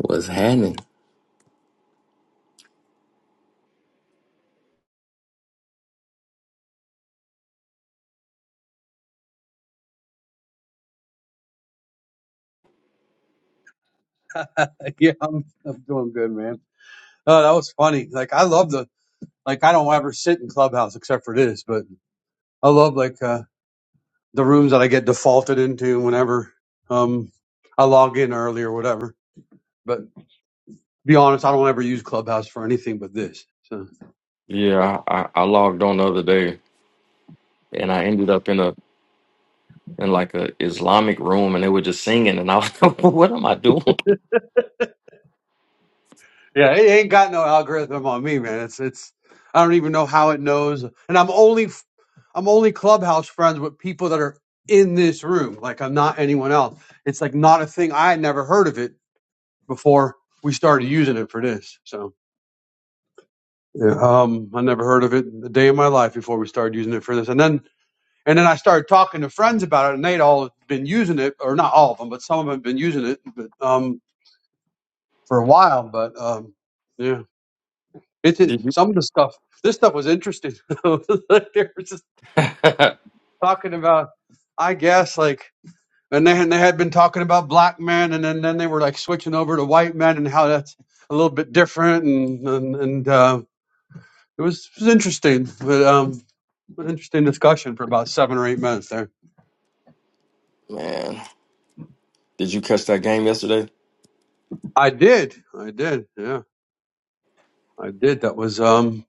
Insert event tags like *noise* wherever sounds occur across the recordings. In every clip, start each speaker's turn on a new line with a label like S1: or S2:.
S1: What's happening?
S2: *laughs* yeah, I'm, I'm doing good, man. Oh, that was funny. Like I love the like I don't ever sit in Clubhouse except for this, but I love like uh the rooms that I get defaulted into whenever um I log in early or whatever. But to be honest, I don't ever use Clubhouse for anything but this. So
S1: Yeah, I, I I logged on the other day and I ended up in a in like a Islamic room and they were just singing and I was *laughs* like, what am I doing?
S2: yeah, it ain't got no algorithm on me, man. It's it's I don't even know how it knows, and I'm only f- I'm only Clubhouse friends with people that are in this room. Like I'm not anyone else. It's like not a thing. I had never heard of it before we started using it for this. So yeah, um, I never heard of it a day in my life before we started using it for this. And then and then I started talking to friends about it, and they'd all been using it, or not all of them, but some of them have been using it but, um, for a while. But um, yeah, it, it
S1: Did you?
S2: some of the stuff. This stuff was interesting. *laughs* Like, they were just
S1: *laughs*
S2: talking about, I guess, like, and they and they had been talking about black men, and then, then they were like switching over to white men and how that's a little bit different, and and and. uh, It was, it was interesting, but um, an interesting discussion for about seven or eight minutes there.
S1: Yeah, Man, did you catch that game yesterday?
S2: I did, I did, yeah, I did. That was um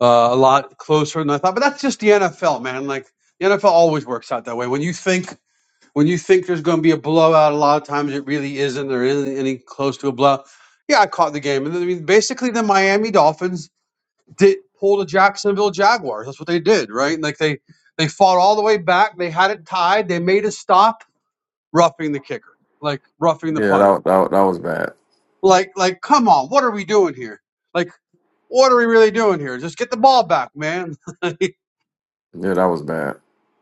S2: uh, a lot closer than I thought. But that's just the NFL, man. Like the NFL always works out that way. When you think when you think there's going to be a blowout, a lot of times it really isn't. There isn't any close to a blowout. Yeah, I caught the game, and then, I mean, basically the Miami Dolphins did pull the Jacksonville Jaguars. That's what they did, right? Like they they fought all the way back. They had it tied. They made a stop roughing the kicker, like roughing the punter.
S1: that, that that was bad.
S2: Like, like, come on, what are we doing here? Like, what are we really doing here? Just get the ball back, man. *laughs*
S1: Yeah, that was bad.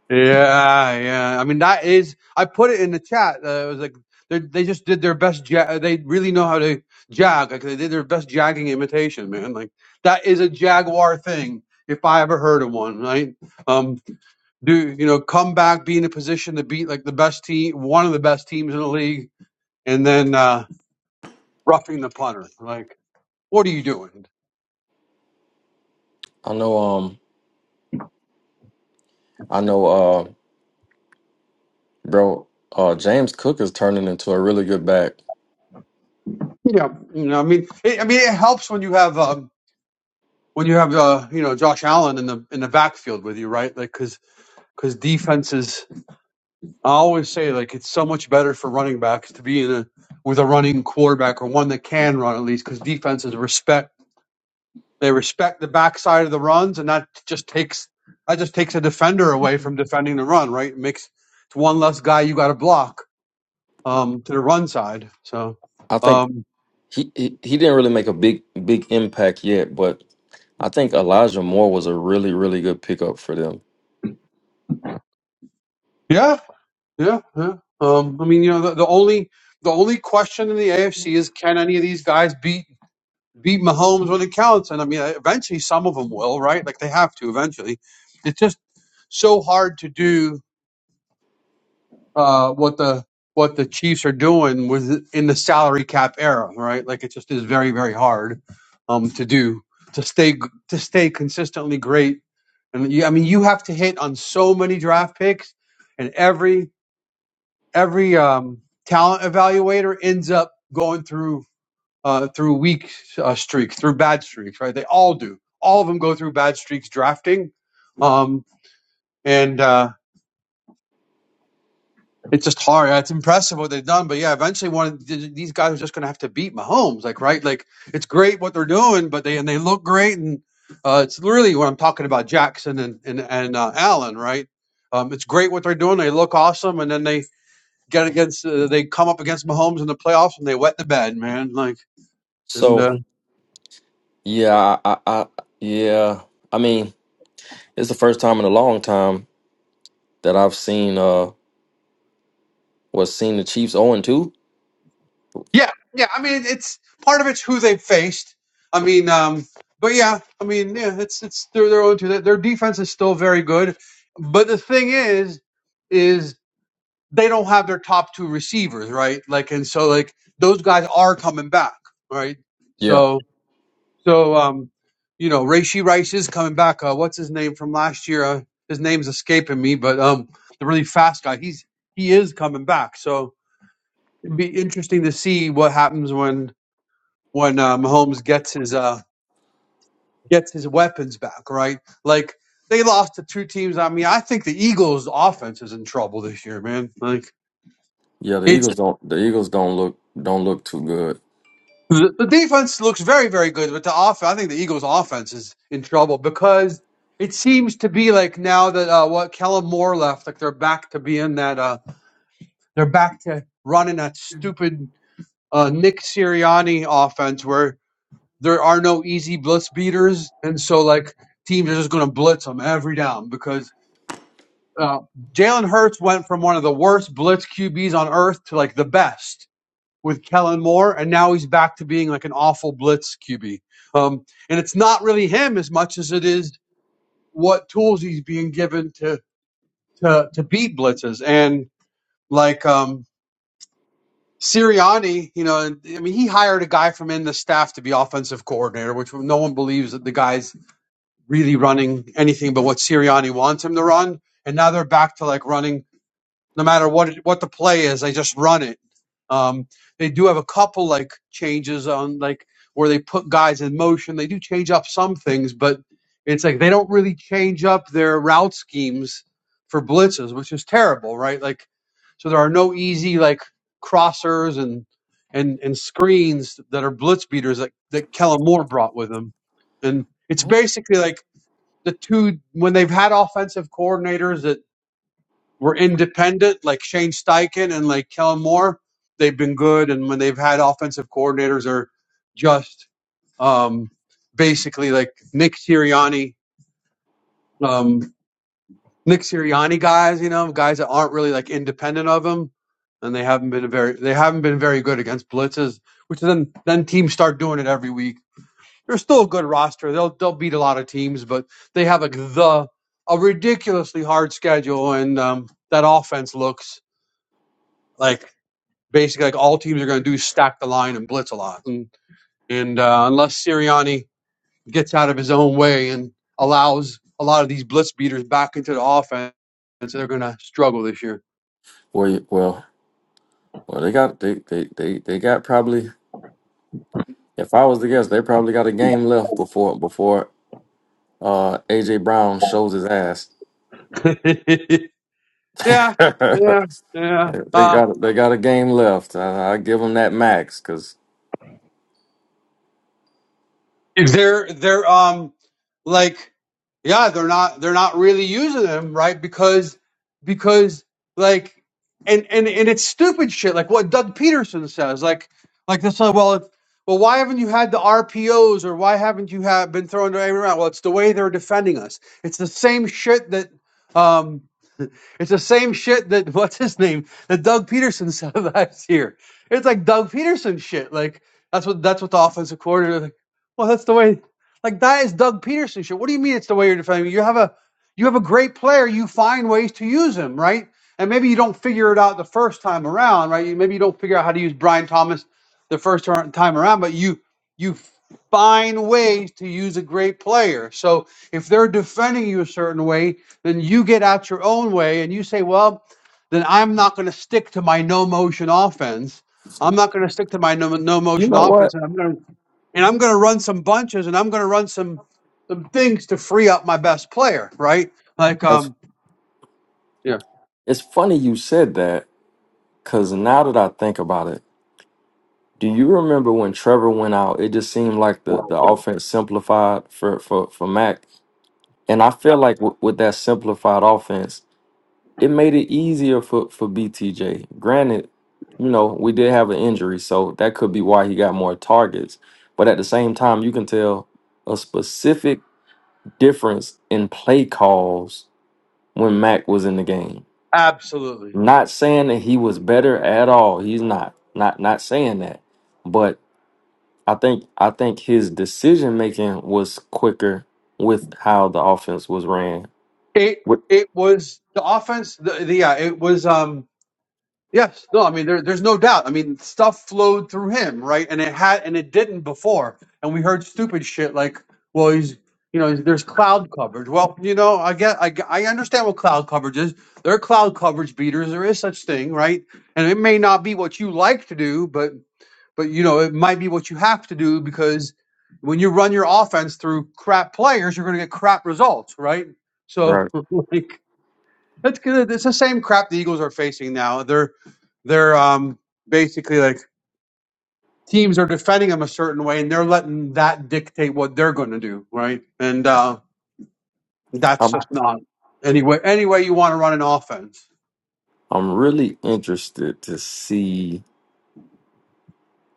S2: Like, yeah, yeah. I mean, that is. I put it in the chat. Uh, it was like they they just did their best. Ja- uh, they really know how to jag. Like they did their best jagging imitation, man. Like that is a jaguar thing. If I ever heard of one, right? Um, do you know come back, be in a position to beat like the best team, one of the best teams in the league, and then uh roughing the punter. Like, what are you doing?
S1: I know, um, I know, uh, bro, uh, James Cook is turning into a really good back.
S2: You know, you know. I mean, it, I mean, it helps when you have um, when you have uh, you know Josh Allen in the in the backfield with you, right? Like, because because defenses, I always say like it's so much better for running backs to be in a with a running quarterback or one that can run at least, because defenses respect they respect the backside of the runs, and that just takes that just takes a defender away from defending the run, right? It makes it's one less guy you got to block um, to the run side. So,
S1: I think
S2: um,
S1: he, he, he didn't really make a big, big impact yet, but I think Elijah Moore was a really, really good pickup for them.
S2: yeah, Yeah, yeah. Um, I mean, you know, the, the only the only question in the AFC is can any of these guys beat beat Mahomes when it counts? And I mean, eventually some of them will, right? Like they have to eventually. It's just so hard to do uh, what the what the Chiefs are doing with in the salary cap era, right? Like it just is very very hard um, to do to stay g- to stay consistently great. And you, I mean, you have to hit on so many draft picks and every every um, talent evaluator ends up going through uh, through weak uh, streaks, through bad streaks, right? They all do. All of them go through bad streaks drafting, um, and uh, it's just hard. It's impressive what they've done, but yeah, eventually one of th- these guys are just going to have to beat Mahomes, like right? Like it's great what they're doing, but they and they look great, and uh, it's really what I'm talking about Jackson and and and uh, Allen, right? Um, it's great what they're doing. They look awesome, and then they Get against uh, they come up against Mahomes in the playoffs and they wet the bed, man. Like and
S1: So,
S2: uh,
S1: Yeah, I, I, I yeah. I mean, it's the first time in a long time that I've seen uh was seen the Chiefs 0 and 2.
S2: yeah, yeah. I mean, it's part of it's who they faced. I mean, um, but yeah, I mean, yeah, it's it's their their own. Their their defense is still very good, but the thing is, is they don't have their top two receivers, right? Like, and so like those guys are coming back, right?
S1: Yeah.
S2: So. So, um, you know, Reishi Rice is coming back. Uh, what's his name from last year? Uh, his name's escaping me, but um, the really fast guy. He's he is coming back. So it'd be interesting to see what happens when when uh, Mahomes gets his uh gets his weapons back. Right? Like they lost to two teams. I mean, I think the Eagles' offense is in trouble this year, man. Like
S1: Yeah, the
S2: it's
S1: Eagles don't the Eagles don't look don't look too good.
S2: The, the defense looks very, very good, but the offense, I think the Eagles' offense is in trouble because it seems to be like now that uh, what Kellen Moore left, like they're back to being that, uh, they're back to running that stupid uh, Nick Sirianni offense where there are no easy blitz beaters, and so like teams are just going to blitz them every down because uh, Jalen Hurts went from one of the worst blitz QBs on earth to like the best with Kellen Moore, and now he's back to being like an awful blitz QB. Um, and it's not really him as much as it is what tools he's being given to to to beat blitzes. And like um, Sirianni, you know, I mean, he hired a guy from in the staff to be offensive coordinator, which no one believes that the guy's really running anything but what Sirianni wants him to run. And now they're back to like running no matter what it, what the play is. They just run it. Um, they do have a couple like changes on like where they put guys in motion. They do change up some things, but it's like they don't really change up their route schemes for blitzes, which is terrible, right? Like, so there are no easy like crossers and and and screens that are blitz beaters that that Kellen Moore brought with him, and it's
S1: Mhm.
S2: basically like the two when they've had offensive coordinators that were independent, like Shane Steichen and like Kellen Moore, they've been good. And when they've had offensive coordinators, are just um, basically like Nick Sirianni, um, Nick Sirianni guys, you know, guys that aren't really like independent of him, and they haven't been very they haven't been very good against blitzes, which then then teams start doing it every week. They're still a good roster. They'll they'll beat a lot of teams, but they have like the a ridiculously hard schedule, and um, that offense looks like. basically like all teams are going to do is stack the line and blitz a lot. And, and uh, unless Sirianni gets out of his own way and allows a lot of these blitz beaters back into the offense, they're going to struggle this year.
S1: Well you- well well they got they, they, they, they got probably if I was to guess, they probably got a game left before before uh AJ Brown shows his ass.
S2: *laughs*
S1: *laughs* they
S2: yeah, yeah, yeah. Uh,
S1: got they got a game left. I, I give them that max because
S2: They're they're um like yeah, they're not they're not really using them, right? Because because like and and and it's stupid shit like what Doug Peterson says. Like like this uh, well if, well why haven't you had the RPOs or why haven't you have been throwing them around? Well, it's the way they're defending us. It's the same shit that um *laughs* it's the same shit that *laughs* what's his name that Doug Peterson said *laughs* last year. It's like Doug Peterson shit. Like that's what that's what the offensive coordinator well, that's the way. Like that is Doug Peterson shit. What do you mean it's the way you're defending? him? You have a you have a great player. You find ways to use him, right? And maybe you don't figure it out the first time around, right? You, maybe you don't figure out how to use Brian Thomas the first tur- time around, but you you find ways to use a great player. So if they're defending you a certain way, then you get out your own way and you say, well, then I'm not going to stick to my no motion offense. I'm not going to stick to my no, no
S1: you
S2: motion
S1: know what?
S2: offense, and I'm going to and I'm going to run some bunches and I'm going to run some some things to free up my best player, right? Like,
S1: That's
S2: um, yeah,
S1: it's funny you said that Cause now that I think about it, do you remember when Trevor went out? It just seemed like the, the offense simplified for, for, for Mac. And I feel like w- with that simplified offense, it made it easier for, for BTJ. Granted, you know, we did have an injury, so that could be why he got more targets. But at the same time, you can tell a specific difference in play calls when Mac was in the game.
S2: absolutely.
S1: Not saying that he was better at all. He's not. Not not saying that. But I think I think his decision making was quicker with how the offense was ran.
S2: It
S1: With
S2: it was the offense. The, the yeah, it was um, yes, no, I mean there, there's no doubt. I mean stuff flowed through him, right? And it had and it didn't before. And we heard stupid shit like, well, he's you know there's cloud coverage. Well, you know, I get I get- I understand what cloud coverage is. There are cloud coverage beaters. There is such thing, right? And it may not be what you like to do, but But you know, it might be what you have to do because when you run your offense through crap players, you're going to get crap results, right? So
S1: right,
S2: *laughs* like that's good. It's the same crap the Eagles are facing now. They're they're um basically like teams are defending them a certain way, and they're letting that dictate what they're going to do, right? And uh, that's
S1: I'm
S2: just not any way any way you want to run an offense.
S1: I'm really interested to see.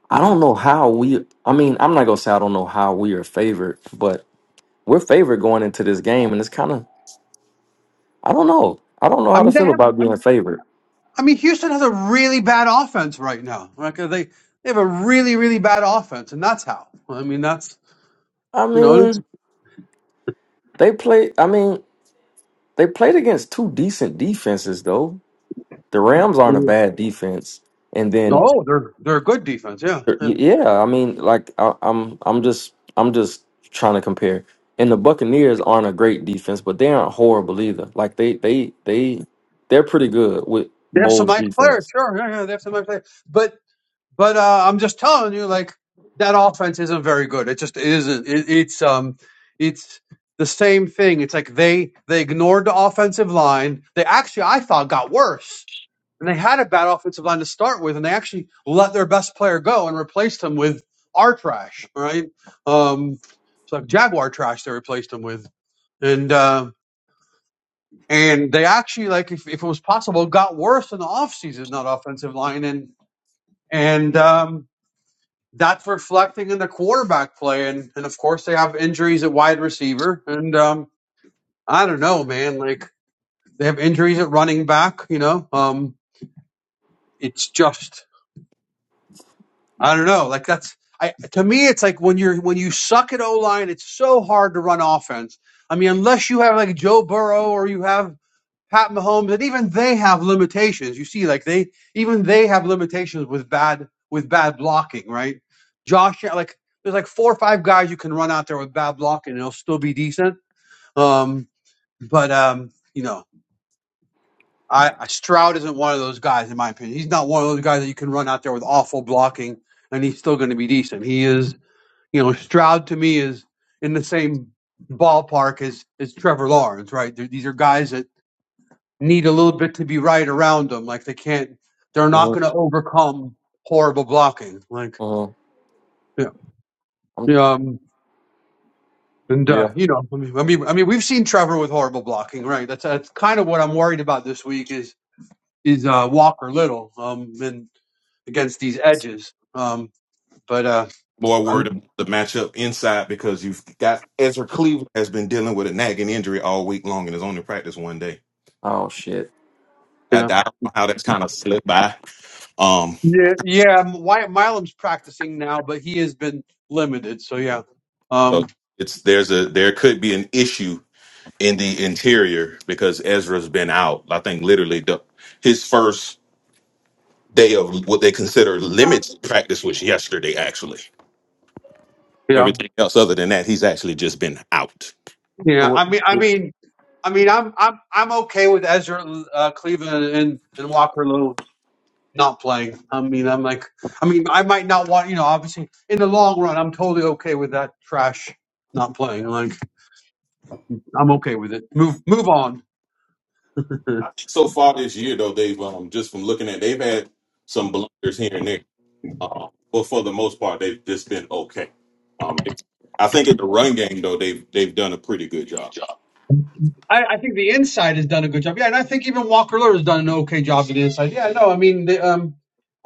S1: I don't know how we. I mean, I'm not gonna say I don't know how we are favored, but we're favored going into this game, and it's kind of I don't know. I don't know
S2: I
S1: how to
S2: mean, they
S1: feel about
S2: have.
S1: being favored.
S2: I mean, Houston has a really bad offense right now. Like uh, they, they have a really, really bad offense, and that's how. I mean, that's
S1: I
S2: you know, it's,
S1: mean, they play. I mean, they played against two decent defenses though. The Rams aren't a bad defense, and then
S2: oh, they're they're a good defense. Yeah,
S1: Y-
S2: yeah.
S1: Yeah, I mean, like I, I'm, I'm just, I'm just trying to compare. And the Buccaneers aren't a great defense, but they aren't horrible either. Like they, they, they, they're pretty good with
S2: they have some
S1: Bowles
S2: nice players.
S1: defense.
S2: Sure, yeah, yeah, they have some nice players. But but uh, I'm just telling you, like that offense isn't very good. It just it isn't. It, it's um, it's the same thing. It's like they they ignored the offensive line. They actually, I thought, got worse. And they had a bad offensive line to start with, and they actually let their best player go and replaced him with our trash, right? Um, it's like Jaguar trash they replaced him with. And uh, and they actually, like, if, if it was possible, got worse in the offseason, that offensive line. And and um, that's reflecting in the quarterback play. And, and of course, they have injuries at wide receiver. And um, I don't know, man. Like, they have injuries at running back, you know? Um, it's just. I don't know. Like that's I to me it's like when you're when you suck at O line, it's so hard to run offense. I mean, unless you have like Joe Burrow or you have Pat Mahomes, and even they have limitations. You see, like they even they have limitations with bad with bad blocking, right? Josh, like there's like four or five guys you can run out there with bad blocking and they'll still be decent. Um, but um, you know. I, I Stroud isn't one of those guys, in my opinion. He's not one of those guys that you can run out there with awful blocking and he's still going to be decent. He is, you know, Stroud to me is in the same ballpark as as Trevor Lawrence, right? they these are guys that need a little bit to be right around them. Like they can't, they're not
S1: Uh-huh,
S2: going to overcome horrible blocking. Like,
S1: uh-huh.
S2: yeah,
S1: I'm,
S2: yeah, um, and
S1: yeah.
S2: uh, you know, I mean, I mean, I mean, we've seen Trevor with horrible blocking, right? That's that's kind of what I'm worried about this week is is uh, Walker Little. Um, and against these edges. Um, but uh,
S3: more worried
S2: I'm
S3: about the matchup inside because you've got Ezra Cleveland has been dealing with a nagging injury all week long and is only practice one day.
S1: Oh shit.
S3: I, I
S2: yeah
S3: don't know how that's kind of slipped by. Um,
S2: yeah yeah. M- Wy- Milam's practicing now, but he has been limited. So yeah, um,
S3: so it's there's a there could be an issue in the interior because Ezra's been out. I think literally the his first day of what they consider limits practice was yesterday. Actually,
S2: yeah,
S3: everything else other than that, he's actually just been out.
S2: yeah.
S1: So
S2: I mean, I
S1: what?
S2: mean, I mean, I'm I'm I'm okay with Ezra uh, Cleveland and and Walker Little not playing. I mean, I'm like, I mean, I might not want you know. Obviously, in the long run, I'm totally okay with that trash not playing. Like, I'm okay with it. Move move on. *laughs*
S3: So far this year, though, they've um, just from looking at they've had some blunders here and there Uh, but for the most part, they've just been okay. Um, I think in the run game though, they've they've done a pretty good job.
S2: I, I think the inside has done a good job. Yeah, and I think even Walker Lewis has done an okay job to the inside. Yeah, no, I mean, the, um,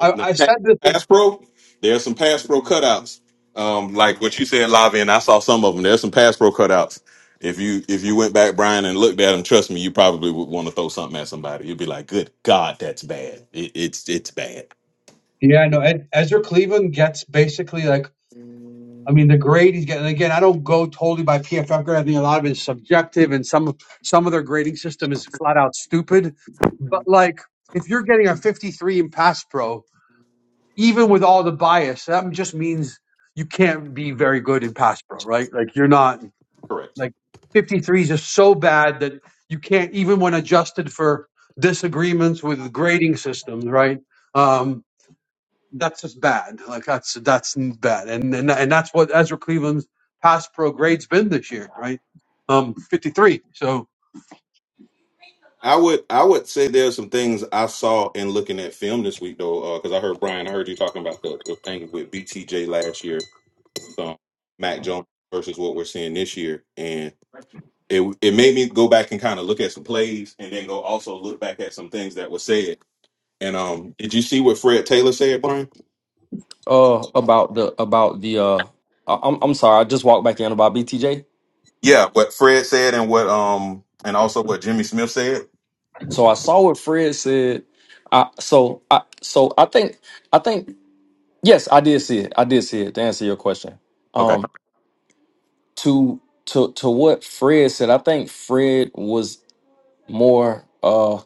S3: In the
S2: I
S3: pa-
S2: said this.
S3: Pass pro, there's some pass pro cutouts. Um, like what you said, Lavi, and I saw some of them. There's some pass pro cutouts. If you if you went back, Brian, and looked at them, trust me, you probably would want to throw something at somebody. You'd be like, "Good God, that's bad. It, it's it's bad."
S2: Yeah, no, Ed, Ezra Cleveland gets basically like, I mean, the grade he's getting. And Again, I don't go totally by PFF grade. I think a lot of it is subjective, and some some of their grading system is flat out stupid. But like, if you're getting a 53 in pass pro, even with all the bias, that just means you can't be very good in pass pro, right? Like, you're not.
S3: Correct.
S2: Like 53 is just so bad that you can't even when adjusted for disagreements with grading systems, right? Um, that's just bad. Like that's that's bad, and and and that's what Ezra Cleveland's pass pro grade's been this year, right? Um, 53. So
S3: I would I would say there's some things I saw in looking at film this week though, because I heard Brian, I heard you talking about the, the thing with BTJ last year with um, Mac Jones versus what we're seeing this year, and it it made me go back and kind of look at some plays, and then go also look back at some things that were said. And um, did you see what Fred Taylor said, Brian?
S1: Uh, about the about the uh, I- I'm I'm sorry. I just walked back in about BTJ.
S3: Yeah, what Fred said, and what um, and also what Jimmy Smith said.
S1: So I saw what Fred said. I so I so I think I think yes, I did see it. I did see it. To answer your question.
S3: Okay.
S1: Um, to to to what Fred said, I think Fred was more uh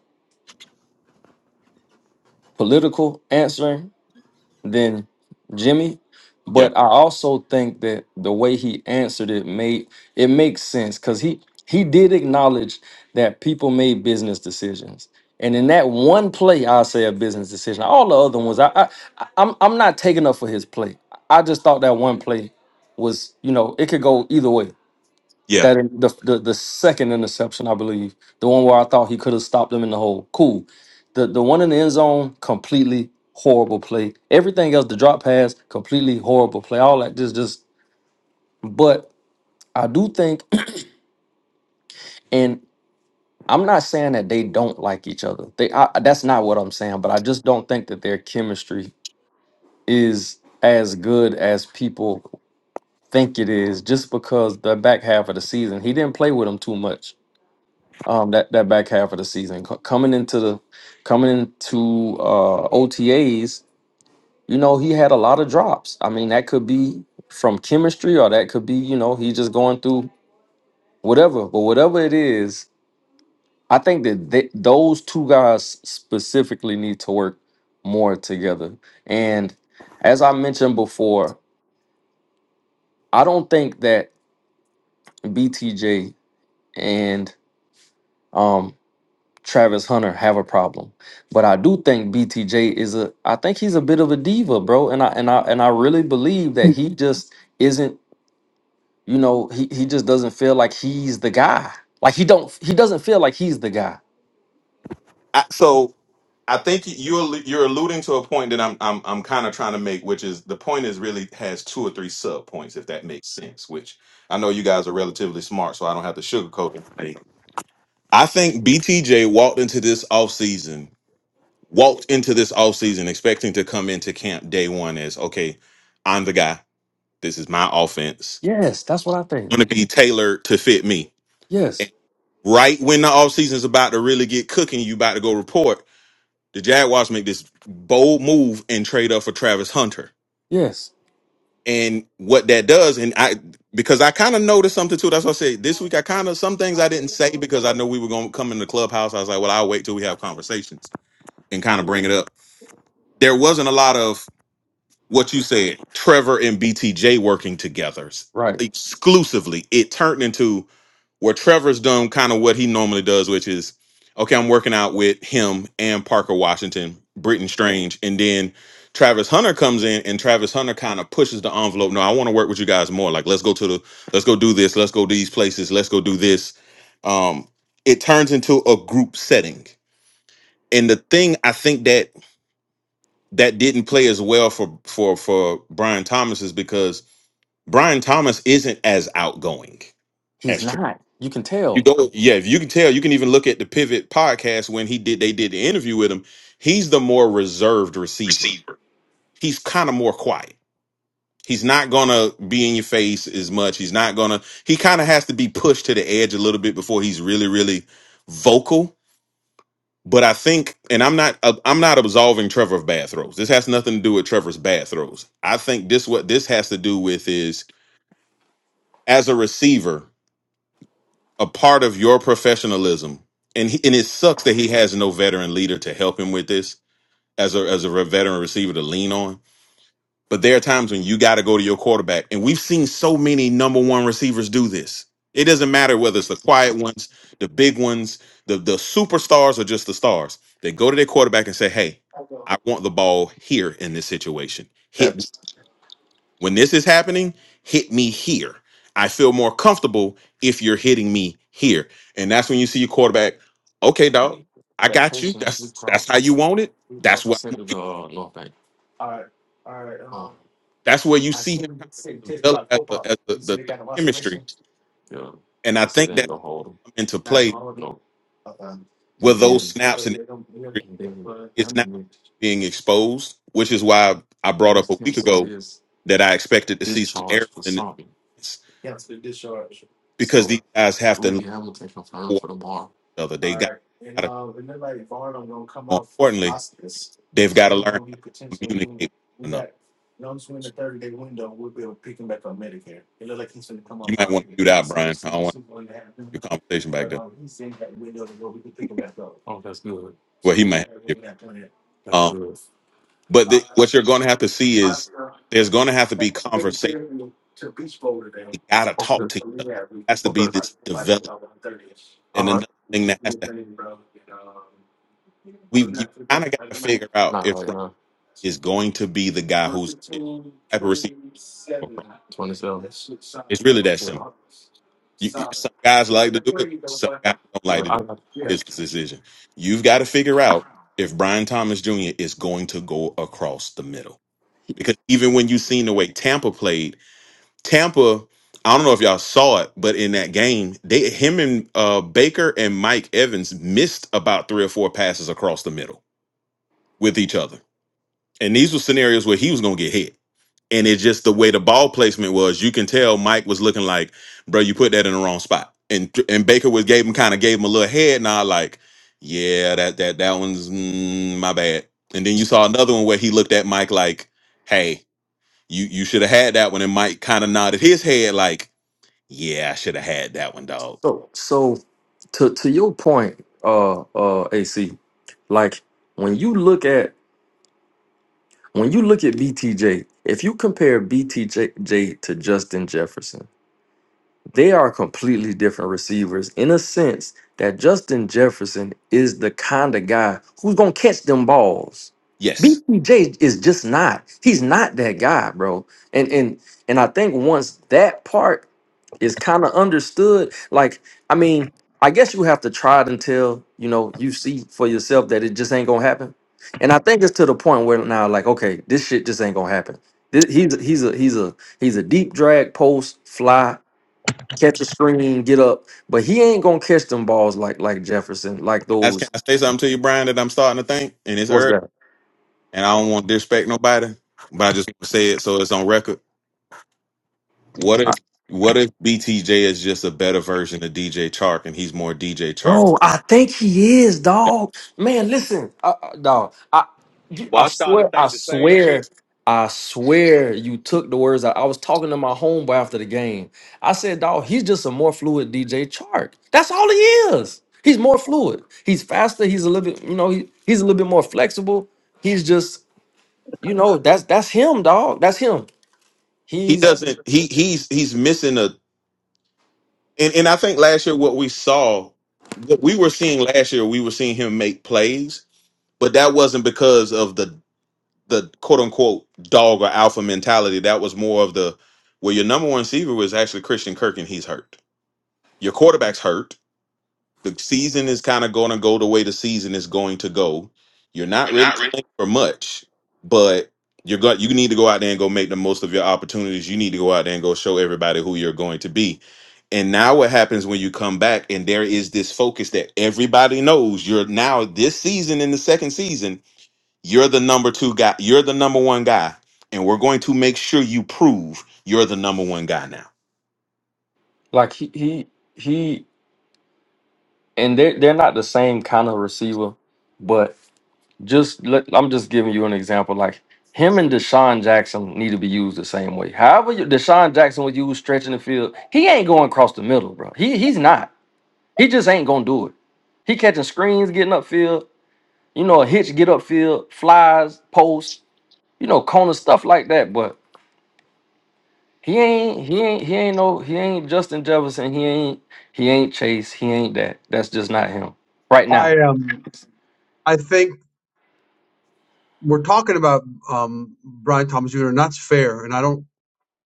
S1: political answering than Jimmy,
S3: Yeah.
S1: but I also think that the way he answered it made it makes sense because he he did acknowledge that people made business decisions. And in that one play, I'll say a business decision. All the other ones, I, I I- I'm I'm not taking up for his play. I just thought that one play was, you know, it could go either way.
S3: Yeah.
S1: That in the, the the second interception, I believe, the one where I thought he could have stopped them in the hole. Cool. The the one in the end zone, completely horrible play. Everything else, the drop pass, completely horrible play. All that just just. But I do think, *clears throat* and I'm not saying that they don't like each other. They I, that's not what I'm saying. But I just don't think that their chemistry is as good as people think it is. Just because the back half of the season, he didn't play with them too much um, that that back half of the season Co- coming into the coming into uh, OTAs. You know, he had a lot of drops. I mean, that could be from chemistry, or that could be you know he just going through whatever. But whatever it is, I think that they, those two guys specifically need to work more together. And as I mentioned before, I don't think that BTJ and um. Travis Hunter have a problem. But I do think BTJ is a I think he's a bit of a diva, bro. And I and I and I really believe that he just isn't, you know, he, he just doesn't feel like he's the guy. Like he don't he doesn't feel like he's the guy.
S3: I, so I think you're you're alluding to a point that I'm I'm I'm kind of trying to make, which is the point is really has two or three sub points, if that makes sense. Which I know you guys are relatively smart, so I don't have to sugarcoat it. I think BTJ walked into this offseason, walked into this offseason expecting to come into camp day one as okay, I'm the guy. This is my offense.
S1: Yes, that's what I think.
S3: gonna be tailored to fit me.
S1: Yes.
S3: right when the offseason is about to really get cooking, you about to go report. The Jaguars make this bold move and trade up for Travis Hunter.
S1: Yes.
S3: And what that does, and I because I kind of noticed something too. That's why I said this week I kind of some things I didn't say because I know we were gonna come in the clubhouse. I was like, well, I'll wait till we have conversations and kind of bring it up. There wasn't a lot of what you said, Trevor and BTJ working together
S1: Right.
S3: exclusively. It turned into where Trevor's done kind of what he normally does, which is okay, I'm working out with him and Parker Washington, Britton Strange, and then Travis Hunter comes in and Travis Hunter kind of pushes the envelope. No, I want to work with you guys more. Like, let's go to the, let's go do this, let's go these places, let's go do this. Um, it turns into a group setting. And the thing I think that that didn't play as well for for for Brian Thomas is because Brian Thomas isn't as outgoing
S1: He's not. You can
S3: You
S1: tell.
S3: go, yeah. If you can tell, you can even look at the Pivot podcast when he did. They did the interview with him. He's the more reserved receiver.
S1: receiver.
S3: He's kind of more quiet. He's not gonna be in your face as much. He's not gonna. He kind of has to be pushed to the edge a little bit before he's really, really vocal. But I think, and I'm not, uh, I'm not absolving Trevor of bad throws. This has nothing to do with Trevor's bad throws. I think this what this has to do with is as a receiver, a part of your professionalism. And he, and it sucks that he has no veteran leader to help him with this as a as a re- veteran receiver to lean on. But there are times when you got to go to your quarterback, and we've seen so many number one receivers do this. It doesn't matter whether it's the quiet ones, the big ones, the the superstars, or just the stars. They go to their quarterback and say, "Hey, I want the ball here in this situation. Hit.
S1: That's
S3: When this is happening, hit me here. I feel more comfortable if you're hitting me here. And that's when you see your quarterback, okay, dog, I got you. That's that's how you want it. That's what I'm gonna do." that's where you see him kind of develop as, a, as the, the, the chemistry. And I think that's come into play where those snaps and it's now being exposed, which is why I brought up a week ago that I expected to see some errors in this because these guys have to learn for each other. They got More importantly, they've got to learn how to communicate with one another. You might want to do that, Brian. I don't want your conversation back there. Well, he might have. to. Um, but the, what you're going to have to see is there's going to have to be conversation. They got to talk to each other. has to be this development. And another thing that has to we you kind of got to figure out if Brian is going to be the guy who's if he's the type of receiver. for Brian. It's really that simple You, some guys like to do it. Some guys don't like to do it. Business decision. You've got to figure out if Brian Thomas Jr. is going to go across the middle. Because even when you seen the way Tampa played, Tampa, I don't know if y'all saw it, but in that game, they him and uh, Baker and Mike Evans missed about three or four passes across the middle with each other. And these were scenarios where he was going to get hit. And it's just the way the ball placement was. You can tell Mike was looking like, bro, you put that in the wrong spot. And and Baker was gave him kind of gave him a little head nod, like, yeah, that that that one's mm, my bad. And then you saw another one where he looked at Mike like, hey, you you should have had that one. And Mike kind of nodded his head like, yeah, I should have had that one, dog.
S1: so so to to your point, uh uh AC, like when you look at When you look at BTJ, if you compare BTJ to Justin Jefferson, they are completely different receivers in a sense that Justin Jefferson is the kind of guy who's going to catch them balls.
S3: Yes.
S1: BTJ is just not. He's not that guy, bro. And and and I think once that part is kind of understood. Like, I mean, I guess you have to try it until you know you see for yourself that it just ain't gonna happen. And I think it's to the point where now, like, okay, this shit just ain't gonna happen. This, he's a- he's a he's a he's a deep drag post fly catch a screen get up, but he ain't gonna catch them balls like like Jefferson like
S3: Can I, can
S1: those.
S3: I say something to you, Brian, that I'm starting to think? And it's early, and I don't want to disrespect nobody, but I just want to say it so it's on record What if what if BTJ is just a better version of DJ Chark and he's more DJ Chark?
S1: Bro, I think he is, dog. Man, listen, uh, uh, dog. I, you-
S4: Well,
S1: I
S4: I started to
S1: swear, I
S4: think the same
S1: swear,
S4: shit.
S1: I swear, you took the words out. I was talking to my homeboy after the game. I said, dog, he's just a more fluid DJ Chark. That's all he is. He's more fluid. He's faster. He's a little bit, you know, he, he's a little bit more flexible. He's just, you know, that's that's him, dog. That's him.
S3: He
S1: He's
S3: doesn't he he's he's missing a and, and I think last year what we saw what we were seeing last year, we were seeing him make plays, but that wasn't because of the the quote unquote dog or alpha mentality. That was more of the well, your number one receiver was actually Christian Kirk and he's hurt. Your quarterback's hurt the season is kind of going to go the way the season is going to go. You're not
S1: You're
S3: really
S1: not ready.
S3: playing for much, but you're going. You need to go out there and go make the most of your opportunities. You need to go out there and go show everybody who you're going to be. And now what happens when you come back and there is this focus that everybody knows you're now this season in the second season, you're the number two guy, you're the number one guy, and we're going to make sure you prove you're the number one guy now.
S1: like he he he, and they are they're they're not the same kind of receiver, just let, I'm just giving you an example. Like him and Deshaun Jackson need to be used the same way. However, you, Deshaun Jackson was used stretching the field, he ain't going across the middle, bro. He he's not. He just ain't gonna do it. He catching screens, getting upfield. You know, a hitch, get upfield, flies, posts. You know, corner stuff like that. But he ain't he ain't he ain't no he ain't Justin Jefferson. He ain't he ain't Chase. He ain't that. That's just not him right now.
S2: I um I think we're talking about um Brian Thomas Jr. and that's fair, and I don't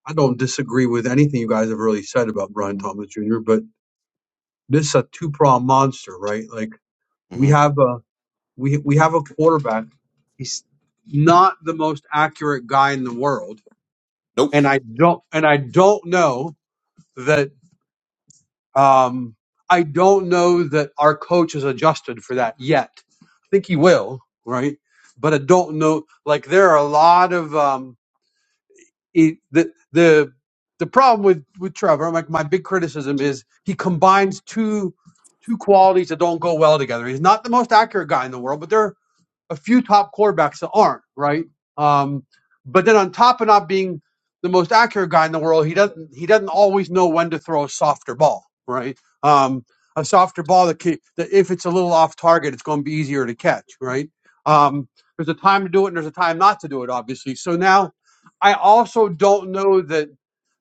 S2: I don't disagree with anything you guys have really said about Brian Thomas Jr. But this is a two prong monster, right? Like we
S3: Mhm.
S2: have a we we have a quarterback. He's not the most accurate guy in the world,
S3: Nope.
S2: and I don't and I don't know that um, I don't know that our coach has adjusted for that yet. I think he will, right? But I don't know. Like there are a lot of um, it, the the the problem with with Trevor. Like my big criticism is he combines two two qualities that don't go well together. He's not the most accurate guy in the world, but there a few top quarterbacks that aren't right. Um, but then on top of not being the most accurate guy in the world, he doesn't he doesn't always know when to throw a softer ball, right? Um, a softer ball that, can, that if it's a little off target, it's going to be easier to catch, right? Um, there's a time to do it and there's a time not to do it, obviously. So now I also don't know that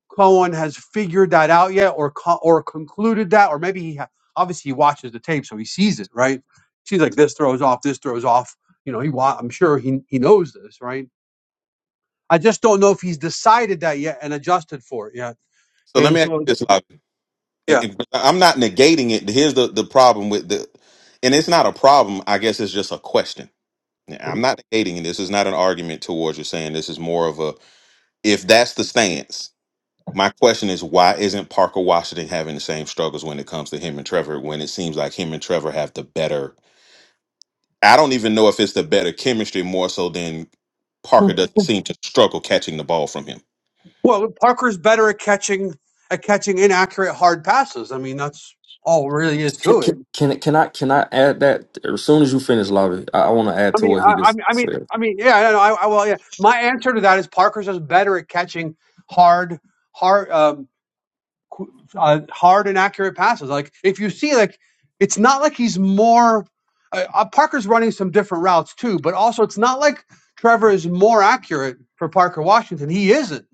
S2: Cohen has figured that out yet, or co- or concluded that, or maybe he ha- obviously he watches the tape, so he sees it, right? Sees like this throws off, this throws off. You know, he wa- I'm sure he he knows this, right? I just don't know if he's decided that yet and adjusted for it yet.
S3: So let
S2: And
S3: me ask
S2: so, th-
S3: you this, Lavi. And-
S2: yeah.
S3: and- but I'm not negating it. Here's the, the problem with the, and it's not a problem. I guess it's just a question. Yeah, I'm not negating it. This is not an argument towards you saying this is more of a, if that's the stance, my question is why isn't Parker Washington having the same struggles when it comes to him and Trevor when it seems like him and Trevor have the better, I don't even know if it's the better chemistry more so than Parker doesn't seem to struggle catching the ball from him.
S2: Well, Parker's better at catching at catching inaccurate hard passes. I mean, that's all really is
S1: Can,
S2: to it.
S1: can, can I can I add that as soon as you finish, Lavi? I, I want to add
S2: I
S1: to
S2: mean,
S1: what he
S2: I, I
S1: just
S2: mean, I mean,
S1: said.
S2: I mean, yeah, I, I, I, well, yeah. My answer to that is Parker's just better at catching hard, hard. Um, uh, hard and accurate passes. Like if you see, like it's not like he's more. Uh, uh, Parker's running some different routes too, but also it's not like Trevor is more accurate for Parker Washington. He isn't.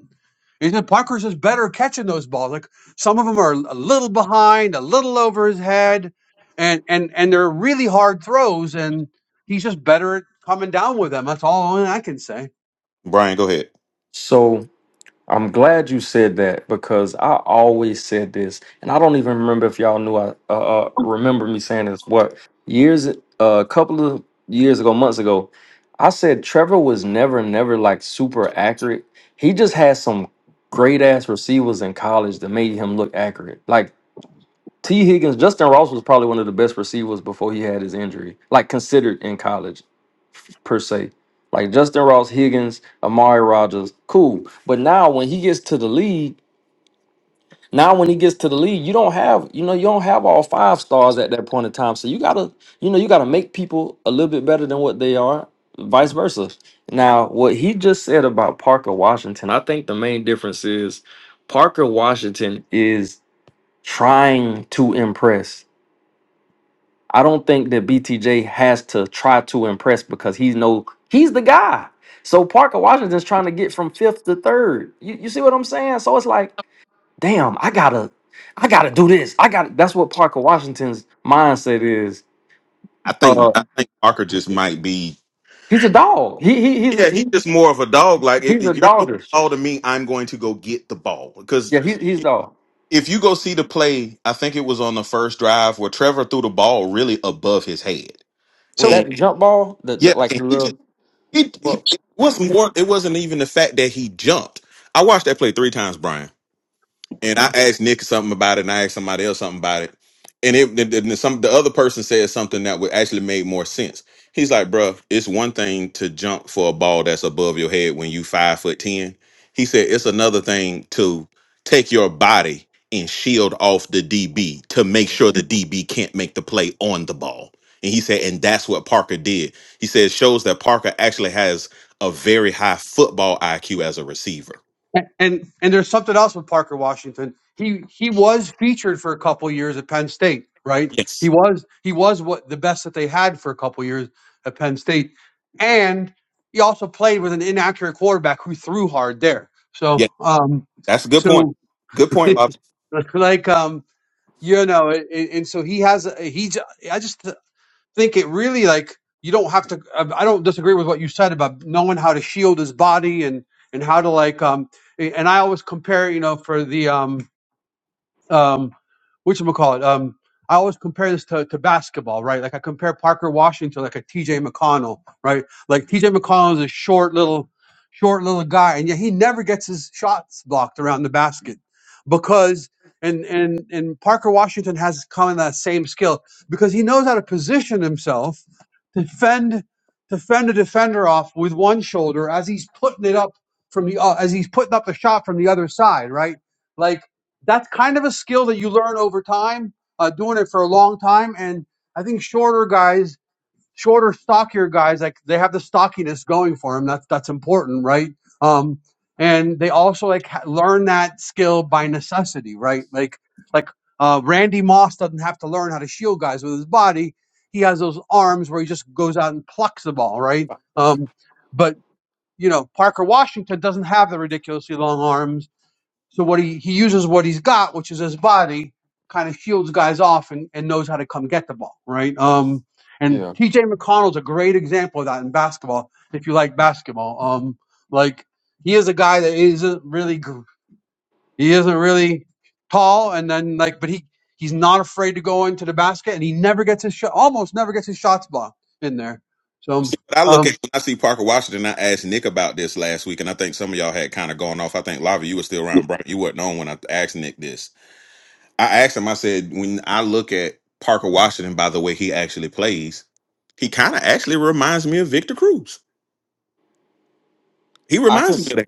S2: Isn't Parker's just better catching those balls? Like some of them are a little behind, a little over his head, and and and they're really hard throws, and he's just better at coming down with them. That's all I can say.
S3: Brian, go ahead.
S1: So I'm glad you said that because I always said this, and I don't even remember if y'all knew I uh, uh, remember me saying this. What years? uh, A couple of years ago, months ago, I said Trevor was never, never like super accurate. He just had some great ass receivers in college that made him look accurate. Like T. Higgins, Justin Ross was probably one of the best receivers before he had his injury, like considered in college f- per se. Like Justin Ross, Higgins, Amari Rogers, cool. But now when he gets to the league, now when he gets to the league, you don't have, you know, you don't have all five stars at that point in time. So you gotta, you know, you gotta make people a little bit better than what they are, vice versa. Now, what he just said about Parker Washington, I think the main difference is Parker Washington is trying to impress I don't think that BTJ has to try to impress because he's no he's the guy. So Parker Washington's trying to get from fifth to third. You, you see what I'm saying? So it's like, damn, I gotta, I gotta do this. I got that's what Parker Washington's mindset is.
S3: I think
S1: Uh,
S3: I think Parker just might be
S1: he's a dog. He he he's a,
S3: Yeah, he's
S1: he
S3: just more of a dog. Like if
S1: he's a
S3: if you're throwing
S1: dogger.
S3: the ball to me, I'm going to go get the ball.
S1: Yeah,
S3: Because
S1: hes he's dog.
S3: if you go see the play, I think it was on the first drive where Trevor threw the ball really above his head,
S1: Was
S2: So.
S1: that
S3: and
S1: the jump ball? The, the
S3: yeah,
S1: like
S3: and
S1: the
S3: he just
S1: little.
S3: he, he
S1: Well,
S3: it was more. It wasn't even the fact that he jumped. I watched that play three times, Brian. and I asked Nick something about it, and I asked somebody else something about it, and it the, the, some the other person said something that would actually made more sense. He's like, "Bruh, it's one thing to jump for a ball that's above your head when you five foot ten." He said it's another thing to take your body and shield off the DB to make sure the DB can't make the play on the ball. And he said, and that's what Parker did. He said it shows that Parker actually has a very high football IQ as a receiver.
S2: And, and and there's something else with Parker Washington. He he was featured for a couple years at Penn State, right? He
S3: Yes.
S2: was he was what the best that they had for a couple years at Penn State, and he also played with an inaccurate quarterback who threw hard there. So um,
S3: That's a good point.
S2: so
S3: Good point, Lobster.
S2: *laughs* like um, you know, and, and so he has a, he's I just think it really like you don't have to. I don't disagree with what you said about knowing how to shield his body and and how to like um. And I always compare, you know, for the um um, which call it? Um, I always compare this to, to basketball, right? Like I compare Parker Washington like a TJ McConnell, right? Like TJ McConnell is a short little, short little guy, and yet he never gets his shots blocked around the basket because and and and Parker Washington has kind of that same skill because he knows how to position himself to fend to fend a defender off with one shoulder as he's putting it up from the uh, as he's putting up the shot from the other side, right? Like that's kind of a skill that you learn over time, uh, doing it for a long time. And I think shorter guys, shorter, stockier guys, like they have the stockiness going for them. That's that's important, right? Um, and they also like ha- learn that skill by necessity, right? Like like uh, Randy Moss doesn't have to learn how to shield guys with his body. He has those arms where he just goes out and plucks the ball, right? Um, but you know, Parker Washington doesn't have the ridiculously long arms so what he he uses what he's got, which is his body, kind of shields guys off and, and knows how to come get the ball, right? Um, and
S1: yeah,
S2: T.J. McConnell's a great example of that in basketball. If you like basketball, um, like he is a guy that isn't really gr- he isn't really tall, and then like, but he he's not afraid to go into the basket, and he never gets his shot, almost never gets his shots blocked in there. So
S3: See, what I look at
S2: um,
S3: when I see Parker Washington, I asked Nick about this last week, and I think some of y'all had kind of gone off. I think Lava, you were still around. Brian, you were not on when I asked Nick this. I asked him. I said, when I look at Parker Washington, by the way he actually plays, he kind of actually reminds me of Victor Cruz. He
S1: I can.
S3: reminds me of that. guy.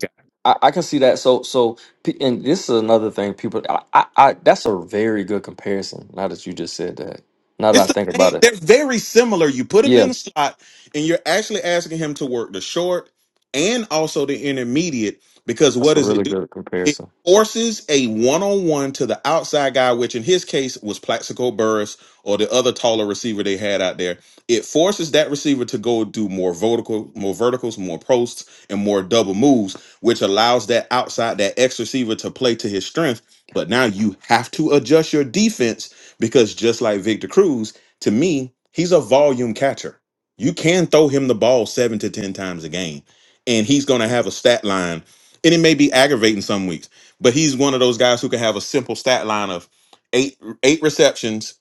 S1: I, I can see that. So, so, pe- and this is another thing. People, I, I, I, that's a very good comparison. Now that you just said that, now
S3: It's
S1: that I
S3: the
S1: think about
S3: same.
S1: it,
S3: They're very similar. You put him
S1: yeah,
S3: in the slot, and you're actually asking him to work the short and also the intermediate because what
S1: that's a
S3: does it
S1: really
S3: do?
S1: good
S3: It
S1: comparison.
S3: forces a one-on-one to the outside guy, which in his case was Plaxico Burris or the other taller receiver they had out there. It forces that receiver to go do more vertical, more verticals, more posts, and more double moves, which allows that outside, that X receiver to play to his strength. But now you have to adjust your defense because just like Victor Cruz, to me, he's a volume catcher. You can throw him the ball seven to 10 times a game, and he's going to have a stat line. And it may be aggravating some weeks, but he's one of those guys who can have a simple stat line of eight, eight receptions,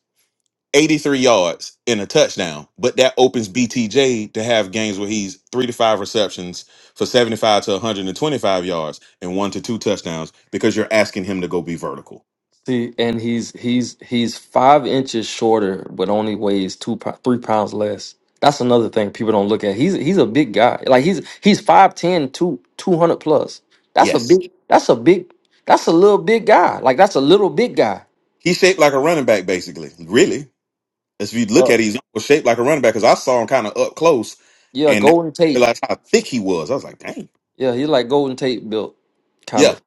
S3: 83 yards, and a touchdown. But that opens BTJ to have games where he's three to five receptions for 75 to 125 yards and one to two touchdowns because you're asking him to go be vertical.
S1: See, and he's he's he's five inches shorter, but only weighs two pou- three pounds less. That's another thing people don't look at. He's he's a big guy. Like he's he's five ten 200 plus. That's a
S3: Yes.
S1: big. That's a big. That's a little big guy. Like that's a little big guy.
S3: He's shaped like a running back, basically. Really, as if you look
S1: Uh,
S3: at it, he's almost shaped like a running back because I saw him kind of up close,
S1: yeah,
S3: and
S1: Golden
S3: I
S1: Tate.
S3: realized how thick he was. I was like, dang,
S1: Yeah, he like Golden Tate built, kind
S3: yeah,
S1: of.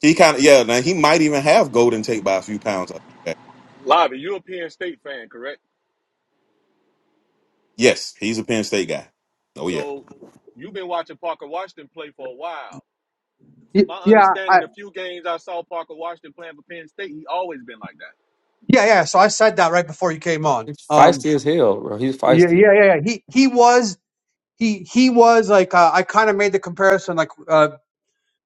S3: he kind of yeah. Now he might even have Golden Tate by a few pounds. I think.
S4: Lavi. you're a Penn State fan, correct?
S3: Yes, he's a Penn State guy. Oh yeah.
S4: So you've been watching Parker Washington play for a while.
S2: y-
S4: From my
S2: yeah, I,
S4: understanding, the few games I saw Parker Washington playing for Penn State, he always been like that.
S2: yeah, yeah. So I said that right before you came on.
S1: He's
S2: Um,
S1: feisty as hell, bro. He's
S2: yeah,
S1: feisty.
S2: yeah, yeah. yeah. He he was he he was like uh, I kind of made the comparison like uh,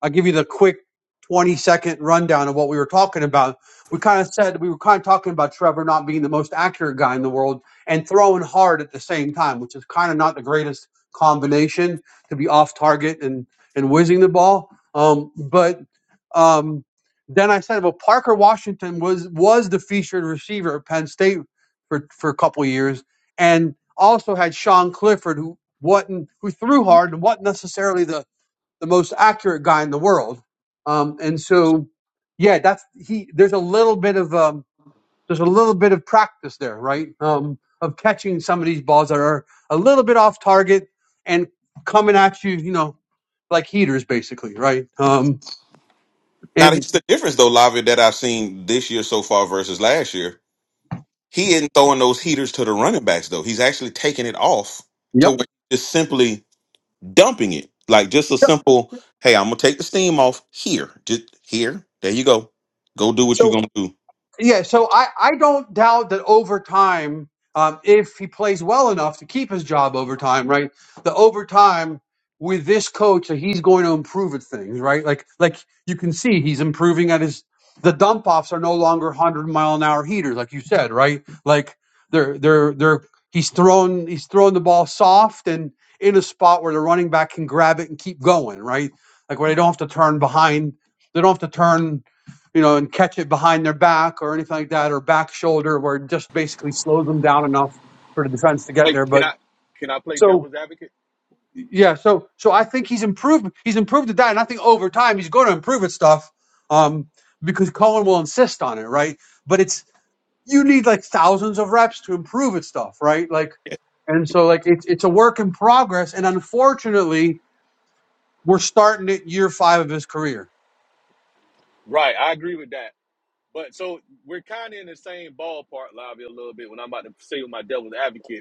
S2: I'll give you the quick 20 second rundown of what we were talking about. We kind of said we were kind of talking about Trevor not being the most accurate guy in the world and throwing hard at the same time, which is kind of not the greatest combination to be off target and and whizzing the ball. Um, but um, then I said, well, Parker Washington was was the featured receiver at Penn State for for a couple of years, and also had Sean Clifford, who wasn't who threw hard and wasn't necessarily the the most accurate guy in the world. Um, and so, yeah, that's he. There's a little bit of um, there's a little bit of practice there, right? Um, of catching some of these balls that are a little bit off target and coming at you, you know, like heaters, basically, right? Um,
S3: Now
S2: and
S3: here's the difference though, Lavi, that I've seen this year so far versus last year. He isn't throwing those heaters to the running backs though. He's actually taking it off to where
S2: yep,
S3: he's just simply dumping it. Like just a
S2: yep.
S3: simple, hey, I'm gonna take the steam off here. Just here. There you go. Go do what you're gonna do.
S2: Yeah, so I, I don't doubt that over time, um, if he plays well enough to keep his job over time, right? The over time with this coach that he's going to improve at things, right? Like like you can see he's improving at his the dump offs are no longer one hundred mile an hour heaters, like you said, right? Like they're they're they're he's thrown he's thrown the ball soft and in a spot where the running back can grab it and keep going, right? Like where they don't have to turn behind, they don't have to turn you know, and catch it behind their back or anything like that, or back shoulder, where it just basically slows them down enough for the defense to get
S4: Hey,
S2: there.
S4: can
S2: But
S4: I can I play
S2: so
S4: devil's advocate?
S2: yeah, so so I think he's improved. He's improved at that, and I think over time he's going to improve at stuff um, because Cohen will insist on it, right? But it's you need like thousands of reps to improve at stuff, right? Like,
S3: Yes.
S2: and so like it's it's a work in progress, and unfortunately, we're starting at year five of his career.
S4: Right, I agree with that. But so we're kind of in the same ballpark, Lavi, a little bit when I'm about to say with my devil's advocate.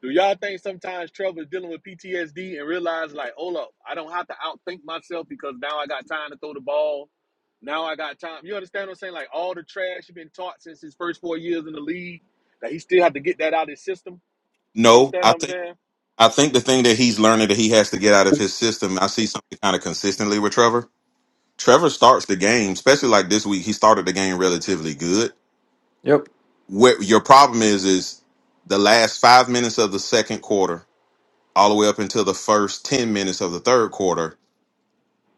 S4: Do y'all think sometimes Trevor's dealing with PTSD and realize like, hold up, I don't have to outthink myself because now I got time to throw the ball. Now I got time. You understand what I'm saying? Like all the trash he's been taught since his first four years in the league, that he still had to get that out of his system. You
S3: No,
S4: understand
S3: I
S4: what I'm
S3: think
S4: saying?
S3: I think the thing that he's learning that he has to get out of his system, I see something kind of consistently with Trevor. Trevor starts the game, especially like this week, he started the game relatively good.
S1: Yep.
S3: What your problem is is the last five minutes of the second quarter, all the way up until the first ten minutes of the third quarter,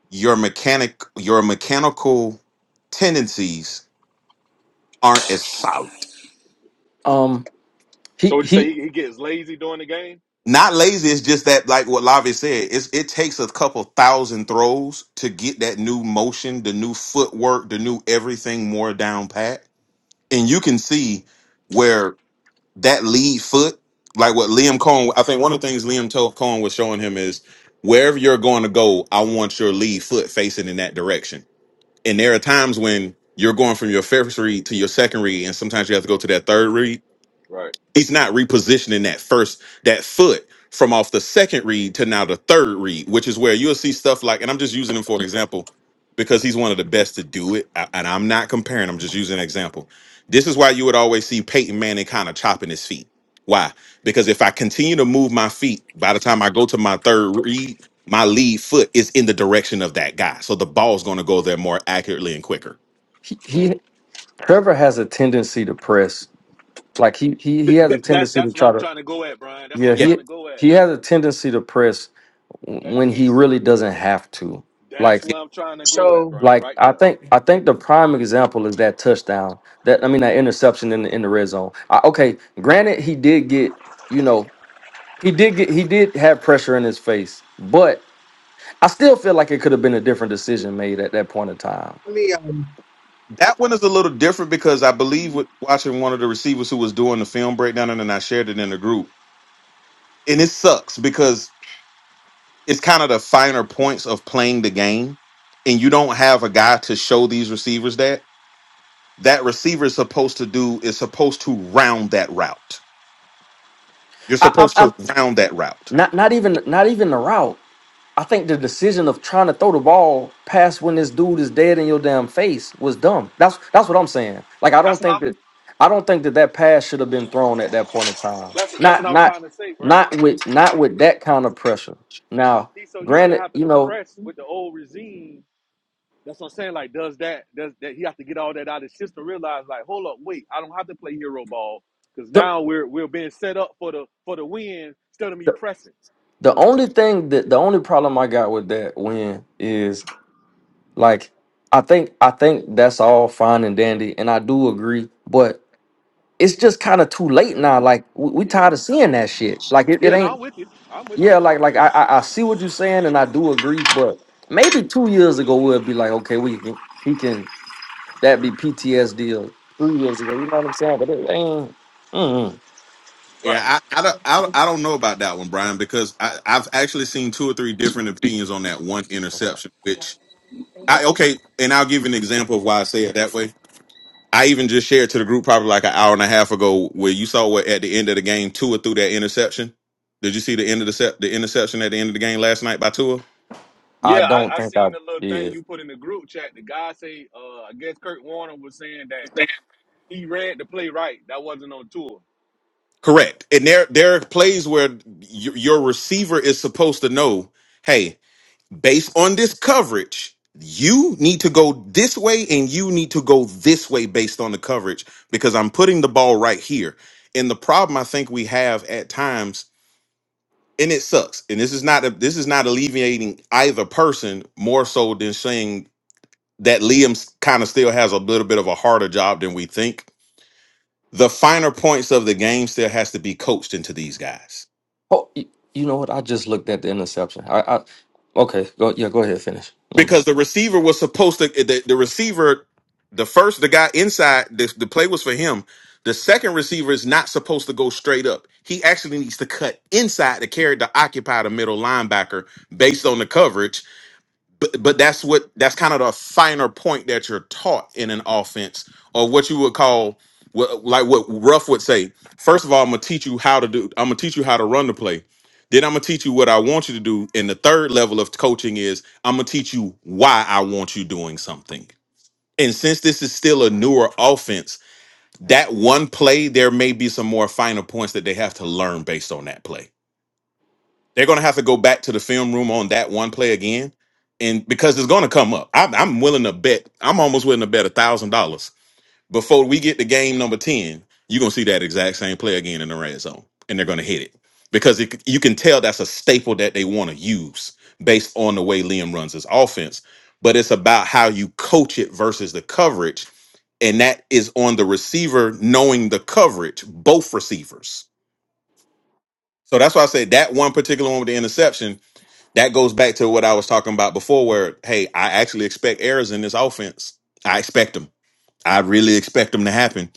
S3: your mechanic your mechanical tendencies aren't as solid.
S1: Um,
S4: So
S1: he
S4: would you
S1: he
S4: say he, he gets lazy during the game?
S3: Not lazy, it's just that like what Lavi said, it's it takes a couple thousand throws to get that new motion, the new footwork, the new everything more down pat. And you can see where that lead foot, like what Liam Cohen, I think one of the things Liam Toe- Cohen was showing him is wherever you're going to go, I want your lead foot facing in that direction. And there are times when you're going from your first read to your second read, and sometimes you have to go to that third read
S4: Right.
S3: He's not repositioning that first that foot from off the second read to now the third read, which is where you'll see stuff like, and I'm just using him for an example because he's one of the best to do it. I- and I'm not comparing; I'm just using an example. This is why you would always see Peyton Manning kind of chopping his feet. Why? Because if I continue to move my feet, by the time I go to my third read, my lead foot is in the direction of that guy, so the ball's going to go there more accurately and quicker.
S1: he,
S4: Mm.
S1: he Trevor has a tendency to press. Like he he he
S4: Th-
S1: has a
S4: th- that's
S1: tendency to
S4: that's what
S1: try
S4: I'm
S1: to.
S4: trying to go at, Brian. That's what
S1: Yeah,
S4: I'm
S3: Yeah.
S1: he
S4: trying to go at.
S1: he has a tendency to press when
S4: That's
S1: he really doesn't have to.
S4: that's
S1: Like
S4: what I'm trying to grow at,
S2: So
S4: Brian.
S1: like
S4: Right
S1: I
S4: there.
S1: think I think the prime example is that touchdown. That I mean that interception in the in the red zone. I, okay, granted he did get you know he did get he did have pressure in his face, but I still feel like it could have been a different decision made at that point in time.
S2: let me. Uh,
S3: That one is a little different because I believe with watching one of the receivers who was doing the film breakdown, and then I shared it in the group. And it sucks because it's kind of the finer points of playing the game, and you don't have a guy to show these receivers that. That receiver is supposed to do is supposed to round that route. You're
S1: I, I'm,
S3: supposed
S1: I'm
S3: to round that route.
S1: not not even not even the route. I think the decision of trying to throw the ball past when this dude is dead in your damn face was dumb. That's that's what I'm saying. Like I don't
S4: That's what
S1: think
S4: I'm.
S1: that I don't think that that pass should have been thrown at that point in time.
S4: That's that's what
S1: Not
S4: I'm
S1: not
S4: trying to say, Brian.
S1: not with not with that kind of pressure. Now,
S4: he's so used to
S1: granted,
S4: having
S1: you
S4: to
S1: know
S4: press with the old regime. That's what I'm saying. Like, does that does that he have to get all that out of his system? Realize, like, hold up, wait, I don't have to play hero ball because
S1: the
S4: now we're we're being set up for the for the win instead of me
S1: the,
S4: pressing.
S1: the only thing that the only problem I got with that win is Like I think I think that's all fine and dandy, and I do agree, but it's just kind of too late now. Like we, we
S4: Yeah.
S1: tired of seeing that shit. Like it, it
S4: Yeah, no,
S1: ain't
S4: I'm with you. I'm with you.
S1: yeah, like
S4: I'm
S1: like
S4: with you.
S1: I, I I see what you're saying and I do agree, but maybe two years ago we'll be like, okay, we can he can that be PTSD or
S4: Right.
S3: Yeah, I, I, don't, I, don't- I don't know about that one, Brian, because I, I've actually seen two or three different opinions on that one interception. Which I okay, and I'll give you an example of why I say it that way I even just shared to the group probably like an hour and a half ago where you saw what at the end of the game Tua threw that interception. Did you see the end of the sep- the interception at the end of the game last night by Tua?
S1: I
S4: Yeah,
S1: don't
S4: I, I
S1: think I
S4: seen the little thing
S1: did.
S4: you put in the group chat. The guy say, uh, I guess Kurt Warner was saying that he read the play right. That wasn't on tour.
S3: Correct. And there there are plays where y- your receiver is supposed to know, hey, based on this coverage, you need to go this way and you need to go this way based on the coverage because I'm putting the ball right here. And the problem I think we have at times and it sucks and this is not a, this is not alleviating either person more so than saying that Liam kind of still has a little bit of a harder job than we think the finer points of the game still has to be coached into these guys
S1: Oh y- you know what? I just looked at the interception. I, I okay, go yeah, go ahead, finish. Never mind.
S3: because the receiver was supposed to eh, the, the receiver the first the guy inside the, the play was for him the second receiver is not supposed to go straight up he actually needs to cut inside to carry to occupy the middle linebacker based on the coverage but but that's what that's kind of the finer point that you're taught in an offense or what you would call what like what Ruff would say. First of all, I'm gonna teach you how to do. I'm gonna teach you how to run the play. Then I'm gonna teach you what I want you to do. And the third level of coaching is I'm gonna teach you why I want you doing something. And since this is still a newer offense, that one play, there may be some more finer points that they have to learn based on that play. They're going to have to go back to the film room on that one play again, and because it's going to come up. I'm, I'm willing to bet. I'm almost willing to bet a thousand dollars before we get to game number ten. You're going to see that exact same play again in the red zone, and they're going to hit it because it, you can tell that's a staple that they want to use based on the way Liam runs his offense. But it's about how you coach it versus the coverage, and that is on the receiver knowing the coverage, both receivers. So that's why I say that one particular one with the interception that goes back to what I was talking about before, where hey, I actually expect errors in this offense. I expect them. I really expect them to happen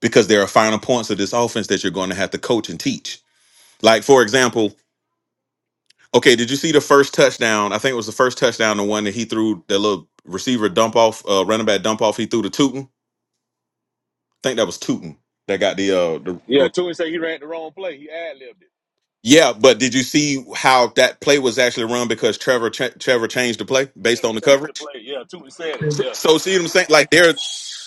S3: because there are final points of this offense that you're going to have to coach and teach. Like for example, okay, did you see the first touchdown? I think it was the first touchdown, the one that he threw the little receiver dump off, uh, running back dump off. He threw to Tootin. I think that was Tootin that got the uh the,
S4: Yeah,
S3: the
S4: Toon said he ran the wrong play. He ad libbed it.
S3: yeah, but did you see how that play was actually run because Trevor Tre- Trevor changed the play
S4: Yeah,
S3: based on
S4: he
S3: the
S4: changed the
S3: coverage?
S4: play. Yeah, Toon said it.
S3: So
S4: Yeah.
S3: so see what I'm saying? Like there,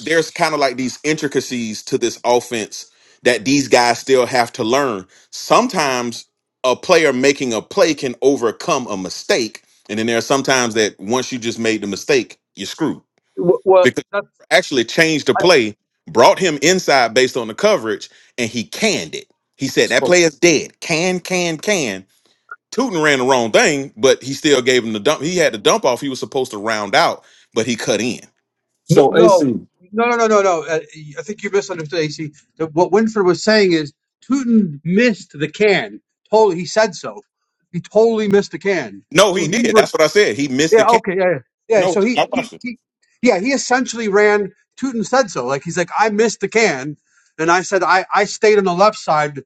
S3: there's kind of like these intricacies to this offense that these guys still have to learn. Sometimes a player making a play can overcome a mistake, and then there are sometimes that once you just made the mistake, you're screwed
S2: w- well,
S3: because
S2: not,
S3: actually changed the
S2: I,
S3: play, brought him inside based on the coverage, and he canned it. He said that play is dead. Can, can, can. Tootin ran the wrong thing, but he still gave him the dump. He had the dump off. He was supposed to round out, but he cut in.
S2: no, no, no, no, no, no. no, Uh, I think you misunderstood, AC. The, what Winford was saying is Tootin missed the can. Totally, he said so. He totally missed the can.
S3: No,
S2: So
S3: he
S2: he
S3: did. That's what I said. He missed the
S2: Yeah,
S3: can.
S2: okay, yeah, yeah. yeah
S3: No,
S2: so he,
S3: I
S2: he,
S3: watched it.
S2: he, yeah, he essentially ran Tootin said so. Like he's like, I missed the can, and I said I, I stayed on the left side.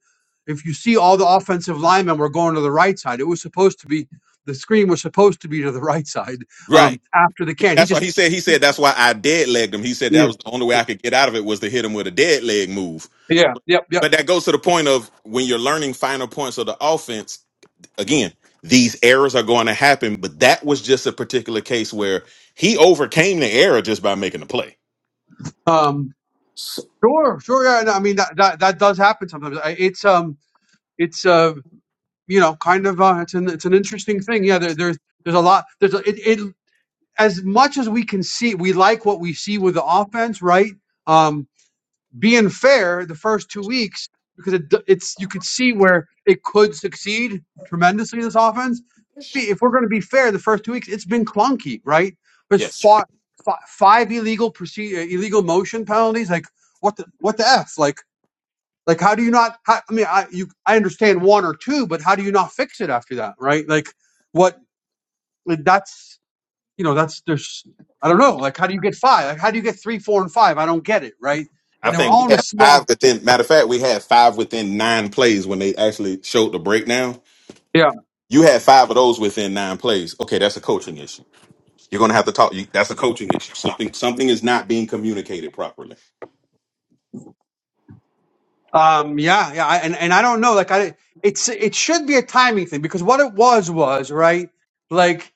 S2: If you see all the offensive linemen were going to the right side, it was supposed to be the screen was supposed to be to the *laughs* right side
S3: Right.
S2: um, after the can. He
S3: That's why
S2: just
S3: he said. He said that's why I dead legged him. He said
S2: yeah,
S3: that was the only way
S2: yeah,
S3: I could get out of it was to hit him with a dead leg move.
S2: yeah, yep, yep.
S3: But that goes to the point of when you're learning final points of the offense. Again, these errors are going to happen. But that was just a particular case where he overcame the error just by making the play.
S2: Um, sure, sure. Yeah, no, I mean that, that that does happen sometimes. I- It's um, it's uh, you know, kind of uh, it's an it's an interesting thing. Yeah, there, there's there's a lot. There's a, it, it. as much as we can see, we like what we see with the offense, right? Um, being fair, the first two weeks because it, it's you could see where it could succeed tremendously. This offense, if we're going to be fair, the first two weeks it's been clunky, right? There's
S3: Yes,
S2: fought, fought five illegal procedure, illegal motion penalties. Like what the what the f? Like like how do you not? I mean, I you I understand one or two, but how do you not fix it after that, right? Like what like, that's you know, that's there's I don't know, like how do you get five? Like how do you get three, four, and five? I don't get it, right?
S3: I
S2: And they were
S3: think we
S2: all in a
S3: had five
S2: small
S3: within. Matter of fact, we had five within nine plays when they actually showed the breakdown.
S2: Yeah.
S3: You had five of those within nine plays. Okay, that's a coaching issue You're going to have to talk. You, that's a coaching issue. Something something is not being communicated properly.
S2: Um, yeah, yeah. I, and, and I don't know, like I it's it should be a timing thing because what it was was, right, like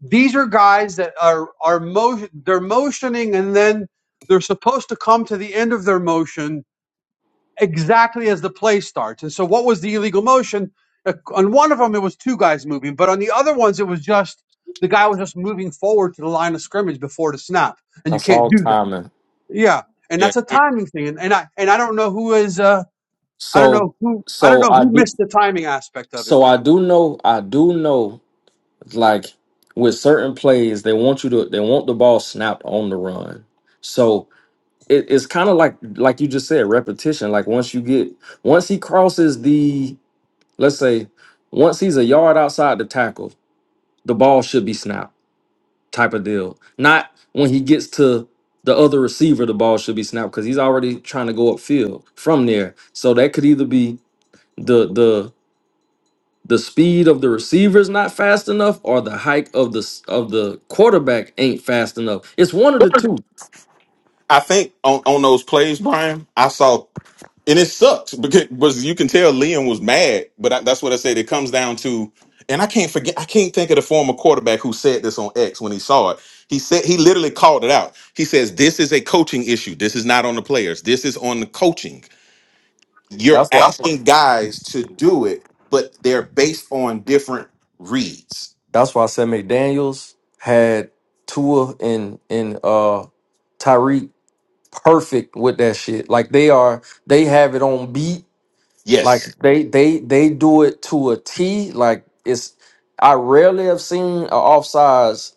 S2: these are guys that are are motion they're motioning and then they're supposed to come to the end of their motion exactly as the play starts. And so, what was the illegal motion? Uh, On one of them, it was two guys moving, but on the other ones, it was just the guy was just moving forward to the line of scrimmage before the snap, and
S1: I
S2: you can't
S1: saw
S2: do that.
S1: timing.
S2: Yeah, and
S3: Yeah,
S2: that's a
S3: I
S2: timing thing, and, and I and I don't know who is. Uh, I don't
S1: So
S2: know who. I don't
S1: so
S2: know
S1: I
S2: who
S1: do
S2: missed the timing aspect of it.
S1: so I do know I do know like with certain plays, they want you to they want the ball snapped on the run. So it, it's kind of like like you just said, repetition. Like once you get once he crosses the let's say once he's a yard outside the tackle, the ball should be snapped type of deal. Not when he gets to the other receiver, the ball should be snapped because he's already trying to go upfield from there. So that could either be the the the speed of the receiver is not fast enough or the hike of the s- of the quarterback ain't fast enough. It's one of the two.
S3: I think on on those plays, Brian, I saw, and it sucks because was you can tell Liam was mad. But I, that's what I said. It comes down to, and I can't forget. I can't think of the former quarterback who said this on X when he saw it. He said he literally called it out. He says this is a coaching issue. This is not on the players. This is on the coaching. You're
S1: That's why
S3: asking guys to do it, but they're based on different reads.
S1: that's why I said McDaniels had Tua and and uh Tyreek perfect with that shit. Like they are they have it on beat
S3: Yes,
S1: Like they they they do it to a T. Like it's I rarely have seen a offsides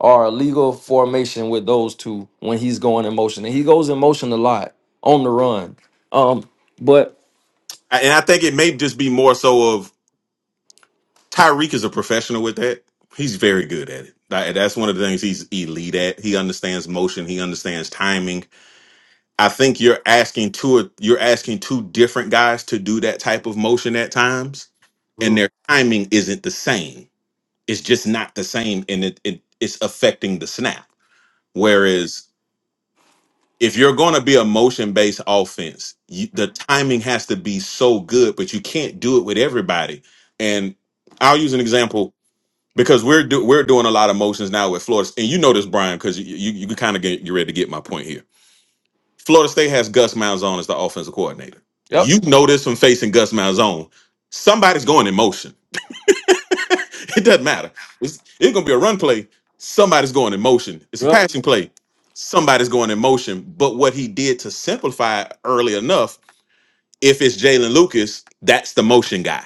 S1: or a legal formation with those two when he's going in motion. And he goes in motion a lot on the run. Um, but
S3: I- And I think it may just be more so of Tyreek is a professional with that. He's very good at it. That- That's one of the things he's elite at. He understands motion. He understands timing. I think you're asking two or- you're asking two different guys to do that type of motion at times, and their timing isn't the same. It's just not the same, and it, it it's affecting the snap. Whereas if you're going to be a motion based offense, you, the timing has to be so good, but you can't do it with everybody. And I'll use an example because we're do, we're doing a lot of motions now with Florida, and you know this, Brian, because you you, you kind of get you ready to get my point here. Florida State has Gus Malzahn as the offensive coordinator.
S1: yep,
S3: You know this from facing Gus Malzahn. Somebody's going in motion. *laughs* it doesn't matter. It's, it's gonna be a run play. Somebody's going in motion. It's a
S1: yep.
S3: passing play. Somebody's going in motion. But what he did to simplify it early enough, if it's Jalen Lucas, that's the motion guy.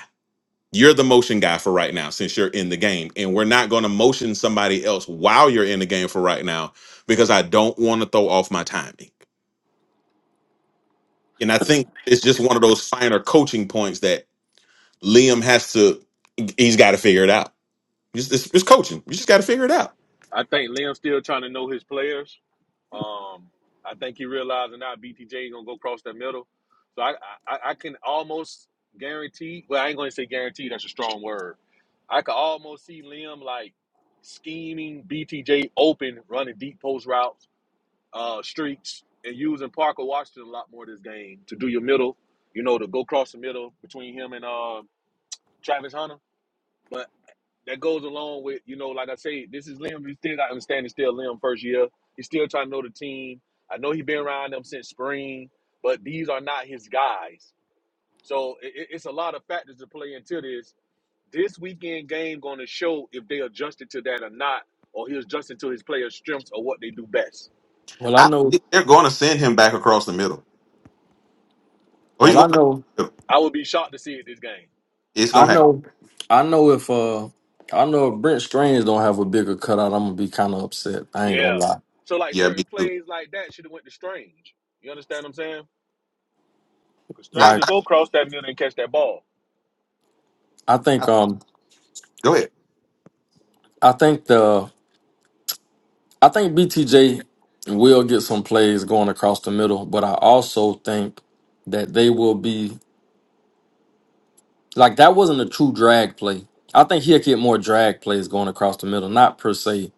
S3: You're the motion guy for right now since you're in the game. And we're not gonna motion somebody else while you're in the game for right now because I don't want to throw off my timing. And I think it's just one of those finer coaching points that Liam has to he's got to figure it out. It's, it's, it's coaching. You just got to figure it out.
S4: I think Liam's still trying to know his players. Um, I think he realizing now BTJ gonna go across that middle. So I, I, I can almost guarantee. Well, I ain't gonna say guarantee. That's a strong word. I could almost see Liam like scheming BTJ open, running deep post routes, uh, streaks, and using Parker Washington a lot more this game to do your middle. You know, to go across the middle between him and uh, Travis Hunter. but that goes along with, you know, like I say, this is Lim. He still got him standing still, Lim, first year. He's still trying to know the team. I know he been around them since spring, but these are not his guys. So i it's a lot of factors to play into this. This weekend game going to show if they adjusted to that or not, or he adjusted to his players' strengths or what they do best.
S1: Well, I
S3: I
S1: know.
S3: think they're going to send him back across the middle. Or he's
S1: Well, I
S3: going back across
S1: know.
S3: the middle.
S4: I would be shocked to see it this game.
S3: It's
S1: I
S3: going to happen.
S1: know. I know if uh, I know if Brent Strange don't have a bigger cutout, I'm gonna be kind of upset. I ain't gonna
S4: Yeah.
S1: lie.
S4: So like
S3: Yeah, me
S4: certain
S3: too.
S4: plays like that should have went to Strange. You understand what I'm saying? Because
S3: I,
S4: Strange
S1: Like
S4: will go across that middle and catch that ball.
S1: I think
S3: I,
S1: um,
S3: go ahead.
S1: I think the I think BTJ will get some plays going across the middle, but I also think that they will be like that wasn't a true drag play. I think he'll get more drag plays going across the middle, not per se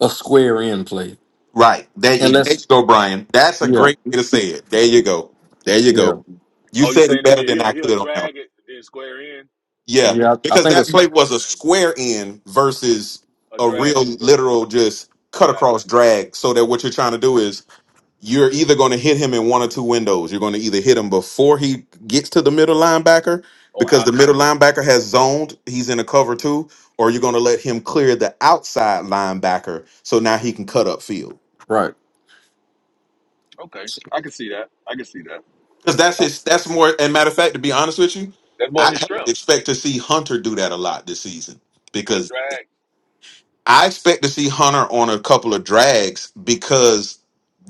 S1: a square in play.
S3: Right. There, you- there
S1: Unless,
S3: you go, Brian. That's a great way to say it. There you go. There you
S1: yeah,
S3: go. You
S4: Oh, you
S3: said
S4: saying
S3: it
S4: it'll
S3: better
S4: be
S3: than
S4: he'll
S3: I could
S4: he'll
S3: on that one.
S4: drag it then square in?
S3: Yeah,
S1: yeah, I, I
S3: because
S1: think
S3: that
S1: it's
S3: play
S4: Okay,
S3: was a square in versus
S4: a
S3: a
S4: drag.
S3: real literal just cut
S4: Gotcha.
S3: across drag. So that what you're trying to do is you're either going to hit him in one or two windows. You're going to either hit him before he gets to the middle linebacker
S4: Or
S3: because the
S4: after.
S3: middle linebacker has zoned, he's in a cover two, or you're going to let him clear the outside linebacker so now he can cut up field.
S1: right.
S4: Okay, I can see that. I can see that.
S3: Because that's his, that's more, and matter of fact, to be honest with you,
S4: That's
S3: I
S4: more his
S3: actually
S4: strength,
S3: expect to see Hunter do that a lot this season
S4: but
S3: because
S4: drag.
S3: I expect to see Hunter on a couple of drags because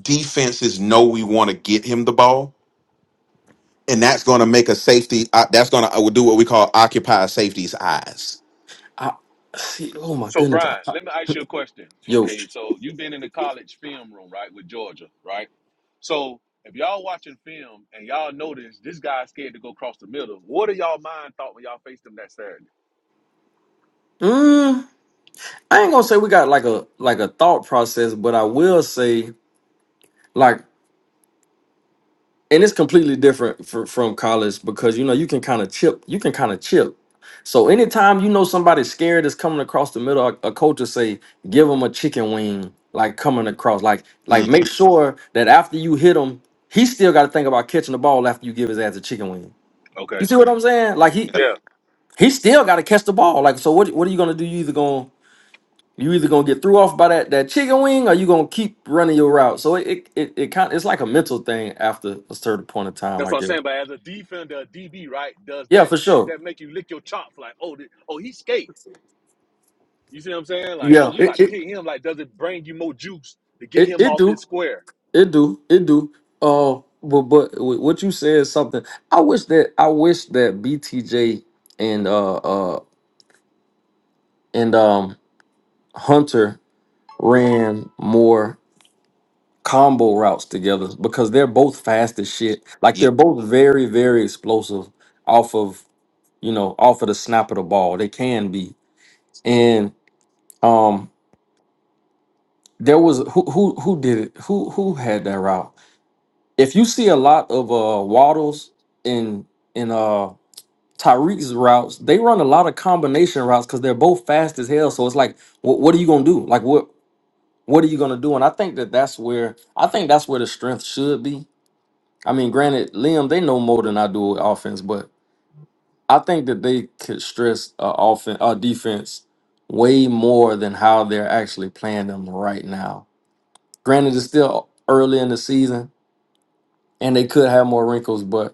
S3: defenses know we want to get him the ball and that's going to make a safety. Uh, that's going to do what we call occupy safety's eyes.
S1: I see. Oh my
S4: So
S1: goodness, I,
S4: Brian,
S1: I,
S4: let me ask you a question.
S1: *laughs* yo,
S4: Okay, so you've been in the college film room, right, with Georgia, right? So if y'all watching film and y'all notice this guy's scared to go across the middle, what do y'all mind thought when y'all faced him that Saturday?
S1: mm, I ain't gonna say we got like a like a thought process, but I will say like and it's completely different for, from college because you know you can kind of chip you can kind of chip so anytime you know somebody's scared is coming across the middle a, a coach will say give them a chicken wing like coming across like like
S3: Mm,
S1: make sure that after you hit him he still got to think about catching the ball after you give his ass a chicken wing
S4: Okay.
S1: you see what i'm saying like he
S3: yeah,
S4: Yeah.
S1: he still got to catch the ball like so what, what are you gonna do you either gonna you either gonna get threw off by that that chicken wing or you gonna keep running your route so it it, it, it kind it's like a mental thing after a certain point of time
S4: That's
S1: i
S4: what I'm
S1: guess
S4: saying. But as a defender, a DB, right, does
S1: Yeah,
S4: that
S1: for
S4: does
S1: sure.
S4: that make you lick your chops like, oh, th- oh, he's scared? You see what I'm saying? Like, oh, we about to get him. Like, does it bring you more juice to get
S1: It
S4: him
S1: it
S4: off his
S1: do.
S4: square?
S1: It do. It do. Uh but but wh- what you said is something. I wish that I wish that BTJ and uh uh and um Hunter ran more combo routes together because they're both fast as shit. Like
S3: yeah.
S1: they're both very, very explosive off of you know, off of the snap of the ball. They can be. And um there was who who who did it? Who who had that route? if you see a lot of uh waddles in in uh Tyreek's routes, they run a lot of combination routes because they're both fast as hell. So it's like, what what are you gonna do? Like what what are you gonna do? And I think that that's where I think that's where the strength should be. I mean, granted, Liam they know more than I do with offense, but I think that they could stress uh, offense uh, defense way more than how they're actually playing them right now. Granted, it's still early in the season and they could have more wrinkles, but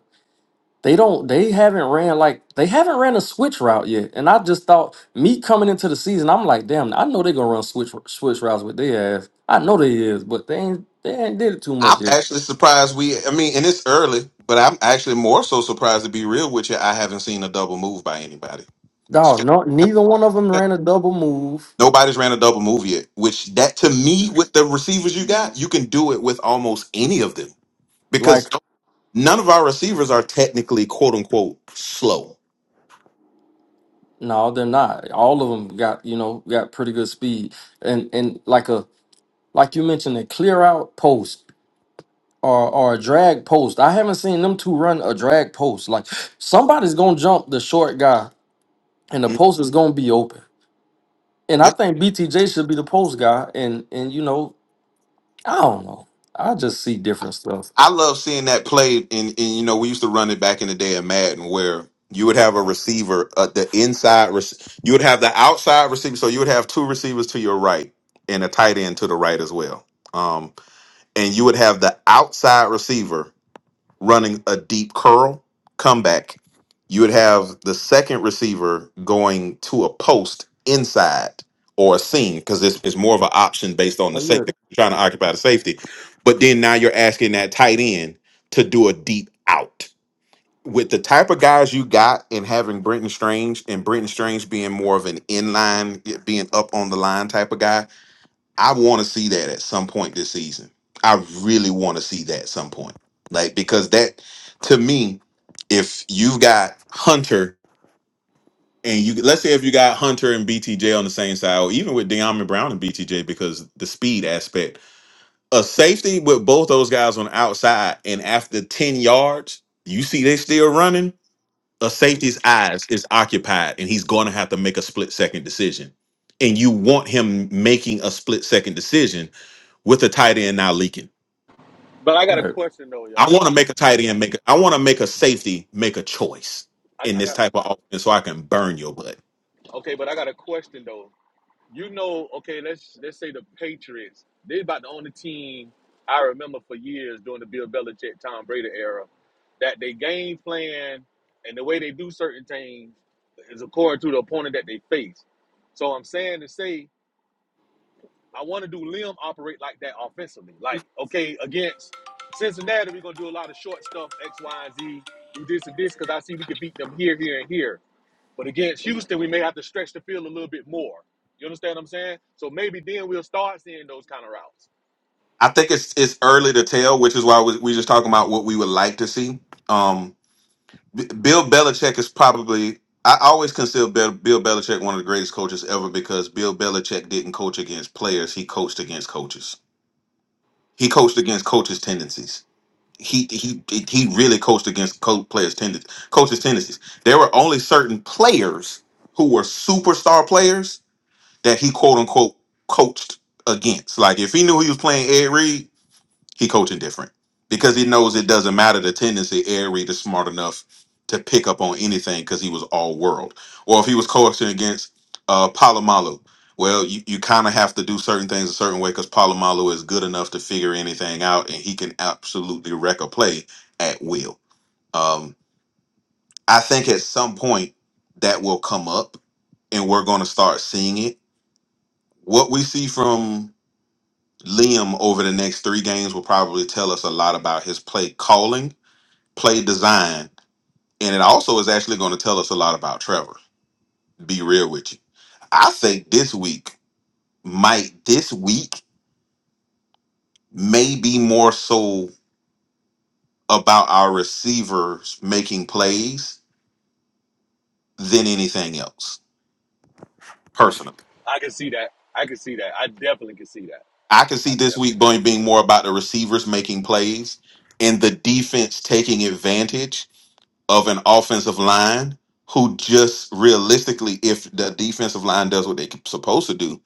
S1: They don't. They haven't ran like they haven't ran a switch route yet. And I just thought me coming into the season, I'm like, damn, I know they're gonna run switch switch routes with their ass. I know they is, but they ain't they ain't did it too
S3: I'm
S1: much yet.
S3: actually surprised we. I mean, and it's early, but I'm actually more so surprised to be real with you. I haven't seen a double move by anybody.
S1: Dog, no, neither one of them ran a double move.
S3: Nobody's ran a double move yet. Which that to me, with the receivers you got, you can do it with almost any of them because
S1: Like,
S3: none of our receivers are technically quote unquote slow.
S1: no, they're not. All of them got you know got pretty good speed and and like a like you mentioned a clear out post. Or, or a drag post. I haven't seen them two run a drag post. Like somebody's gonna jump the short guy, and the
S3: Mm,
S1: post is gonna be open. And I think BTJ should be the post guy. And and you know, I don't know. I just see different stuff.
S3: I love seeing that played in, in you know we used to run it back in the day of Madden where you would have a receiver at the inside rec- you would have the outside receiver so you would have two receivers to your right and a tight end to the right as well um, and you would have the outside receiver running a deep curl comeback, you would have the second receiver going to a post inside or a seam because it's, it's more of an option based on the safety trying to occupy the safety. But then now you're asking that tight end to do a deep out. With the type of guys you got and having Brenton Strange and Brenton Strange being more of an inline, being up on the line type of guy, I want to see that at some point this season. I really want to see that at some point. Like because that to me, if you've got Hunter and you let's say if you got Hunter and BTJ on the same side, or even with De'Armond Brown and BTJ, because the speed aspect, a safety with both those guys on the outside, and after 10 yards, you see they still running. A safety's eyes is occupied, and he's gonna have to make a split second decision. And you want him making a split second decision with a tight end now leaking.
S4: But I got a question though,
S3: I want
S4: y'all.
S3: to make a tight end make. I want to make a safety make a choice
S4: I,
S3: in
S4: I
S3: this
S4: got
S3: type of offense, so I can burn your butt.
S4: okay, but I got a question though. You know, okay, let's let's say the Patriots. They about the only team I remember for years during the Bill Belichick, Tom Brady era, that they game plan and the way they do certain things is according to the opponent that they face. So I'm saying to say I want to do Lim operate like that offensively. Like, okay, against Cincinnati, we're gonna do a lot of short stuff, X, Y, and Z, do this and this, because I see we can beat them here, here, and here. But against Houston, we may have to stretch the field a little bit more. You understand what I'm saying? So maybe then we'll start seeing those kind of routes.
S3: I think it's it's early to tell, which is why we we just talking about what we would like to see. Um, B- Bill Belichick is probably. I always consider Bill, Bill Belichick one of the greatest coaches ever because Bill Belichick didn't coach against players; he coached against coaches. He coached against coaches' tendencies he he he really coached against co- players' tendencies, coaches' tendencies. There were only certain players who were superstar players that he quote unquote coached against. Like if he knew he was playing Ed Reed, he coaching different because he knows it doesn't matter the tendency. Air Reed is smart enough to pick up on anything because he was all world. Or if he was coaching against uh, Palomalu, well, you, you kind of have to do certain things a certain way because Palomalu is good enough to figure anything out and he can absolutely wreck a play at will. Um, I think at some point that will come up and we're going to start seeing it. What we see from Liam over the next three games will probably tell us a lot about his play calling play design, and it also is actually going to tell us a lot about Trevor. Be real with you. I think this week might this week may be more so about our receivers making plays than anything else. Personally,
S4: I can see that. I can see that. I definitely can see that.
S3: I can see
S4: I
S3: this week
S4: definitely can
S3: going
S4: see
S3: being more about the receivers making plays and the defense taking advantage of an offensive line who just realistically, if the defensive line does what they're supposed to do,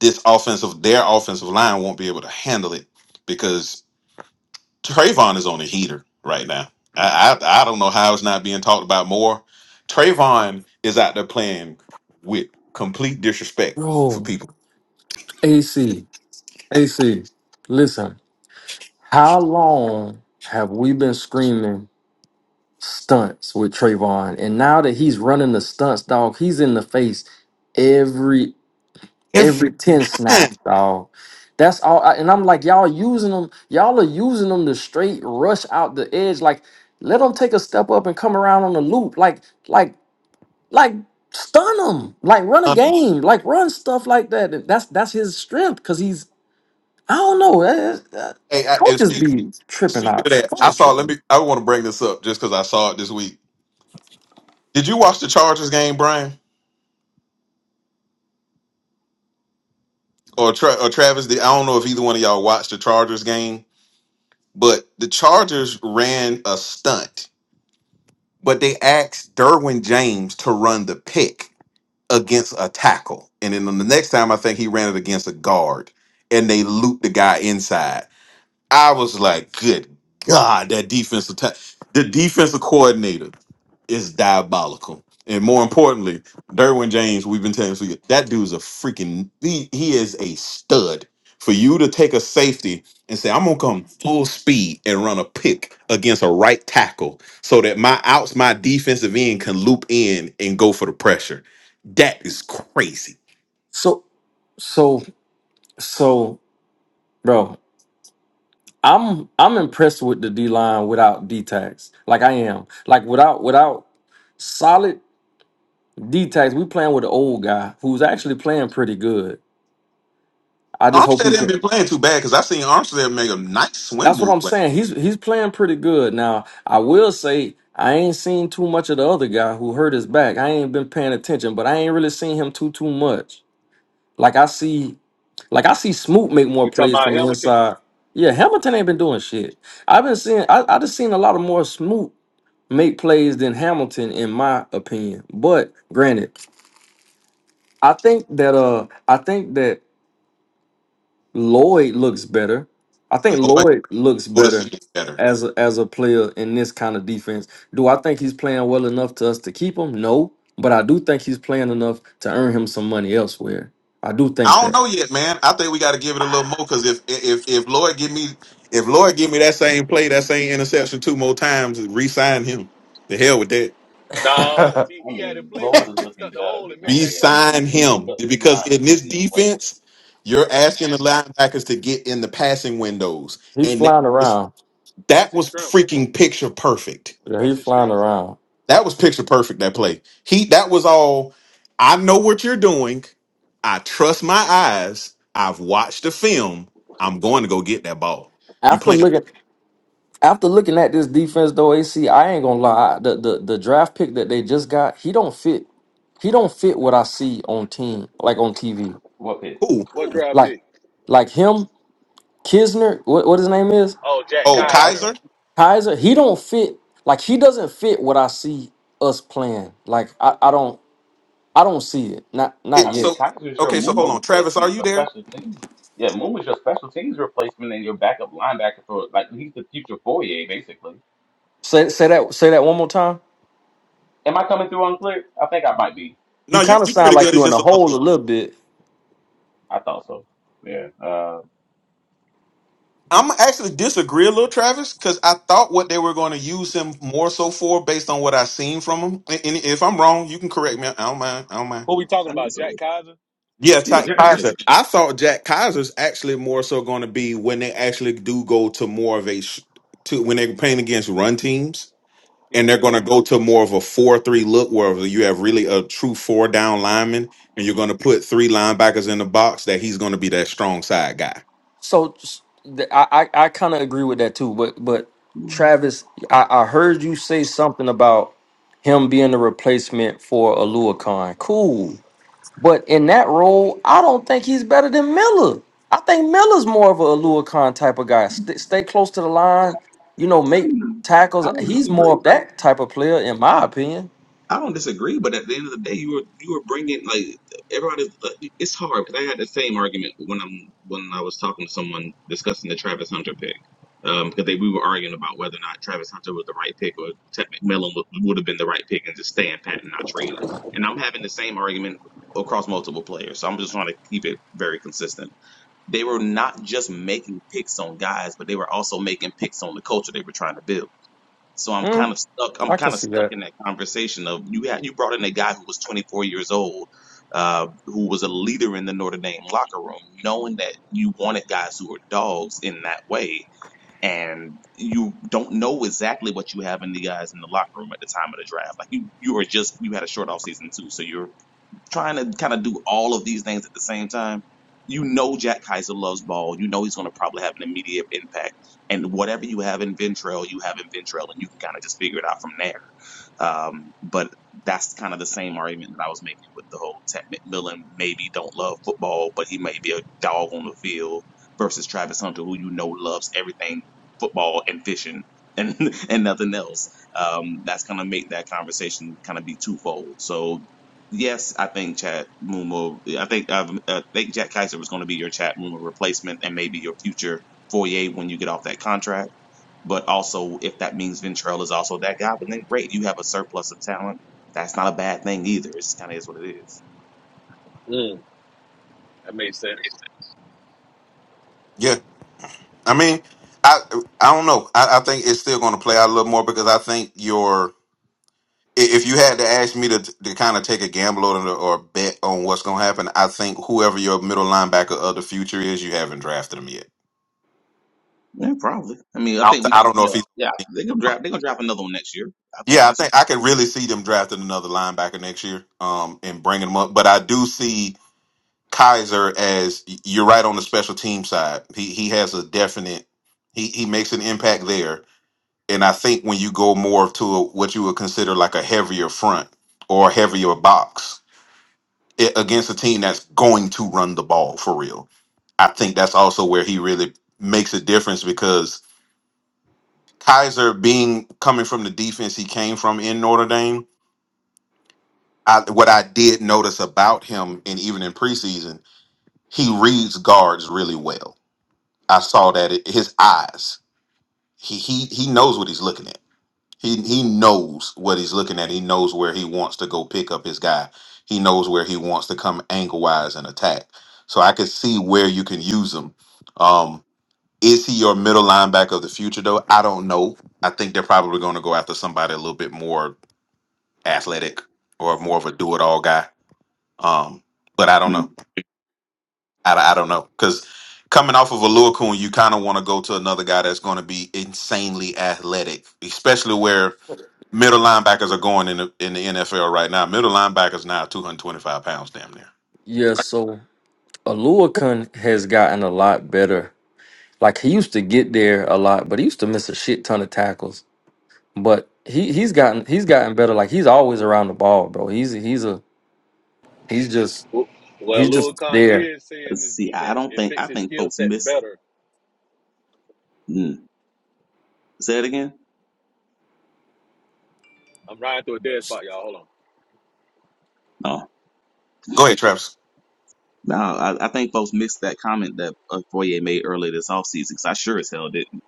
S3: this offensive, their offensive line won't be able to handle it because Trayvon is on a heater right now. I, I I don't know how it's not being talked about more. Trayvon is out there playing with complete disrespect for
S1: Bro,
S3: people
S1: AC, AC, listen. How long have we been screaming stunts with Trayvon? And now that he's running the stunts, dog, he's in the face every every
S3: every
S1: 10
S3: time.
S1: snaps, dog. That's all I, and I'm like, y'all using them, y'all are using them to straight rush out the edge. Like, let them take a step up and come around on the loop. Like, like Like stun him. Like run a
S3: son.
S1: game. Like run stuff like that. That's that's his strength because he's I don't know. eh, eh, eh,
S3: Hey, I, and
S1: Coaches
S3: speak,
S1: be tripping
S3: speaking
S1: out.
S3: of that, I
S1: Coaches
S3: saw. Let
S1: tripping.
S3: me. I want to bring this up just because I saw it this week. Did you watch the Chargers game, Brian or Tra- or Travis? Did, I don't know if either one of y'all watched the Chargers game, but the Chargers ran a stunt But they asked Derwin James to run the pick against a tackle. And then the next time I think he ran it against a guard and they looped the guy inside. I was like, good God, that defensive ta- the defensive coordinator is diabolical. And more importantly, Derwin James, we've been telling you that dude's a freaking he, he is a stud. For you to take a safety and say, I'm gonna come full speed and run a pick against a right tackle so that my outs, my defensive end can loop in and go for the pressure. That is crazy.
S1: So so so bro. I'm I'm impressed with the D line without D tags. Like I am. Like without without solid D tags. We playing with an old guy who's actually playing pretty good. I just hope
S3: Armstead
S1: he
S3: didn't
S1: can.
S3: been playing too bad because I seen Armstead make a nice swim
S1: That's what
S3: move
S1: I'm
S3: play.
S1: saying. He's he's playing pretty good now. I will say I ain't seen too much of the other guy who hurt his back. I ain't been paying attention, but I ain't really seen him too too much. Like I see, like I see Smoot make
S4: that.
S1: more
S4: You talking
S1: plays
S4: about
S1: from the
S4: Hamilton?
S1: inside. Yeah, Hamilton ain't been doing shit. I've been seeing. I, I just seen a lot of more Smoot make plays than Hamilton, in my opinion. But granted, I think that uh, I think that Lloyd looks better. I think Lloyd looks
S3: who to see
S1: better
S3: better.
S1: as a, as a player in this kind of defense. Do I think he's playing well enough to us to keep him? No, but I do think he's playing enough to earn him some money elsewhere. I do think
S3: I don't
S1: that.
S3: know yet, man. I think we got to give it a little more because if if if Lloyd give me if Lloyd give me that same play, that same interception two more times, re-sign him. The hell with that.
S4: No, because he,
S5: I
S4: he had a
S5: mean,
S4: play where he
S5: Lord is
S4: blitzed
S5: looking
S4: up the
S5: better
S4: hole and
S5: because
S4: missed that
S5: they're
S4: tackle.
S5: keeping
S3: Re-sign
S5: they,
S3: him
S5: because the D
S3: because
S5: line is
S3: in this
S5: keeping him playing.
S3: defense, you're asking the linebackers to get in the passing windows, and that is that
S4: That's his
S3: was
S4: strength.
S3: freaking picture perfect
S4: That's his strength.
S3: That was picture perfect. That play. He. That was all. I know what you're doing. I trust my eyes. I've watched the film. I'm going to go get that ball. You
S1: After
S3: playing
S1: looking
S3: with
S1: after looking at this defense though, AC, I ain't gonna lie. The the, the draft pick that they just got, he don't fit. He don't fit what I see on team like on TV.
S5: What pick?
S3: who?
S4: What
S3: Who?
S4: draft
S1: Like
S4: pick?
S1: like him, Kisner. What what his name is?
S4: Oh, Jack
S3: Oh,
S5: Jack
S4: Keisner.
S5: Kaiser?
S3: Kaiser.
S1: Kaiser, he don't fit like he doesn't fit what I see us playing. Like I, I don't I don't see it. Not not
S5: I
S3: It,
S5: mean,
S3: so
S1: yet.
S5: Kaiser is your
S3: okay. So hold
S5: Muma
S3: on, Travis. Are
S5: replacement
S3: you
S5: for
S3: there?
S5: special teams. Yeah, Muma's your special teams replacement and your backup linebacker for like he's the future Fourier basically.
S1: Say say that say that one more time.
S5: Am I coming through unclear? I think I might be.
S1: You
S3: No, you're,
S1: kind of
S3: you're
S1: sound
S3: pretty
S1: like
S3: good. It's
S1: you're in
S3: just
S1: a
S3: a little.
S1: hole a little bit.
S5: I thought so. Yeah. Uh,
S3: I'm actually disagree a little, Travis, because I thought what they were going to use him more so for, based on what I seen from him. And and if I'm wrong, you can correct me. I don't mind. I don't mind.
S4: Who we talking
S5: I mean,
S4: about?
S5: it's
S4: Jack
S5: all,
S4: Kaiser?
S3: Yeah,
S5: yeah,
S3: Ty
S5: Jack
S3: Kaiser.
S5: Kaiser.
S3: I thought Jack Kaiser's actually more so going to be when they actually do go to more of a sh- to when they're playing against run teams,
S4: He
S3: and
S4: gonna
S3: they're
S4: be
S3: going
S4: over.
S3: to go to more of a four-three look where you have really a true four-down lineman, and you're going to put three linebackers in the box. That he's going to be that strong side guy.
S1: So s- th- I I, I kind of agree with that too. But but
S5: Mm,
S1: Travis, I, I heard you say something about him being the replacement for Alua Khan. Cool. But in that role, I don't think he's better than Miller. I think Miller's more of a Alua Khan type of guy. Stay, stay close to the line, you know,
S5: I
S1: make
S5: mean, I
S1: tackles.
S5: don't
S1: He's more of
S5: disagree.
S1: that type of player, in my opinion.
S5: I don't disagree, but at the end of the day, you were you were bringing like everybody. uh, It's hard because I had the same argument when I'm when I was talking to someone discussing the Travis Hunter pick um, because they we were arguing about whether or not Travis Hunter was the right pick or Ted McMillan would, would have been the right pick and just staying pat and not trade And I'm having the same argument across multiple players, so I'm just trying to keep it very consistent. They were not just making picks on guys, but they were also making picks on the culture they were trying to build so I'm kind
S1: Mm.
S5: of stuck. I'm kind of stuck in that conversation of you had you brought in a guy who was 24 years old, uh, who was a leader in the Notre Dame locker room, knowing that you wanted guys who were dogs in that way, and you don't know exactly what you have in the guys in the locker room at the time of the draft. Like you, you are just you had a short off season too, so you're trying to kind of do all of these things at the same time. You know Jack Kaiser loves ball. You know he's going to probably have an immediate impact. And whatever you have in Ventrell, you have in Ventrell, and you can kind of just figure it out from there. Um, but that's kind of the same argument that I was making with the whole Ted McMillan maybe don't love football, but he may be a dog on the field versus Travis Hunter, who you know loves everything football and fishing and *laughs* and nothing else. Um, that's gonna make that conversation kind of be twofold. So Yes, I think Chad Mumo. I think um, uh, I think Jack Kaiser was going to be your Chad Mumo replacement and maybe your future Foyer when you get off that contract. But also, if that means Ventrell is also that guy, but then great, you have a surplus of talent. That's not a bad thing either. It just kind of is what it is.
S4: Mm, that made sense.
S3: Yeah. I mean, I I don't know. I, I think it's still going to play out a little more because I think your i- if you had to ask me to to kind of take a gamble or or bet on what's going to happen, I think whoever your middle linebacker of the future is, you haven't drafted him yet.
S5: Yeah, probably. I mean, I
S3: I
S5: think
S3: don't,
S5: we.
S3: I don't know if
S5: Yeah,
S3: he's
S5: yeah they're gonna draft. They're gonna draft another one next year. I think
S3: yeah. I
S5: that's.
S3: think I could really see them drafting another linebacker next year, um, and bringing him up. But I do see Kaiser as you're right on the special team side. He he has a definite he he makes an impact there and I think when you go more to a, what you would consider like a heavier front or a heavier box it, against a team that's going to run the ball for real, I think that's also where he really makes a difference because Kaiser being coming from the defense he came from in Notre Dame, I, what I did notice about him and even in preseason, he reads guards really well. I saw that it, his eyes. He he he knows what he's looking at He he knows what he's looking at. He knows where he wants to go pick up his guy. He knows where he wants to come angle wise and attack. So I could see where you can use him. Um, is he your middle linebacker of the future though? I don't know. I think they're probably going to go after somebody a little bit more athletic or more of a do it all guy. Um, but I don't
S5: Mm,
S3: know. I, I don't know because coming off of a Lua you kind of want to go to another guy that's going to be insanely athletic, especially where Middle linebackers are going in the in the NFL right now. Middle linebackers now are two hundred twenty five pounds, damn near.
S1: Yeah, so Alua Khan has gotten a lot better. Like he used to get there a lot, but he used to miss a shit ton of tackles. But he he's gotten he's gotten better. Like he's always around the ball, bro. He's he's a he's just
S4: Well,
S1: he's
S4: well, Louis
S1: just
S4: Khan
S1: there.
S4: did say
S5: let's
S4: in his
S5: see. I
S4: defense,
S5: don't
S4: it
S5: think. I
S4: fits his
S5: think
S4: skill
S5: folks
S4: set
S5: missed.
S4: better.
S5: Mm, say it again.
S4: I'm riding through a dead spot, y'all. Hold on.
S5: No,
S3: Go ahead, Travis.
S5: No, I, I think folks missed that comment that uh, Foyer made earlier this offseason because I sure as hell didn't.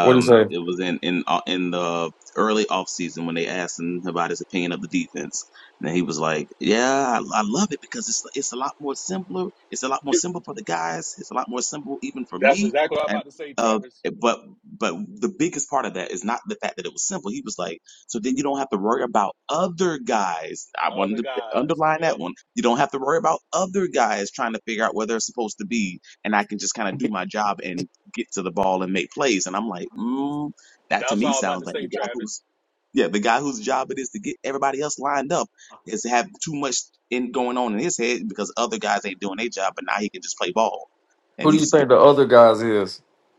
S1: What do you say?
S5: it was in in uh, in the early offseason when they asked him about his opinion of the defense, and he was like, "Yeah, I, I love it because it's it's a lot more simpler. It's a lot more
S4: You-
S5: simple for the guys. It's a lot more simple even for
S4: That's
S5: me."
S4: exactly what I'm
S5: And
S4: about to say,
S5: uh,
S4: Travis.
S5: but but the biggest part of that is not the fact that it was simple. He was like, "So then you don't have to worry about other guys." I wanted
S4: Other
S5: to
S4: guys.
S5: underline
S4: Yep.
S5: that one. You don't have to worry about other guys trying to figure out where they're supposed to be, and I can just kind of do my job and get to the ball and make plays. And I'm like, mm, that to
S4: That's
S5: me
S4: what I was about
S5: sounds
S4: to
S5: like
S4: say,
S5: the guy
S4: Travis.
S5: who's yeah, the guy whose job it is to get everybody else lined up is to have too much in going on in his head because other guys ain't doing their job, but now he can just play ball, and
S1: Who do you
S5: he's. Been,
S1: think the other guys is?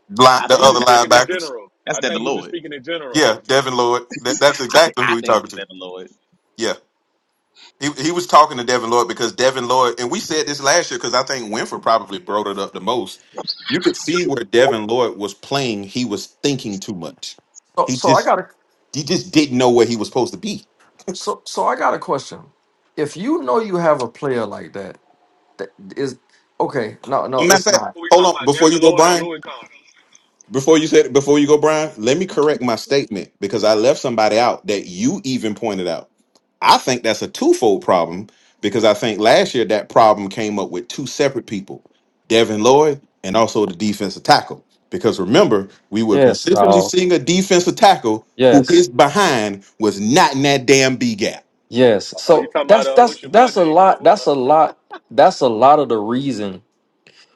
S3: Line,
S5: I think
S3: the
S4: He
S5: that's
S3: other
S4: just
S5: that,
S4: speaking in
S5: that's
S3: linebackers,
S4: general.
S5: that's
S4: I
S5: Devin
S4: think you just
S5: Lloyd.
S4: speaking in general.
S3: yeah, Devin Lloyd. That, that's
S5: I think
S3: exactly who
S5: I
S3: he's
S5: think it
S3: talking
S5: was
S3: to.
S5: Devin Lloyd.
S3: Yeah, he he was talking to Devin Lloyd because Devin Lloyd, and we said this last year because I think Winfrey probably brought it up the most. You could see where Devin Lloyd was playing. He was thinking too much.
S1: So,
S3: He
S1: so I
S3: just
S1: got a
S3: he just didn't know where he was supposed to be.
S1: so so I got a question. If you know you have a player like that, that is okay. No, no,
S3: Matter of
S1: it's
S3: fact,
S1: not.
S4: Who we
S3: hold
S4: talking
S3: on
S4: about,
S3: before you
S4: Devin
S3: go,
S4: Lloyd or
S3: Brian.
S4: Louis Khan?
S3: Before you said before you go, Brian, let me correct my statement because I left somebody out that you even pointed out. I think that's a twofold problem because I think last year that problem came up with two separate people, Devin Lloyd and also the defensive tackle. Because remember, we were
S1: Yes,
S3: consistently
S1: dog.
S3: seeing a defensive tackle who his
S1: Yes,
S3: behind was not in that damn B gap.
S1: yes.
S4: Uh, Oh, you
S1: So
S4: talking about
S1: that's
S4: uh,
S1: that's
S4: what's your boy
S1: that's a
S4: name? Who go?
S1: lot.
S4: Who,
S1: That's
S4: uh,
S1: a lot. That's a lot of the reason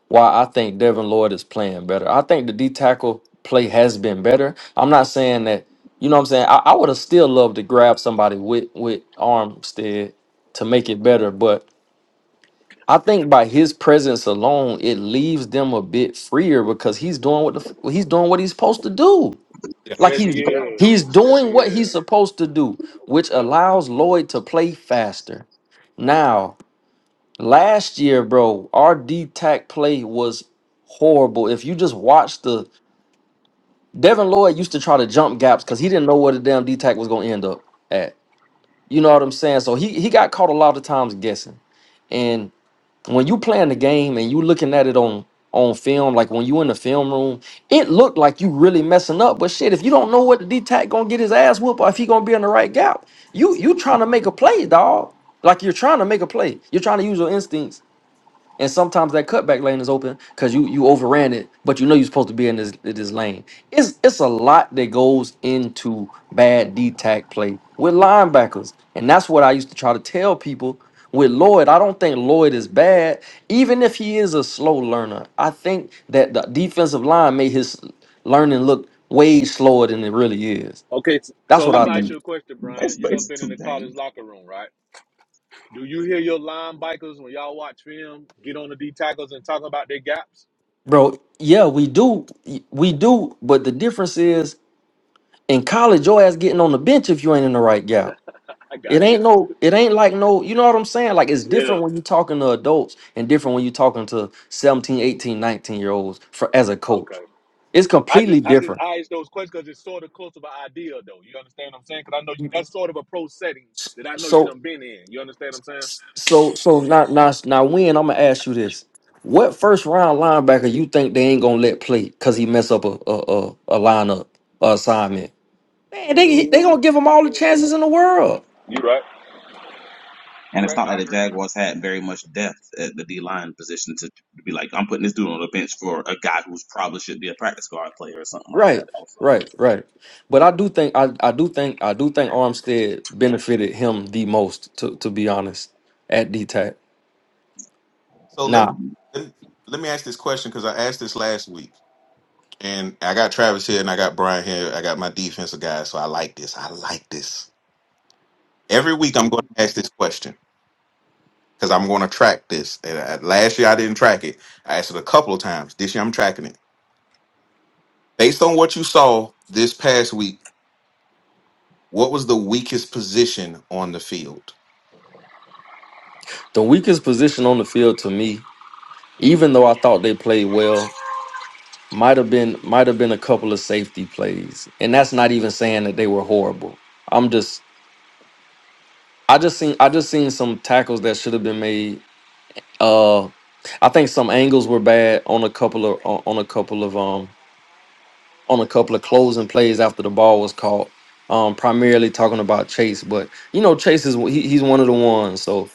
S1: why I think Devin Lloyd is playing better. I think the D tackle play has been better. I'm not saying that. You know what I'm saying? I, I would have still loved to grab somebody with with Armstead to make it better, but I think by his presence alone, it leaves them a bit freer because he's doing what the, f- he's doing what he's supposed to do.
S3: Yeah.
S1: Like
S4: yes, he
S1: he's
S5: Yeah.
S1: he's
S4: is. Yes,
S1: doing
S4: he
S1: what he's
S4: is.
S1: supposed to do, which
S4: Yep.
S1: allows Lloyd to play faster. Now, last year, bro, our D tack play was horrible. If you just watch the Devin Lloyd used to try to jump gaps because he didn't know where the damn D tack was gonna end up at. You know what I'm saying? So he he got caught a lot of times guessing when you playing the game and you looking at it on on film, like when you in the film room, it looked like you really messing up. But shit, if you don't know what the D tack gonna get his ass whooped or if he gonna be in the right gap, you you trying to make a play, dog. Like you're trying to make a play. You're trying to use your instincts and sometimes that cutback lane is open because you you overran it, but you know you're supposed to be in this in this lane. It's it's a lot that goes into bad D tack play with linebackers, and that's what I used to try to tell people with Lloyd. I don't think Lloyd is bad, even if he is a slow learner. I think that the defensive line made his learning look way slower than it really is.
S4: Okay, s-
S1: That's
S4: so
S1: what
S5: I
S4: let
S1: I
S4: me ask
S1: think,
S5: mean,
S4: you a question, Brian.
S5: it's
S4: You done
S5: it's
S4: been in
S5: two
S4: the
S5: things.
S4: college locker room, right? Do you hear your linebackers when y'all watch film get on the D tackles and talk about their gaps?
S1: bro. Yeah, we do, we do, but the difference is. In college, your ass getting on the bench if you ain't in the right gap.
S4: I
S1: It
S4: got you.
S1: ain't no, it ain't like no, you know what I'm saying? Like it's
S4: Yeah.
S1: different when you talking to adults and different when you talking to 17, 18, 19 year olds for as a coach.
S4: Okay.
S1: It's
S4: I just
S1: completely
S4: I just
S1: different.
S4: I ask those questions because it's sort of close to an idea though. You understand what I'm saying? Because I know you,
S1: You-
S4: that's sort of a pro setting
S1: s-
S4: that I know you
S1: So
S4: done been in. You understand what I'm saying?
S1: so so now now now when I'm gonna ask you this. What first round linebacker you think they ain't gonna let play because he mess up a a, a, a lineup a assignment? Man, they
S4: mm
S1: they gonna give him all the
S4: mm.
S1: chances in the world.
S4: You right.
S5: And
S4: You
S5: it's
S4: right.
S5: not like
S4: I
S5: the
S4: agree.
S5: Jaguars had very much depth at the D line position to, to be like, I'm putting this dude on the bench for a guy who's probably should be a practice squad player or something like that.
S1: Right,
S5: Also,
S1: right, right. But I do think I, I do think I do think Armstead benefited him the most, to to be honest, at DTAC.
S3: So let me
S1: Now,
S3: let me, let me ask this question because I asked this last week. And I got Travis here and I got Brian here. I got my defensive guys. So I like this. I like this. Every week I'm going to ask this question because I'm going to track this. And I, last year I didn't track it. I asked it a couple of times. This year I'm tracking it. Based on what you saw this past week, what was the weakest position on the field?
S1: the weakest position on the field to me, even though I thought they played well, might have been might have been a couple of safety plays. And that's not even saying that they were horrible. I'm just I just seen I just seen some tackles that should have been made. Uh I think some angles were bad on a couple of on on a couple of um on a couple of closing plays after the ball was caught. Um, primarily talking about Chase, but you know Chase is he, he's one of the ones. So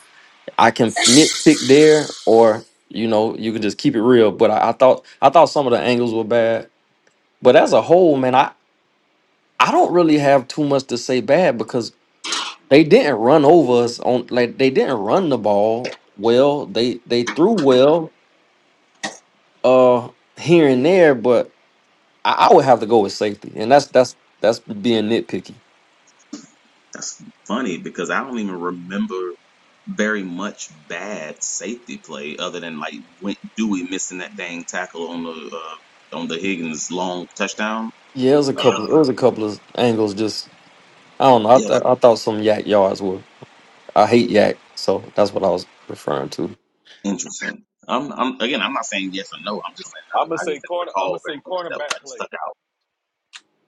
S1: I can nitpick there, or you know you can just keep it real. But I, I thought I thought some of the angles were bad. But as a whole, man, I I don't really have too much to say bad because they didn't run over us on like they didn't run the ball well. They they threw well uh here and there, but I, I would have to go with safety, and that's that's that's being nitpicky.
S5: that's funny because I don't even remember very much bad safety play other than like Win- Dewey missing that dang tackle on the uh, on the Higgins long touchdown.
S1: Yeah, it was a couple. It
S5: Uh,
S1: was a couple of angles. Just I don't know. I
S5: yeah,
S1: th-
S5: like
S1: I thought some yak yards were. I hate yak, so that's what I was referring to.
S5: interesting. I'm, I'm again, I'm not saying yes or no. I'm just saying I, don't-
S4: I'm gonna
S5: I
S4: say
S5: just didn't
S4: corner. I'm gonna
S5: recall very
S4: say
S5: much that
S4: cornerback
S5: like
S4: play.
S5: stuck out.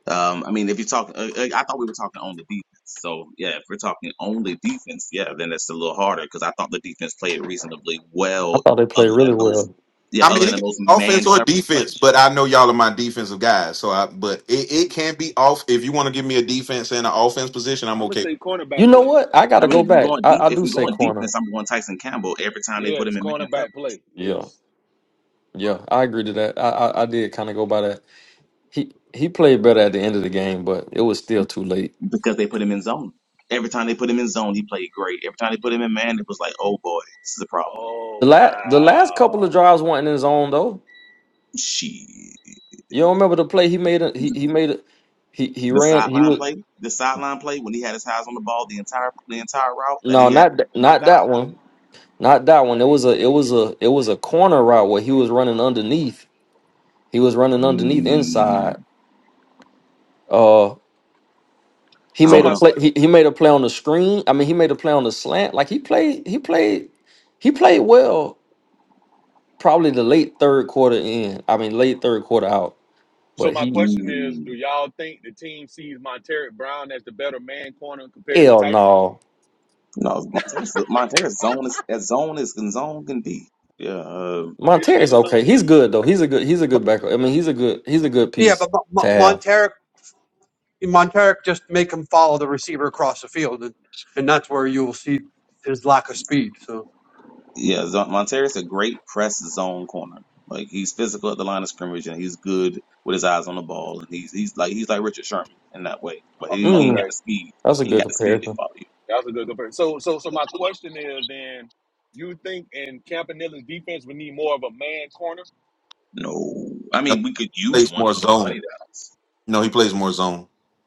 S5: Um, I mean, if you talk, uh, uh, I thought we were talking only defense. So yeah, if we're talking only defense, yeah, then it's a little harder because I thought the defense played reasonably
S1: I
S5: well,
S1: thought they played
S5: other
S1: really
S5: than those,
S1: well.
S5: yeah,
S3: I mean,
S5: other
S3: it
S5: than
S3: can
S5: those
S3: be
S5: man
S3: offense or
S5: coverage plays.
S3: defense, but I know y'all are my defensive guys. So I, but it, it can be off. If you want to give me a defense and an offense position, I'm
S4: I'm gonna
S3: okay.
S4: say
S1: You
S4: cornerback
S1: know
S4: play.
S1: what? I got
S5: I
S1: to go
S5: mean, if we're
S1: back.
S5: going deep,
S1: I, I
S5: if
S1: do
S5: we're
S1: say
S5: going
S1: corner.
S5: defense, I'm going Tyson Campbell every time they put
S4: Yes,
S5: him in man coverage
S4: cornerback play.
S1: Yeah,
S4: Yes.
S1: yeah. I agree to that. I I, I did kind of go by that. He he played better at the end of the game, but it was still too late.
S5: because they put him in zone. Every time they put him in zone, he played great. Every time they put him in man, it was like, oh boy, this is a problem.
S4: Oh
S1: The last the last couple of
S4: wow.
S1: drives weren't in his own though.
S5: She
S1: You don't remember the play he made? A, he he made it. He he
S5: the
S1: ran. He
S5: sideline
S1: was
S5: play, the sideline play when he had his eyes on the ball the entire the entire route that
S1: no,
S5: he had
S1: not th-
S5: to knock
S1: not
S5: down.
S1: that one. Not that one. It was a it was a it was a corner route where he was running underneath. He was running underneath
S5: Mm,
S1: inside. Uh he
S5: I
S4: So
S1: made
S5: don't
S1: a
S4: my
S5: know.
S1: play
S4: que-
S1: he, he made a play on the screen. I mean he made a play on the slant. Like he played he played he played well probably the late third quarter in. I mean late third quarter out.
S4: So
S1: But
S4: my
S1: he
S4: question is, do
S5: Mm,
S4: y'all think the team sees Monteric Brown as the better man corner compared to
S1: hell
S4: Tyson?
S1: no.
S5: no, Monteris, Monteris zone is as zone as can zone can be. Yeah, uh,
S4: Oh, here's
S1: Monterrey's
S4: another
S1: okay.
S4: zone.
S1: He's good though. He's a good he's a
S2: But
S1: good backup. I mean he's a good he's a good
S2: yeah,
S1: piece
S2: but Mo-
S1: to
S2: Mo-
S1: have.
S2: Monteric Monteric just make him follow the receiver across the field, and, and that's where you will see his lack of speed. So
S5: yeah. Zon- Monteris a great press zone corner. Like he's physical at the line of scrimmage and he's good with his eyes on the ball and he's he's like he's like Richard Sherman in that way. But he, ain't- he ain't
S1: Mm,
S5: got
S4: Okay,
S5: the speed.
S1: that's a
S5: He ain't
S1: good
S5: got the speed
S1: comparison.
S5: to follow you.
S4: that was a good comparison. So, so, so my question is, then, you think in Campanilla's defense we need more of a man corner?
S5: No, I
S3: No,
S5: mean we could
S3: he
S5: use
S3: plays
S5: one
S3: more
S5: for those
S3: zone.
S5: money downs.
S3: No, he plays more zone.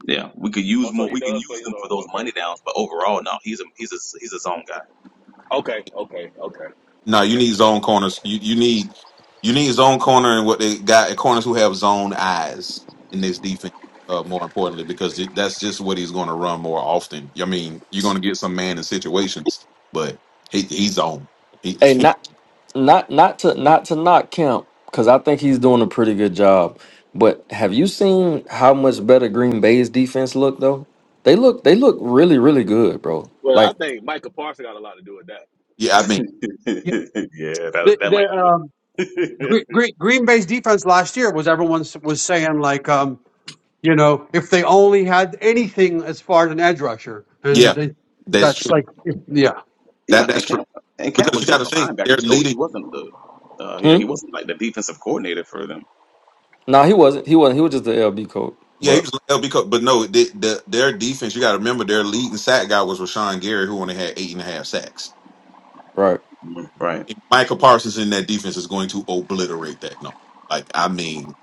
S5: Yeah, we could
S4: Oh,
S5: use
S4: so
S5: more.
S4: he
S5: We can
S4: does
S5: use
S4: play his
S5: them for
S4: own.
S5: those
S4: Okay,
S5: money downs. But overall, no, he's a he's a he's a zone guy.
S4: okay, okay, okay,
S3: No, you
S4: okay.
S3: need zone corners. You you need you need zone corner and what they got corners who have zone eyes in this defense. Uh, more importantly, because it, that's just what he's going to run more often. I mean, you're going to get some man in situations, but he, he's on. He,
S1: Hey, not not not to not to knock Kemp because I think he's doing a pretty good job. But have you seen how much better Green Bay's defense looked though? They look they look really really good, bro.
S4: Well, I
S1: Like,
S4: think Micah Parsons got a lot to do with that.
S3: *laughs*
S5: *laughs*
S3: yeah,
S5: yeah,
S3: I mean,
S2: yeah,
S5: that
S2: the,
S5: that
S2: the,
S5: might do
S2: um,
S5: it.
S2: Green, Green, Green Bay's defense last year was everyone s- was saying like, um, you know, if they only had anything as far as an edge rusher, and
S3: yeah,
S2: they,
S3: that's
S2: that's
S3: true.
S2: like, if- yeah,
S5: *laughs* yeah,
S3: That that's
S5: and
S3: true
S5: Camp and Camp
S3: because
S5: was
S3: you got
S5: just
S3: to
S5: a
S3: think they're
S5: linebackers coach. He
S3: leading.
S5: wasn't the uh yeah, he
S1: hmm?
S5: wasn't like the defensive coordinator for them.
S1: Nah, he wasn't. He wasn't. He was just the LB coach.
S3: Yeah, he
S1: But
S3: was LB, Cook, but no, the, the, their defense. You got to remember their leading sack guy was Rashawn Gary, who only had eight and a half sacks.
S1: right.
S5: Mm, Right.
S3: Michael Parsons in that defense is going to obliterate that number. Like, I mean,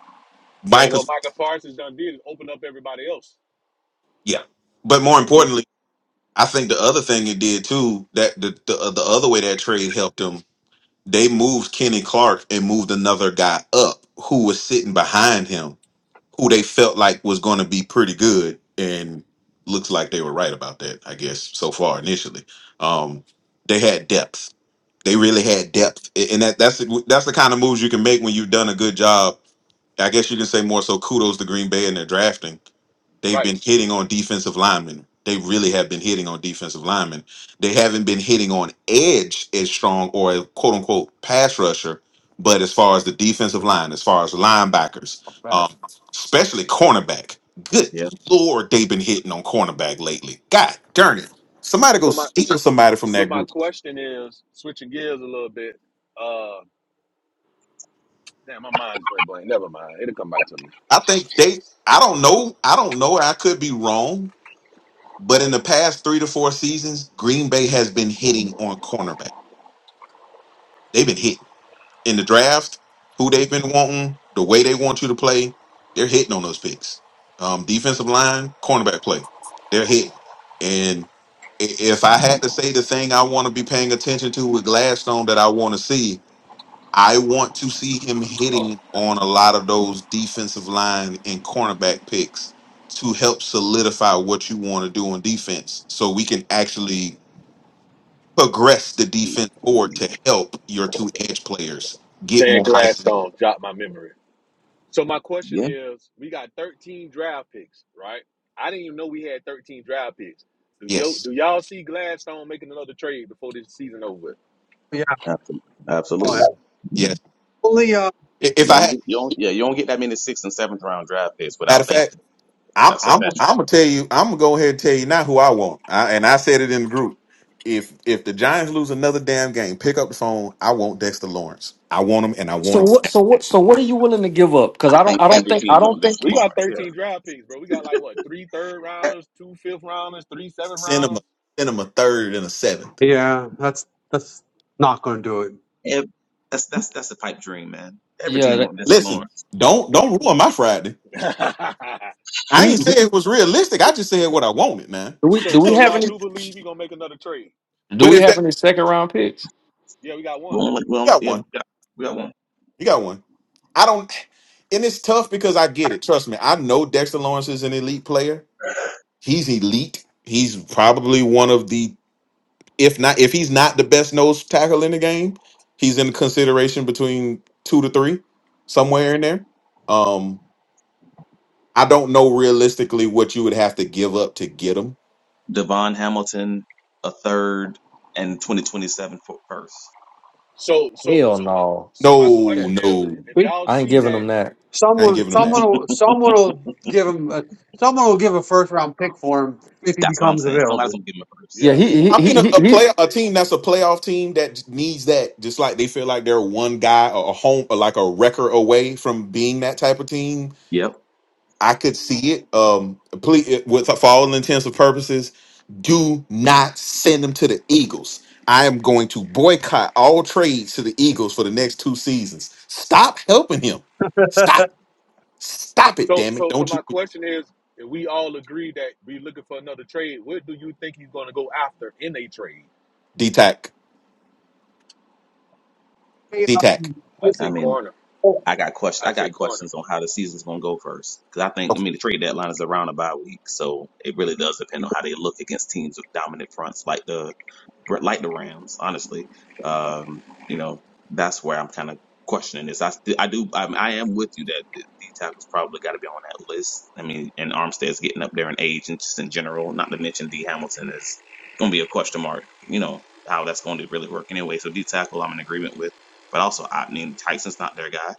S4: And what
S3: Michael's,
S4: Micah Parsons done did is open up everybody else.
S3: yeah. But more
S5: Yeah.
S3: importantly, I think the other thing it did too, that the, the, uh, the other way that trade helped them, they moved Kenny Clark and moved another guy up who was sitting behind him, who they felt like was going to be pretty good. And looks like they were right about that, I guess, so far initially. Um, they had depth They really had depth, A- and that that's the, that's the kind of moves you can make when you've done a good job. I guess you can say more so kudos to Green Bay in their drafting. They've
S4: Right.
S3: been hitting on defensive linemen. They really have been hitting on defensive linemen. They haven't been hitting on edge as strong or a quote unquote pass rusher, but as far as the defensive line, as far as linebackers, um, especially cornerback. Good
S5: Yeah.
S3: lord, they've been hitting on cornerback lately. God darn it. Somebody go
S4: So my
S3: steal somebody from
S4: so
S3: that
S4: my
S3: group.
S4: question is switching gears a little bit. Uh, Damn, my mind just went blank. Never mind. It'll come back to me.
S3: I think
S4: Shit.
S3: they. I don't know. I don't know. I could be wrong, but in the past three to four seasons, Green Bay has been hitting on cornerback. They've been hitting in the draft. Who they've been wanting, the way they want you to play, they're hitting on those picks. Um, defensive line, cornerback play, they're hitting. And i- if I had to say the thing I want to be paying attention to with Gladstone that I want to see, I want to see him hitting on a lot of those defensive line and cornerback picks to help solidify what you want to do on defense so we can actually progress the defense forward
S5: Mhm.
S3: to help your two edge players get more
S4: Saying
S3: isolation.
S4: Gladstone dropped my memory. So my question
S5: Yeah.
S4: is, we got 13 draft picks, right? I didn't even know we had 13 draft picks. Do yo
S3: Yes.
S4: do y'all see Gladstone making another trade before this season over? with?
S2: yeah,
S5: abso-
S2: oh yeah,
S5: Absolutely.
S3: Yes. Yes.
S5: You
S2: only, uh,
S3: I- If I
S5: don't
S3: had
S5: get you don't yeah, you don't get that many sixth and seventh round draft picks without
S3: matter of fact,
S5: thinking
S3: I'm
S5: that's a
S3: I'm
S5: veteran.
S3: I'm gonna tell you, I'm gonna go ahead and tell you now who I want. I, and I said it in the group. If if the Giants lose another damn game, pick up the phone. I want Dexter Lawrence. I want him and I want
S1: So
S3: him
S1: what? So what? So what are you willing to give up? Because
S5: I
S1: I don't.
S5: think
S1: I don't
S5: every
S1: think.
S5: team
S1: I
S5: wants
S1: don't think.
S5: Dexter
S4: We got
S5: Lawrence. Yeah.
S4: 13 draft picks, bro. We got like what three third rounders, two fifth rounders, three seventh
S3: Cinema,
S4: rounders.
S3: cinema third and a seventh.
S2: yeah, that's that's not going to do it.
S5: Ev- that's that's that's a pipe dream, man. Every
S1: Yeah.
S5: team
S1: That,
S5: wants Dexter
S3: Listen,
S5: Lawrence.
S3: don't don't ruin my Friday.
S4: *laughs*
S3: I
S1: we,
S3: ain't say
S1: we-
S3: it was realistic. I just said what I wanted, man.
S1: do we?
S4: so
S1: Do
S3: *laughs*
S1: we
S4: so
S1: have
S4: y'all
S1: any?
S4: do believe we gonna make another trade.
S1: Do
S3: But
S1: we
S3: if
S1: have
S3: that,
S1: any second round picks?
S4: Yeah, we got
S5: We
S4: one.
S5: only, we
S3: you
S5: only,
S3: got
S5: yeah, we
S3: one,
S5: got, we got one
S3: you got one. I don't, and it's tough because I get it. Trust me, I know Dexter Lawrence is an elite player. He's elite. He's probably one of the, if not, if he's not the best nose tackle in the game, he's in consideration between two to three, somewhere in there. Um, I don't know realistically what you would have to give up to get him
S5: Devon Hamilton a third, and 2027 for first.
S4: So so
S1: Hell
S4: so my
S1: no.
S4: so my
S2: Yeah,
S3: No,
S4: question is
S3: no,
S4: if
S2: we,
S4: y'all
S1: I ain't
S4: see
S1: giving
S4: that
S1: them that.
S3: I ain't
S2: someone,
S3: giving
S5: *laughs*
S3: them that.
S2: someone, will,
S5: That's
S2: someone will give him, a, someone will give a first round pick for him if he
S5: what I'm
S2: becomes
S5: saying. Somebody's
S2: available.
S5: gonna give him a
S1: Yeah,
S5: first.
S4: Yeah,
S1: he he
S3: I
S4: somebody
S3: mean,
S4: get
S3: a,
S4: a
S1: he
S3: a
S4: first
S1: he
S3: play
S4: round
S3: a
S4: pick.
S3: team that's a playoff team that needs that, just like they feel like they're one guy or a home or like a record away from being that type of team.
S5: Yep.
S3: I could see it. Um, please, with for all intents and purposes, do not send them to the Eagles. I am going to boycott all trades to the Eagles for the next two seasons. Stop helping him. Stop. Stop it,
S4: So,
S3: damn it!
S4: so, so
S3: Don't you
S4: my question is, if we all agree that we looking for another trade, what do you think he's going to go after in a trade?
S3: D-Tac.
S2: Hey,
S3: D-Tac.
S2: um,
S4: I
S5: I
S4: say
S5: mean,
S4: corner.
S5: I got questions.
S4: I
S5: I got
S4: say corner.
S5: questions on how the season's going to go first, because I think I mean the trade deadline is around a bye week, so it really does depend on how they look against teams with dominant fronts like the like the Rams. Honestly, um, you know that's where I'm kind of questioning this. I st- I do I, I am with you that D tackle's probably got to be on that list. I mean, and Armstead's getting up there in age, and just in general, not to mention D Hamilton is going to be a question mark. You know how that's going to really work anyway. So D tackle, I'm in agreement with. But also, I mean, Tyson's not their guy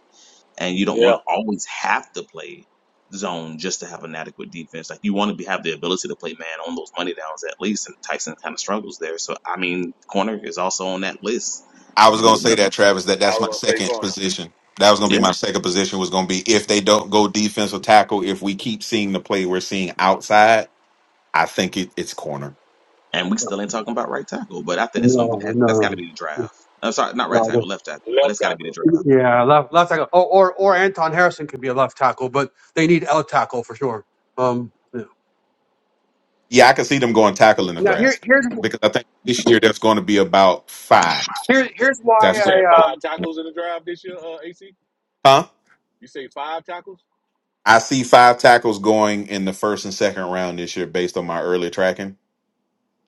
S5: and you don't want
S4: Yeah,
S5: to always have to play zone just to have an adequate defense. Like you want to be, have the ability to play man on those money downs at least, and Tyson kind of struggles there. So I mean, corner is also on that list
S3: I
S5: if
S3: was
S5: you can
S3: gonna
S5: get
S3: say
S5: another.
S3: that, Travis, that
S4: I
S3: that's my
S4: was gonna say
S3: second
S4: corner,
S3: position. That was gonna be
S5: Yeah,
S3: my second position was gonna be if they don't go defensive tackle, if we keep seeing the play we're seeing outside, I think it, it's corner.
S5: and we still ain't talking about right tackle, but I think it's
S2: no,
S5: gonna be, that, that's got to
S2: no,
S5: be the draft. I'm sorry, not right
S2: no.
S5: tackle, left tackle, but
S4: left
S5: that's got to be the
S4: tackle.
S5: draft.
S2: Yeah, left left tackle. Oh, or or Anton Harrison could be a left tackle, but they need a tackle for sure. Um, yeah.
S3: Yeah, I can see them going tackle in the
S2: now here
S3: draft
S2: here's
S3: because I think this year there's going to be about five.
S2: here, here's why
S3: That's
S4: You
S3: going to
S4: saying
S3: go.
S2: I
S4: five
S2: um
S4: tackles in the drive this year, uh, AC?
S3: Huh?
S4: You say five tackles?
S3: I see five tackles going in the first and second round this year based on my early tracking.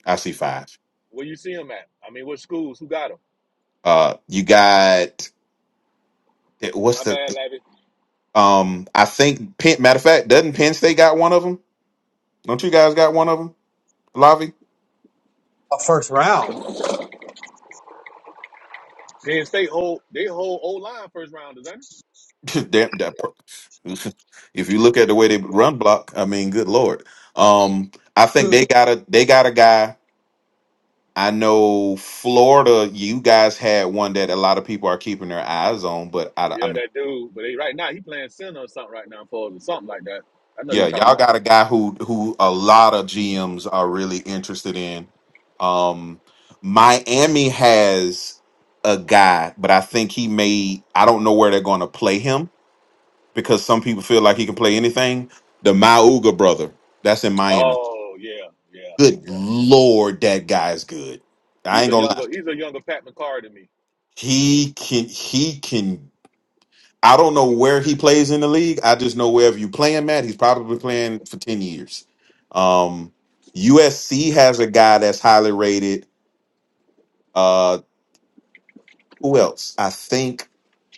S3: I see five.
S4: Where you see him at? I mean, what schools? Who got him?
S3: Uh, you got what's
S4: My
S3: the
S4: bad, Lavi.
S3: um? I think Penn. Matter of fact, doesn't Penn State got one of them? Don't you guys got one of them? Lavi,
S2: a first round.
S4: Penn State hold they hold O line first rounders, ain't it?
S3: *laughs* damn. That, pro- *laughs* if you look at the way they run block, I mean, good lord. Um, I think they got a they got a guy. I know Florida. You guys had one that a lot of people are keeping their eyes on, but I, I mean.
S4: Yeah, that dude. But they, right now he playing center or something right now for us or something like that. I know you
S3: Yeah,
S4: talking
S3: y'all
S4: about.
S3: got a guy who who a lot of GMs are really interested in. Um Miami has a guy, but I think he may I don't know where they're going to play him because some people feel like he can play anything. The Mauga brother, that's in Miami.
S4: Oh yeah, yeah,
S3: Good
S4: yeah.
S3: lord, that guy's good. I
S4: He's
S3: ain't
S4: a
S3: going to lie.
S4: younger he's a younger Pat McCarr than me.
S3: He can he can I don't know where he plays in the league. I just know wherever you play him at, he's probably playing for 10 years. Um, USC has a guy that's highly rated. Uh, who else? I think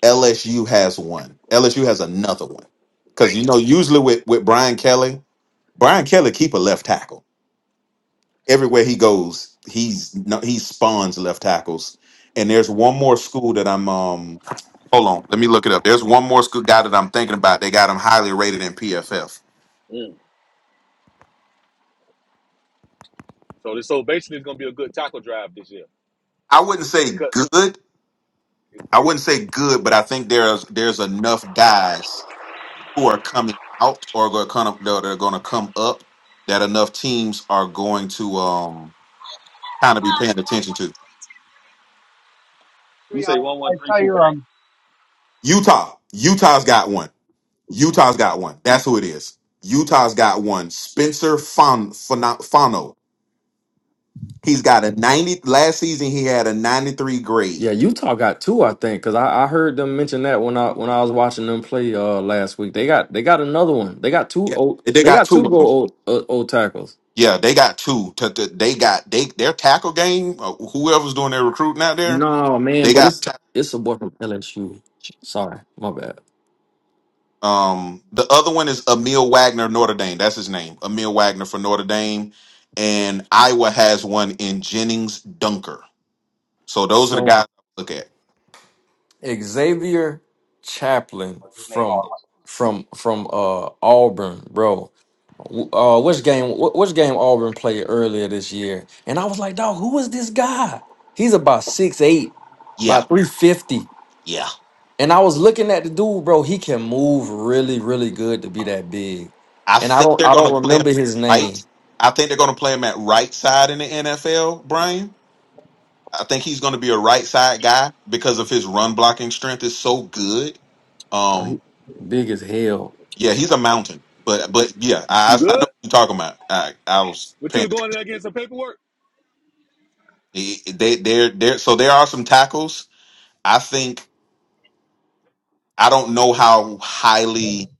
S3: LSU has one. LSU has another one. Because, you
S4: Damn.
S3: know, usually with, with Brian Kelly, Brian Kelly keep a left tackle. Everywhere he goes, he's no, he spawns left tackles. And there's one more school that I'm um hold on, let me look it up. There's one more school guy that I'm thinking about. They got him highly rated in PFF.
S4: Mm. So this so basically it's gonna be a good tackle drive this year.
S3: I wouldn't say
S4: Because
S3: good. I wouldn't say good, but I think there's there's enough guys who are coming out or are going to come that are going to come up that enough teams are going to um kind of be paying attention to.
S2: I
S4: you
S2: mean, I,
S4: say one
S2: I
S4: one three
S2: tell
S4: two
S2: you,
S4: three.
S2: um,
S3: Utah, Utah's got one. Utah's got one. That's who it is. Utah's got one. Spencer Fon, Fono. Fono. He's got a 90 last season he had a 93
S1: Yeah,
S3: grade.
S1: Utah got two, I think, because I, I heard them mention that when I when I was watching them play uh last week. They got they got another one. They got two
S3: Yeah.
S1: old
S3: They
S1: they
S3: got
S1: got
S3: two of
S1: two
S3: them.
S1: gold old, uh, old tackles.
S3: Yeah, they got two. T- t- They got they their tackle game. uh, Whoever's doing their recruiting out there,
S1: No man,
S3: they
S1: but
S3: got.
S1: it's
S3: ta-
S1: it's a boy from LSU. Sorry, my bad.
S3: Um, the other one is Emil Wagner, Notre Dame. That's his name, Emil Wagner for Notre Dame, and Iowa has one in Jennings Dunker. So those are the
S1: So
S3: guys I look at.
S1: Xavier Chaplin
S5: Or just name all
S1: from
S5: the ones.
S1: from from uh Auburn, bro. W- Uh, which game? wh- Which game Auburn played earlier this year? And I was like, dog, who is this guy? He's about six eight,
S3: Yeah,
S1: about three fifty.
S3: yeah.
S1: And I was looking at the dude, bro. He can move really, really good to be that big.
S3: I
S1: And I
S3: think
S1: don't,
S3: they're
S1: I
S3: going
S1: don't
S3: to play him
S1: remember his name.
S3: right. I think they're going to play him at right side in the NFL, Brian. I think he's going to be a right side guy because of his run blocking strength is so good. Um,
S1: Big as hell.
S3: Yeah, he's a mountain, but but yeah, I
S4: You
S3: I I know
S4: good?
S3: what you're talking about. I I was
S4: But you
S3: paying
S4: were going in there getting some paperwork.
S3: attention. They they're there. So there are some tackles. I think I don't know how highly.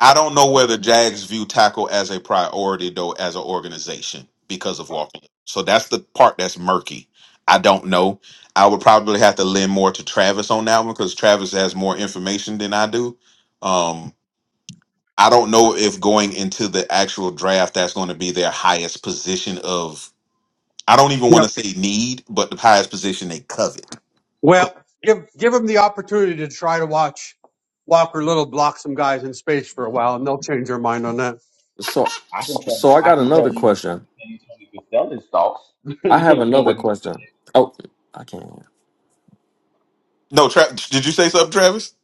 S3: I don't know whether Jags view tackle as a priority though as an organization because of Walker. So that's the part that's murky. I don't know. I would probably have to lend more to Travis on that one because Travis has more information than I do. Um, I don't know if going into the actual draft, that's going to be their highest position of. I don't even
S2: you
S3: want to
S2: know,
S3: say need, but the highest position they covet.
S2: well, give give them the opportunity to try to watch Walker Little block some guys in space for a while, and they'll change their mind on that.
S1: So,
S5: I, I can tell you,
S1: so I
S5: I
S1: got
S5: can tell
S1: another
S5: you, I
S1: question.
S5: can tell you Tony Gasella's thoughts *laughs*
S1: I have
S5: on
S1: another
S5: what he
S1: question. Oh, I can't.
S3: No, Tra- did you say something, Travis?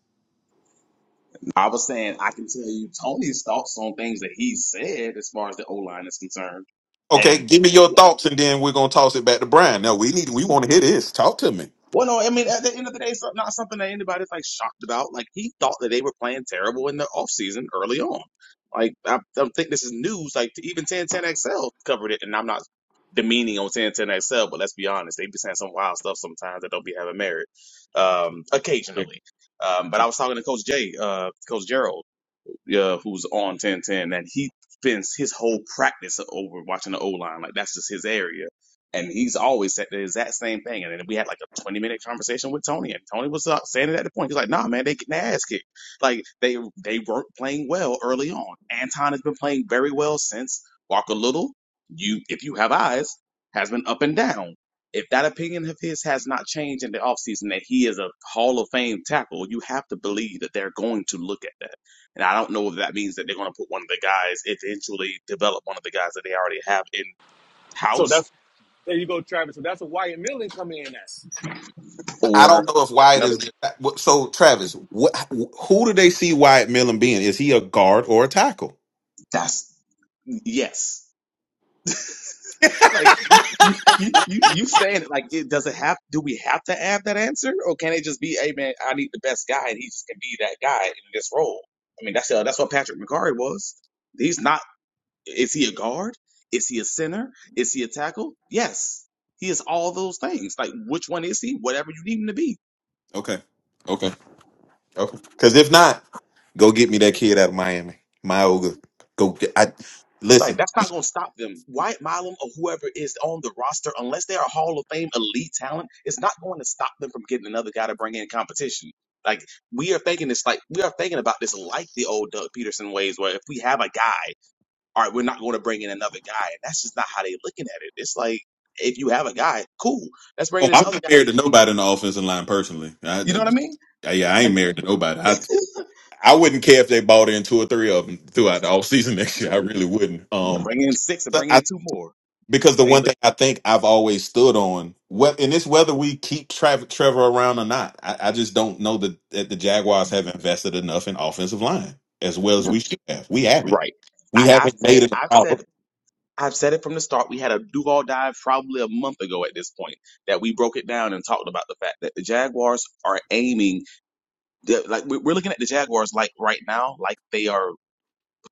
S5: I was saying I can tell you Tony's thoughts on things that he said as far as the O line is concerned.
S3: Okay,
S5: And
S3: give me your thoughts, and then we're gonna toss it back to Brian. No, we need, we want to hear this. Talk to me.
S5: well, no, I mean at the end of the day, it's not something that anybody's like shocked about. Like he thought that they were playing terrible in the offseason early on. Like I don't think this is news. Like even 1010XL covered it, and I'm not demeaning on 1010XL, but let's be honest, they be saying some wild stuff sometimes that don't be having merit, um, occasionally. Um, but I was talking to Coach Jay, uh, Coach Gerald. uh, who's on 1010, and he spends his whole practice over watching the O line. Like that's just his area. And he's always said the exact same thing. And then we had like a 20 minute conversation with Tony, and Tony was uh, standing at the point. He's like, nah, man, they getting their ass kicked. Like they they weren't playing well early on. Anton has been playing very well since Walker Little. You, if you have eyes, has been up and down. If that opinion of his has not changed in the offseason that he is a Hall of Fame tackle, you have to believe that they're going to look at that. And I don't know if that means that they're going to put one of the guys eventually develop one of the guys that they already have in
S4: So
S5: house
S4: that's there you go, Travis. So that's what Wyatt Millen come in at.
S3: I
S5: or
S3: don't know if Wyatt
S5: another.
S3: is there. So Travis, what, who do they see Wyatt Millen being? Is he a guard or a tackle? *laughs*
S5: That's yes. *laughs* Like you, you, you, you saying it like it does it have? Do we have to add that answer, or can it just be, hey man, I need the best guy, and he just can be that guy in this role? I mean, that's uh, that's what Patrick McCarry was. He's not. Is he a guard? Is he a center? Is he a tackle? Yes, he is all those things. Like which one is he? Whatever you need him to be.
S3: Okay, okay, okay. Because if not, go get me that kid out of Miami, Myoga. Go get. I
S5: Like
S3: listen.
S5: that's not gonna stop them. Wyatt Milam or whoever is on the roster, unless they're a Hall of Fame elite talent, it's not going to stop them from getting another guy to bring in competition. Like we are thinking this, like we are thinking about this, like the old Doug Peterson ways, where if we have a guy, all right, we're not going to bring in another guy, and that's just not how they're looking at it. It's like if you have a guy, cool, let's bring
S3: Oh,
S5: in this
S3: I'm
S5: other
S3: not
S5: guy. To,
S3: married
S5: eat.
S3: to nobody in the offensive line personally.
S5: you know
S3: I,
S5: what I mean?
S3: I, yeah, I
S5: Like
S3: ain't married to nobody. I I wouldn't care if they bought in two or three of them throughout the offseason *laughs* next year. I really wouldn't.
S5: yeah,
S3: Um,
S5: bring in six and bring in two more.
S3: because the one
S5: Ain't look-
S3: thing I think I've always stood on, what and it's whether we keep Trav- Trevor around or not. I, I just don't know that, that the Jaguars have invested enough in offensive line as well as we should have. We haven't.
S5: Right.
S3: We
S5: And I've
S3: haven't
S5: said,
S3: made it a
S5: I've
S3: problem.
S5: said I've said it from the start. We had a Duval dive probably a month ago at this point that we broke it down and talked about the fact that the Jaguars are aiming, like we- we're looking at the Jaguars like right now, like they are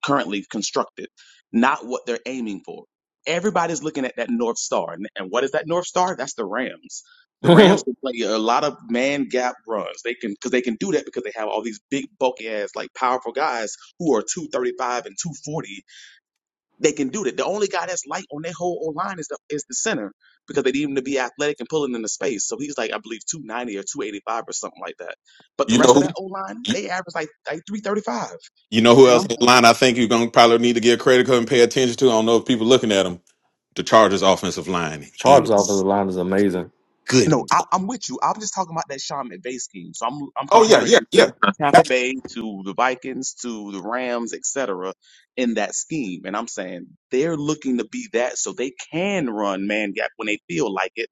S5: currently constructed, not what they're aiming for. Everybody's looking at that North Star. And, and what is that North Star? That's the Rams. The Rams
S1: *laughs*
S5: can play a lot of man gap runs. They can, because they can do that because they have all these big, bulky ass, like powerful guys who are 235 and 240 they can do that. The only guy that's light on their whole O line is the is the center because they need him to be athletic and pulling in the space. So he's like, I believe, two ninety or two eighty five or something like that. But the
S3: You
S5: rest of
S3: know,
S5: that O line,
S3: you,
S5: they average like like three thirty five.
S3: you know who
S5: And I'm
S3: else
S5: like.
S3: in the line I think you're gonna probably need to get credit card and pay attention to. I don't know if people looking at them. The Chargers offensive line
S1: Charles off of the
S3: is
S1: line is amazing.
S5: No,
S3: good.
S5: I, I'm with you. I'm just talking about that Sean McVay scheme. So I'm I'm
S3: Oh yeah,
S5: comparing
S3: yeah,
S5: them to
S3: yeah,
S5: Tampa Bay, to the Vikings, to the Rams, et cetera, In that scheme, and I'm saying they're looking to be that, so they can run man gap when they feel like it,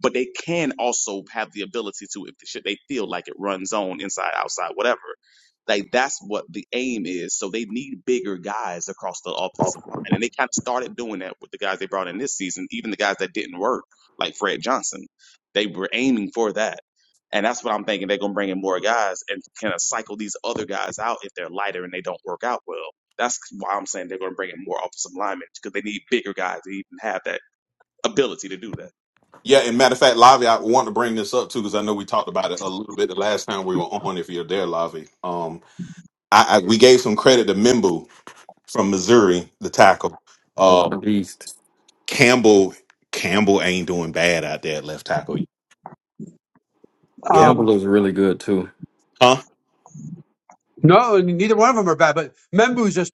S5: but they can also have the ability to, if should they feel like it, run zone inside, outside, whatever. Like that's what the aim is. So they need bigger guys across the offensive line, and they kind of started doing that with the guys they brought in this season, even the guys that didn't work, like Fred Johnson. They were aiming for that. And that's what I'm thinking. They're going to bring in more guys and kind of cycle these other guys out if they're lighter and they don't work out well. That's why I'm saying they're going to bring in more offensive linemen because they need bigger guys to even have that ability to do that.
S3: yeah. And matter of fact, Lavi, I want to bring this up too because I know we talked about it a little bit the last time we were on. If you're there, Lavi, I, I we gave some credit to Mimbu from Missouri, the tackle.
S1: The
S3: Uh,
S1: beast.
S3: Campbell Campbell ain't doing bad out there at left tackle. Well,
S1: Campbell
S2: Um,
S1: is really good too.
S3: huh?
S2: no, neither one of them are bad, but Membu's just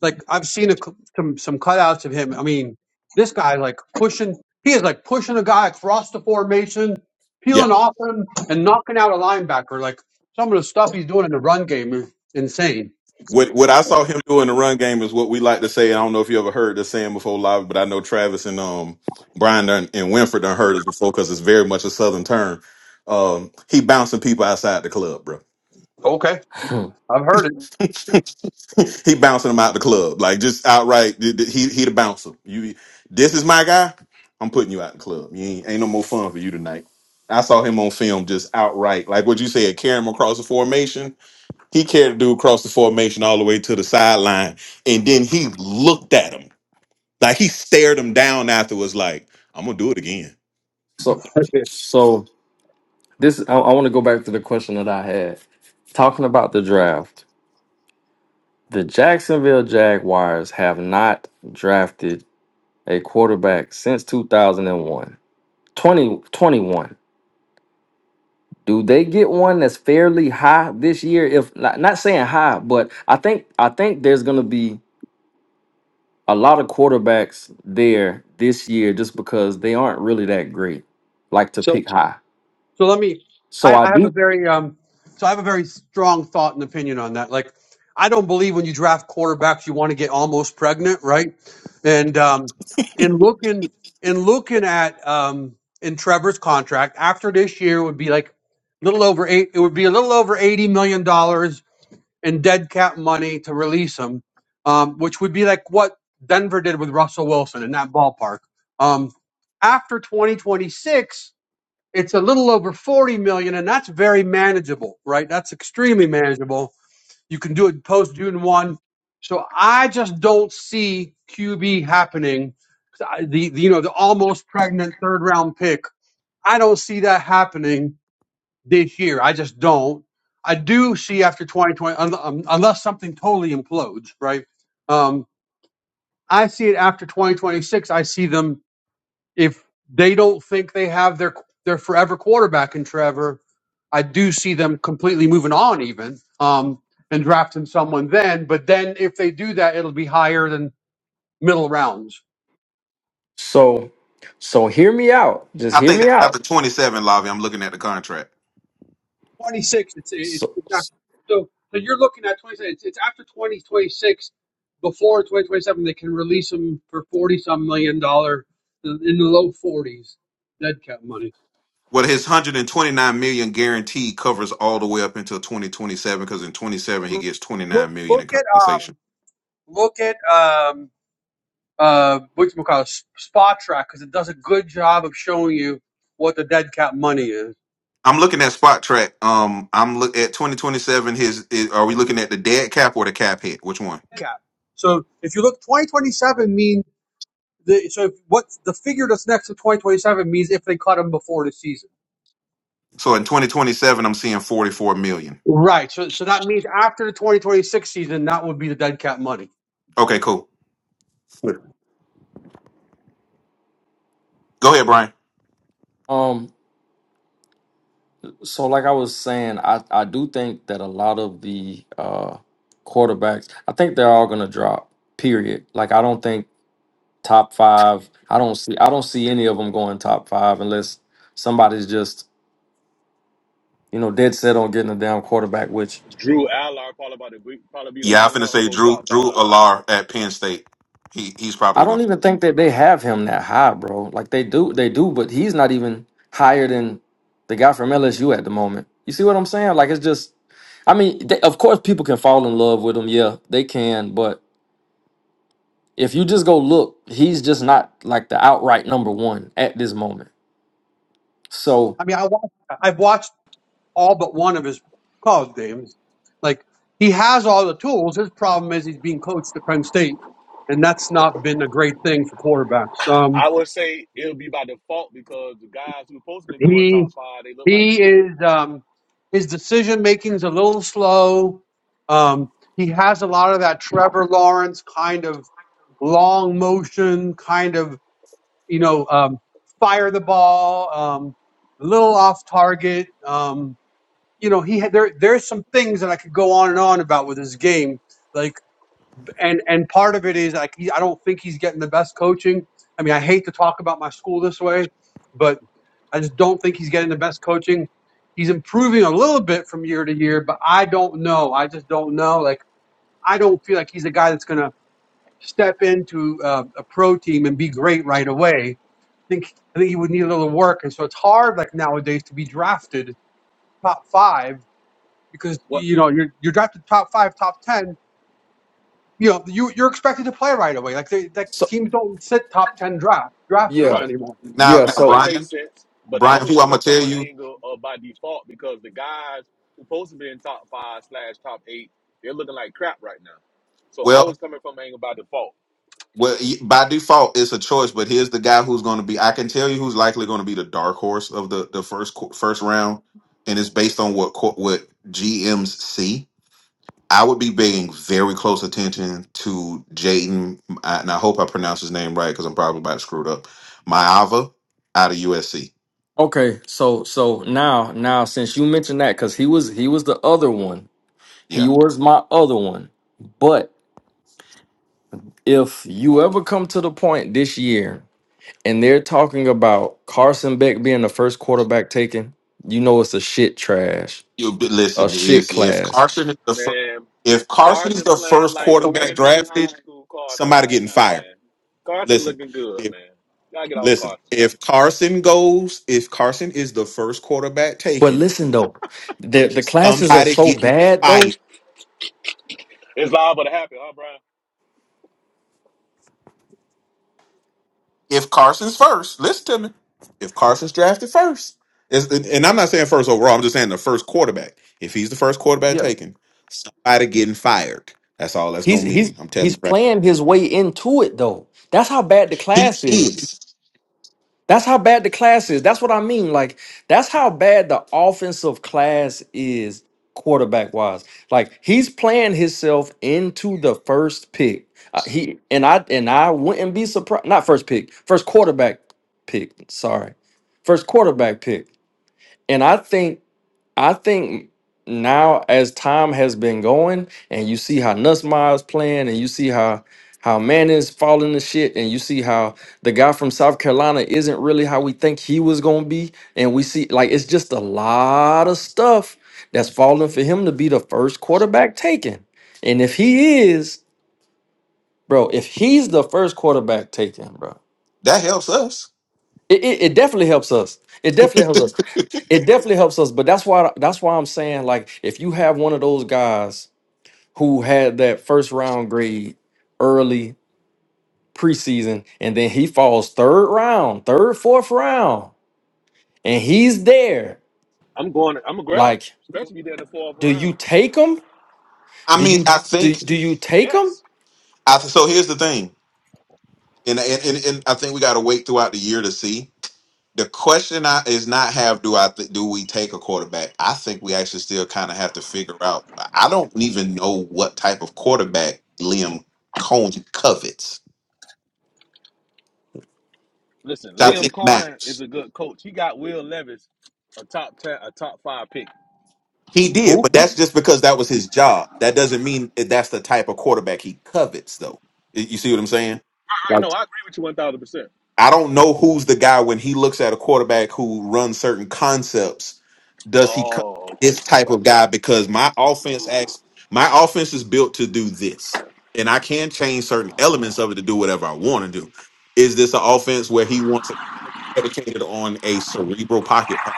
S2: like I've seen a, cou- some some cutouts of him. I mean, this guy like pushing. He is like pushing a guy across the formation,
S3: Yeah.
S2: peeling off him, and knocking out a linebacker. Like some of the stuff he's doing in the run game is insane.
S3: What what I saw him do in the run game is what we like to say. I don't know if you ever heard this saying before live, but I know Travis and um Brian done, and Winford done heard us before because it's very much a southern term. Um, he bouncing people outside the club, bro.
S2: Okay,
S1: *laughs*
S2: I've heard
S3: he bouncing him out the club, like just outright. th- th- He he the bouncer. You, this is my guy. I'm putting you out the club. You ain't, ain't no more fun for you tonight. I saw him on film just outright, like what you said, carry him across the formation. He carried the dude across the formation all the way to the sideline, and then he looked at him like he stared him down afterwards, like I'm gonna do it again.
S1: so,
S2: it. *laughs*
S1: so this I, I want to go back to the question that I had talking about the draft. The Jacksonville Jaguars have not drafted a quarterback since 2001 2021 do they get one that's fairly high this year if not, not saying high but i think i think there's going to be a lot of quarterbacks there this year just because they aren't really that great like to
S2: So.
S1: pick high
S2: So let me.
S1: so
S2: I,
S1: i
S2: I have a
S1: do
S2: very um. So I have a very strong thought and opinion on that. Like, I don't believe when you draft quarterbacks, you want to get almost pregnant, right? And um, in looking in looking at um in Trevor's contract after this year would be like a little over eight. It would be a little over eighty million dollars in dead cap money to release him, um, which would be like what Denver did with Russell Wilson in that ballpark. Um, after twenty twenty six it's a little over 40 million and that's very manageable right that's extremely manageable you can do it post june 1 so i just don't see qb happening the, the you know the almost pregnant third round pick i don't see that happening this year i just don't i do see after 2020 un- um, unless something totally implodes right um, i see it after 2026 i see them if they don't think they have their their forever quarterback in Trevor, I do see them completely moving on even um, and drafting someone then. But then if they do that, it'll be higher than middle rounds.
S1: so so hear me out just
S3: I
S1: hear
S3: think
S1: me
S3: that's
S1: out
S3: after 27, Lavi. I'm looking at the contract.
S2: Twenty six. It's it, it's not, so so you're looking at twenty six. It's, it's after twenty twenty six. Before 2027, they can release them for 40 some million dollar in in the low 40s dead cap money.
S3: Well, his 129 million guarantee covers all the way up until 2027 because in 27 he gets
S2: Look,
S3: 29 million
S2: look
S3: in
S2: at
S3: compensation.
S2: um, look at um, uh, what you call Spot Track because it does a good job of showing you what the dead cap money is.
S3: I'm looking at spot track. Um, I'm look at 2027. His is, are we looking at the dead cap or the cap hit? Which one?
S2: cap. So if you look, 2027 mean the so if what's the figure that's next to 2027 means if they cut him before the season.
S3: So in 2027, I'm seeing 44 million.
S2: Right. So so that means after the 2026 season, that would be the dead cap money.
S3: Okay, cool. Go ahead, Brian.
S1: um so like i was saying i i do think that a lot of the uh quarterbacks i think they're all going to drop period like i don't think top five. I don't see I don't see any of them going top five unless somebody's just you know dead set on getting a damn quarterback. Which
S4: Drew Allard probably about to be, probably be the
S3: Yeah, I'm
S4: only
S3: finna
S4: one who
S3: say
S4: go
S3: Drew
S4: top
S3: Drew
S4: five.
S3: Alar at Penn State. He he's
S1: I
S3: probably
S1: don't
S3: gonna
S1: even think that they have him that high, bro. Like they do, they do, but he's not even higher than the guy from LSU at the moment. You see what I'm saying? Like it's just, I mean, they, of course people can fall in love with him. Yeah, they can, but if you just go look, he's just not like the outright number one at this moment. So.
S2: I mean, I watched, I've watched all but one of his college games. Like he has all the tools. His problem is he's being coached at Penn State, and that's not been a great thing for quarterbacks. Um.
S4: I would say it'll be by default because the guys who supposed to be going top
S2: He
S4: five, they look like
S2: he
S4: shit.
S2: is um, his decision making's a little slow. Um, he has a lot of that Trevor Lawrence kind of long motion, kind of you know um, fire the ball, um, a little off target. Um, you know he had, there there's some things that I could go on and on about with his game. Like and and part of it is like he, I don't think he's getting the best coaching. I mean I hate to talk about my school this way, but. I just don't think he's getting the best coaching. He's improving a little bit from year to year, but I don't know. I just don't know. Like I don't feel like he's a guy that's going to step into uh, a pro team and be great right away. I think I think he would need a little work, and so it's hard like nowadays to be drafted top five because
S4: What?
S2: you know you're you're drafted top five, top ten. You know you you're expected to play right away. Like they, like
S1: So
S2: teams don't sit top ten draft draft
S4: Right.
S1: yeah,
S2: picks anymore.
S3: now
S1: yeah.
S3: now
S4: Right,
S1: So
S4: that makes
S3: Brian
S4: sense. But I
S3: Brian
S4: was
S3: who I'm
S4: coming
S3: gonna
S4: from
S3: tell
S4: an
S3: you.
S4: angle of by default because the guys who supposed to be in top five slash top eight, they're looking like crap right now. So I
S3: Well,
S4: was coming from an angle by default.
S3: Well, y- by default, it's a choice. But here's the guy who's going to be. I can tell you who's likely going to be the dark horse of the the first qu- first round, and it's based on what co- what GMs see. I would be paying very close attention to Jaden, I- and I hope I pronounced his name right because I'm probably about to screw it up. Maava out of USC.
S1: Okay, so so now now since you mentioned that, because he was he was the other one, he
S3: Yeah,
S1: was my other one. But if you ever come to the point this year and they're talking about Carson Beck being the first quarterback taken, you know it's a shit trash,
S3: you but
S1: a
S3: listen.
S1: shit
S3: If if
S1: class.
S3: Carson is the first,
S4: Man,
S3: if Carson is
S4: Carson
S3: the
S4: playing
S3: first
S4: like
S3: quarterback
S4: Mandarin High
S3: drafted,
S4: School Carson
S3: somebody
S4: right
S3: getting
S4: now,
S3: fired.
S4: man. Carson
S3: Listen.
S4: looking good, man. Gotta get off
S3: Listen,
S4: Carson, man.
S3: if Carson goes, if Carson is the first quarterback
S1: But
S3: taken,
S1: listen though, the the classes are
S3: somebody
S1: so
S3: getting
S1: bad though.
S3: fired.
S4: It's liable to happen, huh, Brian?
S3: If Carson's first, listen to me. If Carson's drafted first, is- and I'm not saying first overall, I'm just saying the first quarterback. If he's the first quarterback taken, somebody getting fired. That's all that's
S1: He's
S3: gonna
S1: he's
S3: mean. I'm telling
S1: he's
S3: you, right?
S1: playing his way into it though. That's how bad the
S3: He
S1: class is.
S3: is.
S1: That's how bad the class is. That's what I mean. Like, that's how bad the offensive class is quarterback wise. Like, he's playing himself into the first pick. Uh, he and I and I wouldn't be surprised. Not first pick, first quarterback pick. Sorry, first quarterback pick. And I think I think now as time has been going and you see how Nussmeier's playing and you see how how man is falling to shit and you see how the guy from South Carolina isn't really how we think he was gonna be. And we see like it's just a lot of stuff that's falling for him to be the first quarterback taken. And if he is, bro, if he's the first quarterback taken, bro,
S3: That helps us.
S1: it, it, it definitely helps us. It definitely helps us. It definitely helps us. But that's why that's why I'm saying like if you have one of those guys who had that first round grade early preseason and then he falls third round, third, fourth round, and he's there,
S4: I'm going. I'm gonna grab him,
S1: like,
S4: especially if they're in the fourth
S1: do you
S4: round.
S1: take him?
S3: I
S1: Do
S3: mean,
S1: you
S3: I
S1: do,
S3: think.
S1: do you take him?
S4: Yes.
S3: I so here's the thing, and and and, and I think we got to wait throughout the year to see. The question I, is not have do I th- do we take a quarterback? I think we actually still kind of have to figure out. I don't even know what type of quarterback Liam Cohen covets.
S4: Listen,
S3: Which I
S1: What
S4: Liam
S3: think
S4: Cohen is
S3: matters.
S4: a good coach. He got Will Levis, a top ten, a top five pick.
S3: He did,
S1: who?
S3: but that's just because that was his job. That doesn't mean that that's the type of quarterback he covets, though. Y- You see what I'm saying?
S4: I know. I agree with you one thousand percent.
S3: I don't know who's the guy when he looks at a quarterback who runs certain concepts. Does he cut
S4: Oh, okay.
S3: this
S4: I
S3: type of
S4: got you.
S3: guy? Because my offense acts, my offense is built to do this, and I can change certain elements of it to do whatever I want to do. Is this an offense where he wants it predicated on a cerebral pocket? type?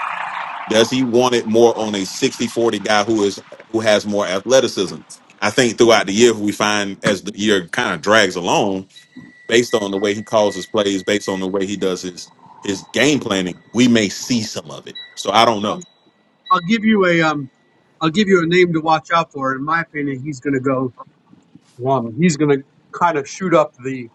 S3: Does he want it more on a sixty forty guy who is who has more athleticism? I think throughout the year we find as the year kind of drags along based on the way he calls his plays, based on the way he does his his game planning, we may see some of it. So I don't
S2: So
S3: know.
S2: I'll give you a um, I'll give you a name to watch out for. In my opinion, he's going to go. Um, he's going to kind of shoot up the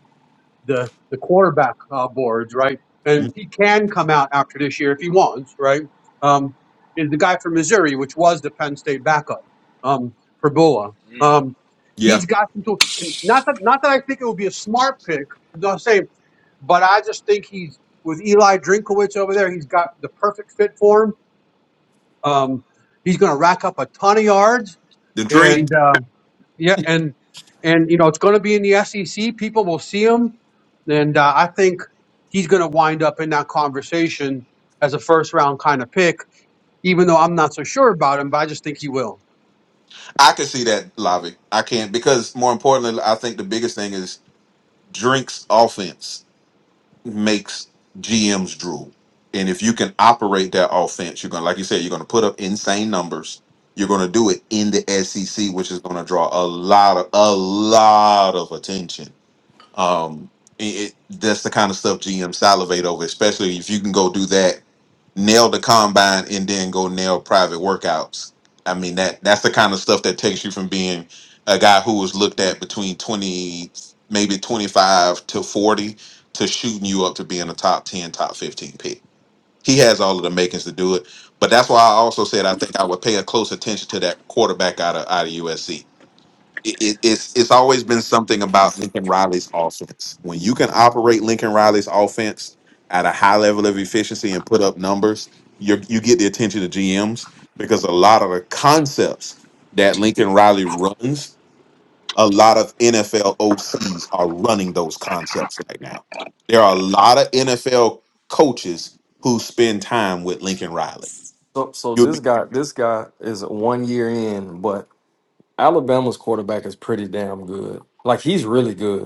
S2: the the quarterback uh, boards, right?
S3: Mm,
S2: And he can come out after this year if he wants, right? Um, is the guy from Missouri, which was the Penn State backup, um, Perbola.
S4: Mm.
S2: Um, he's
S3: Yeah,
S2: got some tools, and not that not that I think it would be a smart pick. I'm not saying, but I just think he's with Eli Drinkowitz over there. He's got the perfect fit for him um, he's going to rack up a ton of yards,
S3: the drink.
S2: and uh, yeah, and and you know it's going to be in the SEC. People will see him, and uh, I think he's going to wind up in that conversation as a first round kind of pick. Even though I'm not so sure about him, but I just think he will.
S3: I can see that, Lavi. I can't because more importantly, I think the biggest thing is Drink's offense makes GMs drool. And if you can operate that offense, you're gonna, like you said, you're gonna put up insane numbers. You're gonna do it in the SEC, which is gonna draw a lot of a lot of attention Um, it, it- that's the kind of stuff GM salivate over, especially if you can go do that, nail the combine, and then go nail private workouts. I mean that that's the kind of stuff that takes you from being a guy who was looked at between twenty, maybe twenty five to forty, to shooting you up to being a top ten, top fifteen pick. He has all of the makings to do it, but that's why I also said I think I would pay a close attention to that quarterback out of out of USC it, it- it's it's always been something about Lincoln Riley's offense. When you can operate Lincoln Riley's offense at a high level of efficiency and put up numbers, you you get the attention of GMs because a lot of the concepts that Lincoln Riley runs, a lot of NFL OCs are running those concepts right now. There are a lot of NFL coaches who spend time with Lincoln Riley.
S1: So so
S3: You'll
S1: this
S3: be
S1: guy this guy is one year in, but Alabama's quarterback is pretty damn good. Like he's really good.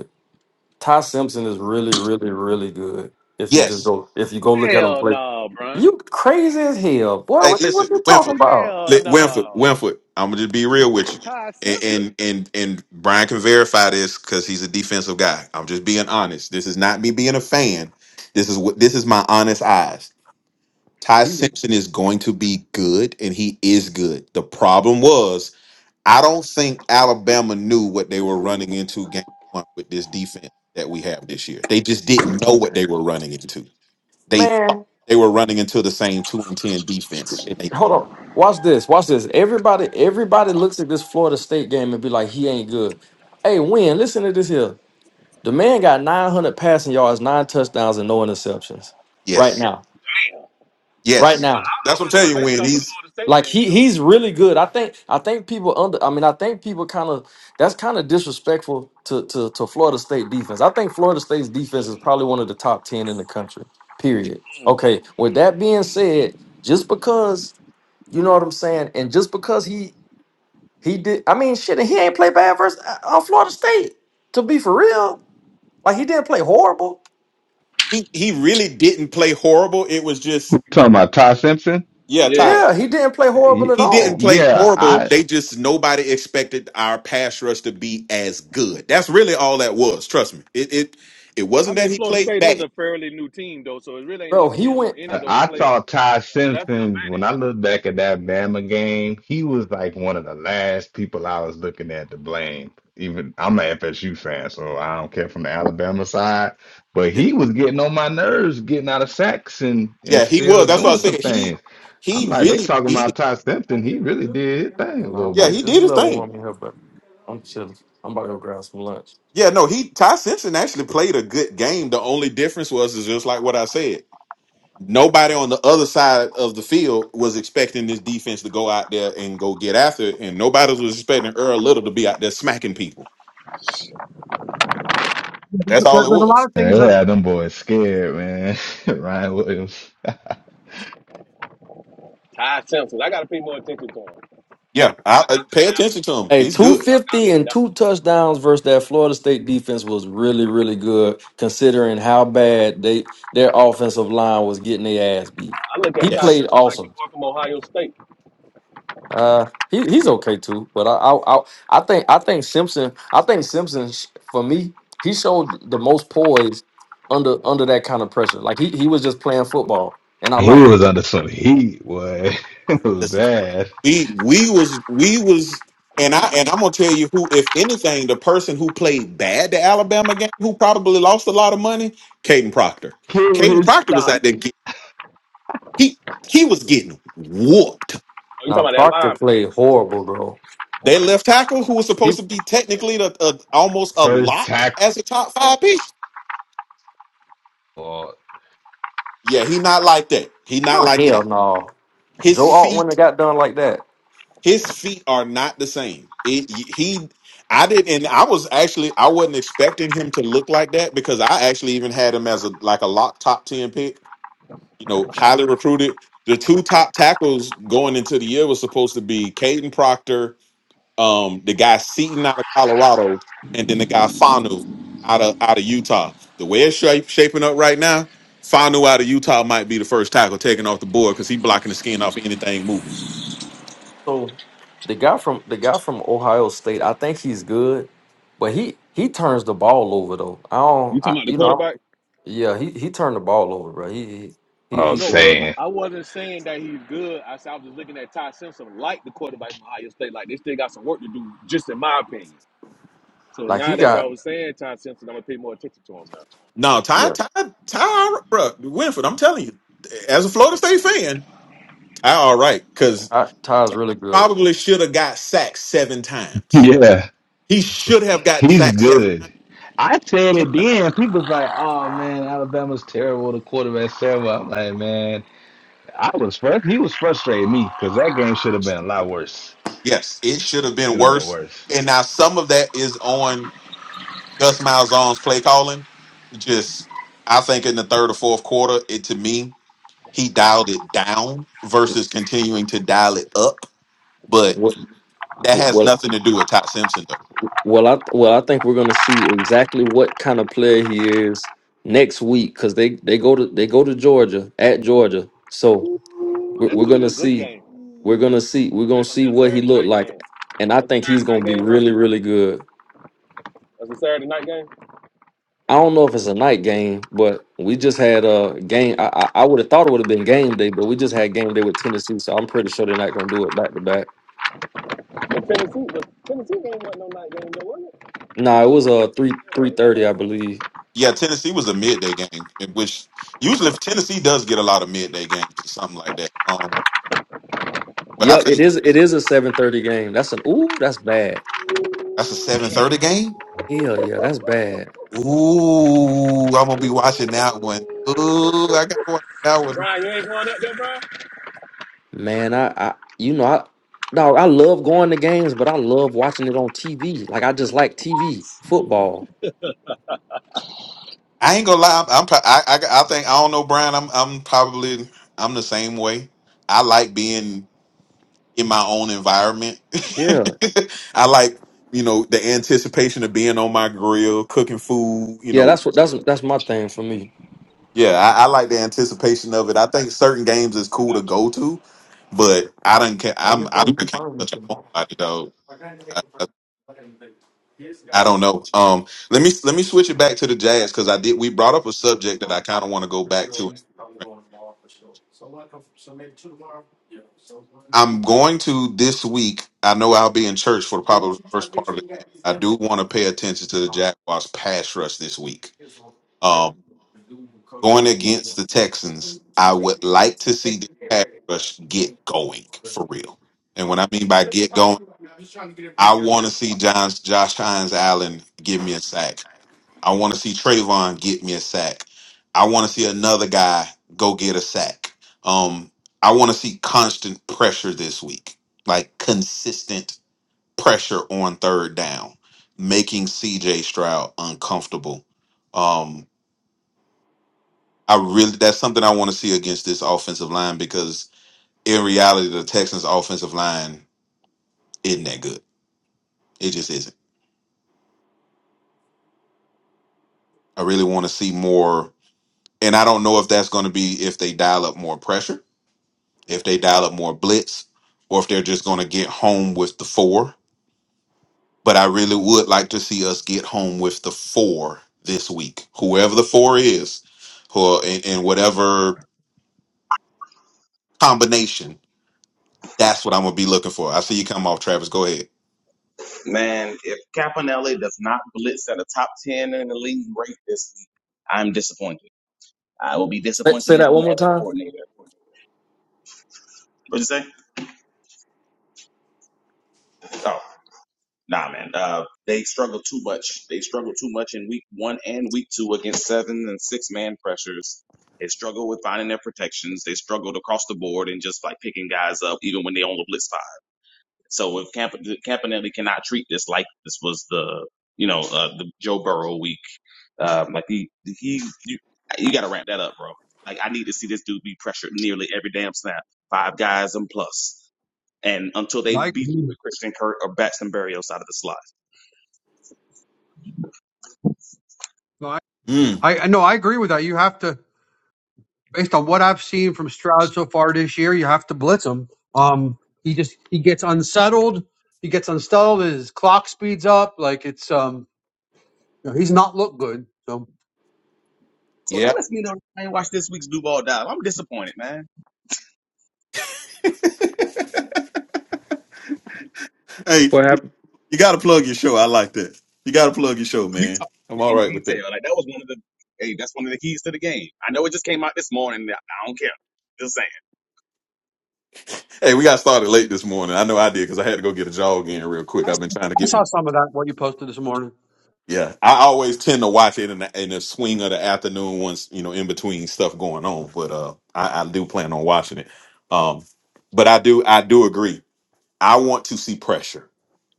S1: Ty Simpson is really, really, really good. If you just
S3: yes.
S1: go, if you go look at him
S4: Hell
S1: play,
S4: no, Brian.
S1: you crazy as hell, boy.
S3: Hey,
S1: What you
S3: listen,
S1: what you talking
S3: Winford,
S1: about?
S4: Hell
S3: li- Winford,
S4: no.
S3: Winford. I'm gonna just be real with you,
S4: Ty
S3: and
S4: Simpson.
S3: and and, and Brian can verify this because he's a defensive guy. I'm just being honest. This is not me being a fan. This is what this is my honest eyes. Ty
S1: He,
S3: Simpson is going to be good, and he is good. The problem was I don't think Alabama knew what they were running into game one with this defense that we have this year. They just didn't know what they were running into. They thought
S1: man,
S3: they were running into the same two and ten defense, and they
S1: hold
S3: weren't.
S1: on. Watch this. Watch this. Everybody, everybody looks at this Florida State game and be like, he ain't good. Hey, win. Listen to this here. The man got 900 passing yards, nine touchdowns, and no interceptions. Right
S3: Yes. Yes.
S4: But I, I
S3: That's what I'm
S4: wasn't even
S3: telling you,
S4: basing
S3: When
S4: off the
S3: He's
S4: Florida State
S1: Like
S4: game
S1: he
S4: though.
S1: he's really good. I think I think people under I mean I think people kind of that's kind of disrespectful to, to to Florida State defense. I think Florida State's defense is probably one of the top 10 in the country. Period.
S4: Mm.
S1: Okay, with that being said, just because you know what I'm saying and just because he he did I mean shit, and he ain't play bad versus uh, uh, Florida State to be for real. Like he didn't play horrible.
S3: he he really didn't play horrible. It was just
S6: talking about Ty Simpson?
S3: yeah, Ty.
S4: Yeah.
S1: Yeah, he didn't play horrible
S6: Y-
S1: at
S3: He didn't
S1: all.
S3: play
S6: Yeah,
S3: horrible.
S6: I
S3: They just nobody expected our pass rush to be as good. That's really all that was. Trust me. It it it
S4: I
S3: wasn't that
S4: mean,
S3: he
S4: Florida
S3: played
S4: State is
S3: bad.
S4: a fairly new team though, so it really ain't
S1: Bro,
S4: much
S1: he
S4: film on
S1: went
S4: any of those
S6: I
S4: players.
S6: thought Ty
S4: So that's the
S6: Simpson when I look back at that Bama game, he was like one of the last people I was looking at to blame. Even I'm an FSU fan, so I don't care from the Alabama side, but
S3: Yeah,
S6: he was getting on my nerves, getting out of sacks and and
S3: yeah, he
S6: still
S3: was. That's what I
S6: doing some
S3: said. He
S6: things. I'm
S3: he
S6: like, they
S3: really
S6: talking
S3: he
S6: about Ty Simpson. He really did his thing a little
S3: yeah he
S6: bit.
S3: did his thing.
S1: I'm about to go grab some lunch.
S3: Yeah, no, he Ty Simpson actually played a good game. The only difference was is just like what I said. nobody on the other side of the field was expecting this defense to go out there and go get after it, and nobody was expecting Earl Little to be out there smacking people.
S2: Yeah,
S3: That's
S2: There's
S3: all it
S2: there's a lot
S3: was.
S2: of
S6: Man,
S2: things
S6: they
S2: that
S6: had them boys scared, man. *laughs* Ryan Williams. *laughs*
S4: advantage. Ty Simpson. I got to pay more attention to him.
S3: Yeah,
S4: I
S3: I, I
S4: got me
S3: pay attention
S4: with
S3: to him.
S1: Hey,
S3: He's good.
S4: that one. Y'all got
S1: 250
S4: me with
S1: and
S4: that. one.
S1: two touchdowns versus that Florida State defense was really, really good considering how bad they their offensive line was getting their ass beat.
S4: I look
S1: He
S4: at Ty
S3: Yes,
S1: played
S4: Simpson like your
S1: awesome.
S4: boy from Ohio State.
S1: Uh he, he's okay too, but I, I I I think I think Simpson I think Simpson sh- for me he showed the most poise under under that kind of pressure. Like he, he was just playing football, and I
S6: He
S1: like.
S6: was under some heat, boy. *laughs* it was
S3: listen,
S6: bad.
S3: we we was we was. And I and I'm gonna tell you who, if anything, the person who played bad the Alabama game, who probably lost a lot of money, Caden Proctor.
S6: Came with
S3: Caden
S6: his
S3: Proctor was
S6: stop.
S3: out there. Get, he he was getting whooped
S4: Oh, you
S1: Now
S4: talking about that
S1: Proctor
S4: lineman?
S1: played horrible, bro.
S3: Their left tackle, who was
S1: He
S3: supposed to be
S4: Yeah.
S3: technically the, uh, almost a
S6: First
S3: lock
S6: tackle.
S3: as a top five pick,
S6: I
S3: yeah, he not like that. He not
S1: not
S3: like
S1: hell
S3: that.
S1: no.
S3: His
S1: Joe Alt wouldn't have
S3: feet,
S1: got done like that.
S3: his feet are not the same. It, he, I did, and I was actually, I wasn't expecting him to look like that because I actually even had him as a like a lock top ten pick. You know, highly recruited. The two top tackles going into the year was supposed to be Caden Proctor um, the guy Seaton out of Colorado, and then the guy Fanu out of out of Utah. The way it's shape, shaping up right now, Fanu out of Utah might be the first tackle taken off the board because he's blocking the skin off of anything moving.
S1: So the guy from the guy from Ohio State, I think he's good, but he he turns the ball over though. I don't,
S4: You
S1: I,
S4: talking about the
S1: you know,
S4: quarterback?
S1: i yeah, he he turned the ball over, bro. He he he, he
S6: was
S4: No,
S1: good.
S4: I
S6: saying.
S4: I wasn't saying that he's good. I said I was just looking at Ty Simpson like the quarterback from Ohio State. Like they still got some work to do, just in my opinion. So
S1: Like
S4: now
S1: he
S4: that
S1: got
S4: y'all was saying Ty Simpson, I'm gonna pay more attention to him now.
S3: No, Ty
S1: yeah,
S3: Ty Ty bro, Winford, I'm telling you, as a Florida State fan, Ty all right because
S1: Ty, Ty's really good.
S3: probably should have got sacked seven times.
S6: Yeah,
S3: He should have gotten
S6: he's
S3: sacked seven.
S6: good. I said
S3: times.
S6: it then. People's like, oh man, Alabama's terrible. The quarterback terrible. I'm like, man, I was frust- He was frustrating me because that game should have been a lot worse.
S3: Yes, it should have been
S6: Should have been
S3: worse.
S6: worse.
S3: And now some of that is on. Gus Malzahn's play calling, just I think in the third or fourth quarter, it to me he dialed it down versus continuing to dial it up. But
S1: What
S3: that has
S1: well
S3: nothing to do with Todd Simpson though.
S1: well I well I think we're gonna see exactly what kind of player he is next week because they they go to they go to Georgia at Georgia. So.
S4: Ooh,
S1: we're,
S4: that's
S1: we're
S4: gonna be
S1: gonna
S4: a good
S1: see
S4: game.
S1: we're gonna see we're gonna
S4: That's gonna be
S1: see
S4: a
S1: what he
S4: Saturday
S1: looked
S4: night
S1: like
S4: game.
S1: and i
S4: That's a
S1: think he's
S4: Saturday
S1: gonna be
S4: night game, bro.
S1: really really good
S4: That's a Saturday night game.
S1: i don't know if it's a night game but we just had a game i i, I would have thought it would have been game day but we just had game day with tennessee so i'm pretty sure they're not gonna do it back to back
S4: The Tennessee, the Tennessee game wasn't no night game, though, was it?
S1: no it was a 3
S4: Yeah,
S1: three
S4: that
S1: thirty,
S4: was,
S1: i believe
S3: Yeah, Tennessee was a midday game, in which usually if Tennessee does get a lot of midday games or something like that. Um, but I
S1: yep it
S3: think
S1: is it is a seven thirty game that's an ooh that's bad
S3: that's a
S4: ooh, that's
S3: seven
S6: *laughs*
S4: gonna be.
S3: thirty
S4: cool.
S3: game.
S1: hell yeah that's bad
S3: Ooh, I'm gonna be watching that one. Ooh, I gotta watch that one
S4: Brian, you ain't going up there, bro. I
S1: man i i you know i dog, I love going to games, but I love watching it on TV. Like I just like TV football.
S3: I ain't gonna lie. I'm. I'm pro- I, I. I think I don't know, Brian. I'm. I'm probably. I'm the same way. I like being in my own environment.
S1: Yeah,
S3: *laughs* I like you know the anticipation of being on my grill, cooking food. You
S1: yeah.
S3: know,
S1: That's what that's that's my thing for me.
S3: yeah. I, I like the anticipation of it. I think certain games is cool to
S4: got you.
S3: go to, but I don't. care. I'm. I'm. I done became such a homebody dog. I, I I don't know. Um, let me let me switch it back to the jazz because I did. We brought up a subject that I kind of want to go back to I'm going to this week. I know I'll be in church for probably the first part of the game. I do want to pay attention to the Jaguars pass rush this week. Um, going against the Texans, I would like to see the pass rush get going for real. And what I mean by get going, I want to see John's, Josh Hines Allen give me a sack. I want to see Trayvon get me a sack. I want to see another guy go get a sack. Um, I want to see constant pressure this week, like consistent pressure on third down, making CJ Stroud uncomfortable. Um, I really that's something I want to see against this offensive line because in reality, the Texans' offensive line isn't that good. It just isn't. I really want to see more, and I don't know if that's going to be if they dial up more pressure if they dial up more blitz or if they're just going to get home with the four. But I really would like to see us get home with the four this week, whoever the four is, who in, in whatever combination. That's what I'm gonna be looking for. I see you come off, Travis. Go ahead.
S5: Man, if Caponelli does not blitz at a top 10 in the league rate this week, I'm disappointed. I will be
S1: Say,
S5: disappointed
S1: say
S5: in
S1: that
S5: him
S1: one more
S5: as a
S1: time.
S5: coordinator. What'd you say? Oh. Nah, man. Uh, they struggled too much. They struggled too much in week one and week two against seven and six man pressures. They struggled with finding their protections. They struggled across the board and just like picking guys up, even when they on the blitz side. So if Camp- Campanelli cannot treat this like this was the, you know, uh, the Joe Burrow week, um, like he, he, you, you got to ramp that up, bro. Like I need to see this dude be pressured nearly every damn snap, five guys and plus, and until they
S2: I
S5: beat you with Christian Kirk or Batson Berrios out of the slot.
S2: I
S3: Mm,
S2: I no, I agree with that. You have to. based on what I've seen from Stroud so far this year, you have to blitz him. Um, he just he gets unsettled. He gets unsettled. His clock speeds up. Like it's um, you know, he's not looked good. So
S5: So that
S3: yeah.
S5: lets me know I ain't watched this week's Do Ball Dive. I'm disappointed, man.
S3: Hey, you got to plug your show. I like that. You got to plug your show,
S5: We
S3: man.
S5: talked
S3: I'm all
S5: in
S3: right with
S5: detail.
S3: that.
S5: Like that was one of the hey, that's one of the keys to the game. I know it just came out this morning. I don't care. Just saying.
S3: Hey, we got started late this morning. I know I did because I had to go get a jog in real quick.
S2: I
S3: I've
S2: saw,
S3: been trying to
S2: I
S3: get
S2: saw some of that what you posted this morning.
S3: Yeah, I always tend to watch it in the in the swing of the afternoon once you know in between stuff going on. But uh, I, I do plan on watching it. Um, but I do I do agree. I want to see pressure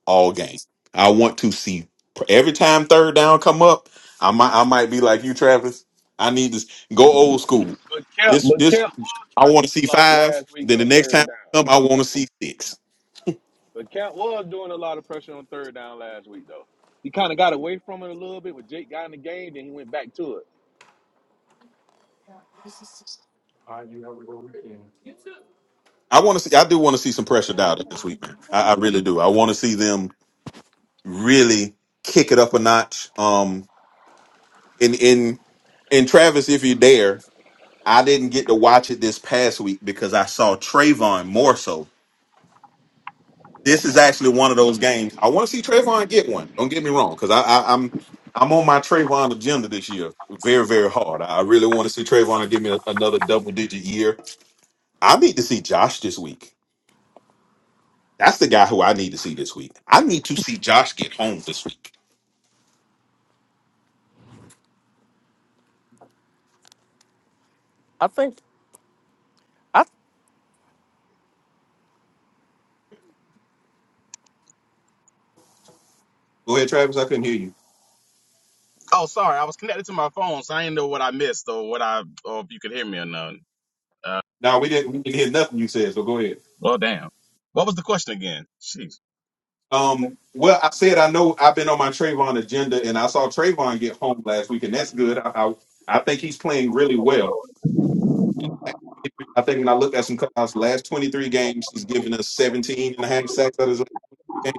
S3: all game. I want to see pr- every time third down come up. I might I might be like you, Travis. I need to s- go old school.
S4: But Kemp,
S3: This
S4: but
S3: this
S4: Kemp was
S3: I want to
S4: pressing a
S3: see
S4: lot
S3: five.
S4: last week
S3: Then the
S4: on
S3: next time
S4: third down.
S3: come, I want to see six.
S4: But Cap was doing a lot of pressure on third down last week, though. He kind of got away from it a little bit when Jake got in the game, then he went back to it.
S3: I want to see. I do want to see some pressure dialed up this week, man. I, I really do. I want to see them really kick it up a notch. Um, and in and Travis, if you dare, I didn't get to watch it this past week because I saw Trayvon more so. This is actually one of those games I want to see Trayvon get one. Don't get me wrong, because I, I I'm I'm on my Trayvon agenda this year, very very hard. I really want to see Trayvon give me a- another double digit year. I need to see Josh this week. That's the guy who I need to see this week. I need to see Josh get home this week.
S1: I think I
S3: Go ahead, Travis. I couldn't hear you.
S5: Oh, sorry, I was connected to my phone, so I didn't know what I missed or what I or if you could hear me or not. Uh,
S3: No, we didn't. We didn't hear nothing you said. So go ahead.
S5: well, damn. What was the question again? Jeez.
S3: Um, well, I said I know I've been on my Trayvon agenda, and I saw Trayvon get home last week, and that's good. I, I, I think he's playing really well. I think when I looked at some cutouts, last 23 games, he's given us 17 and a half sacks out of his last game.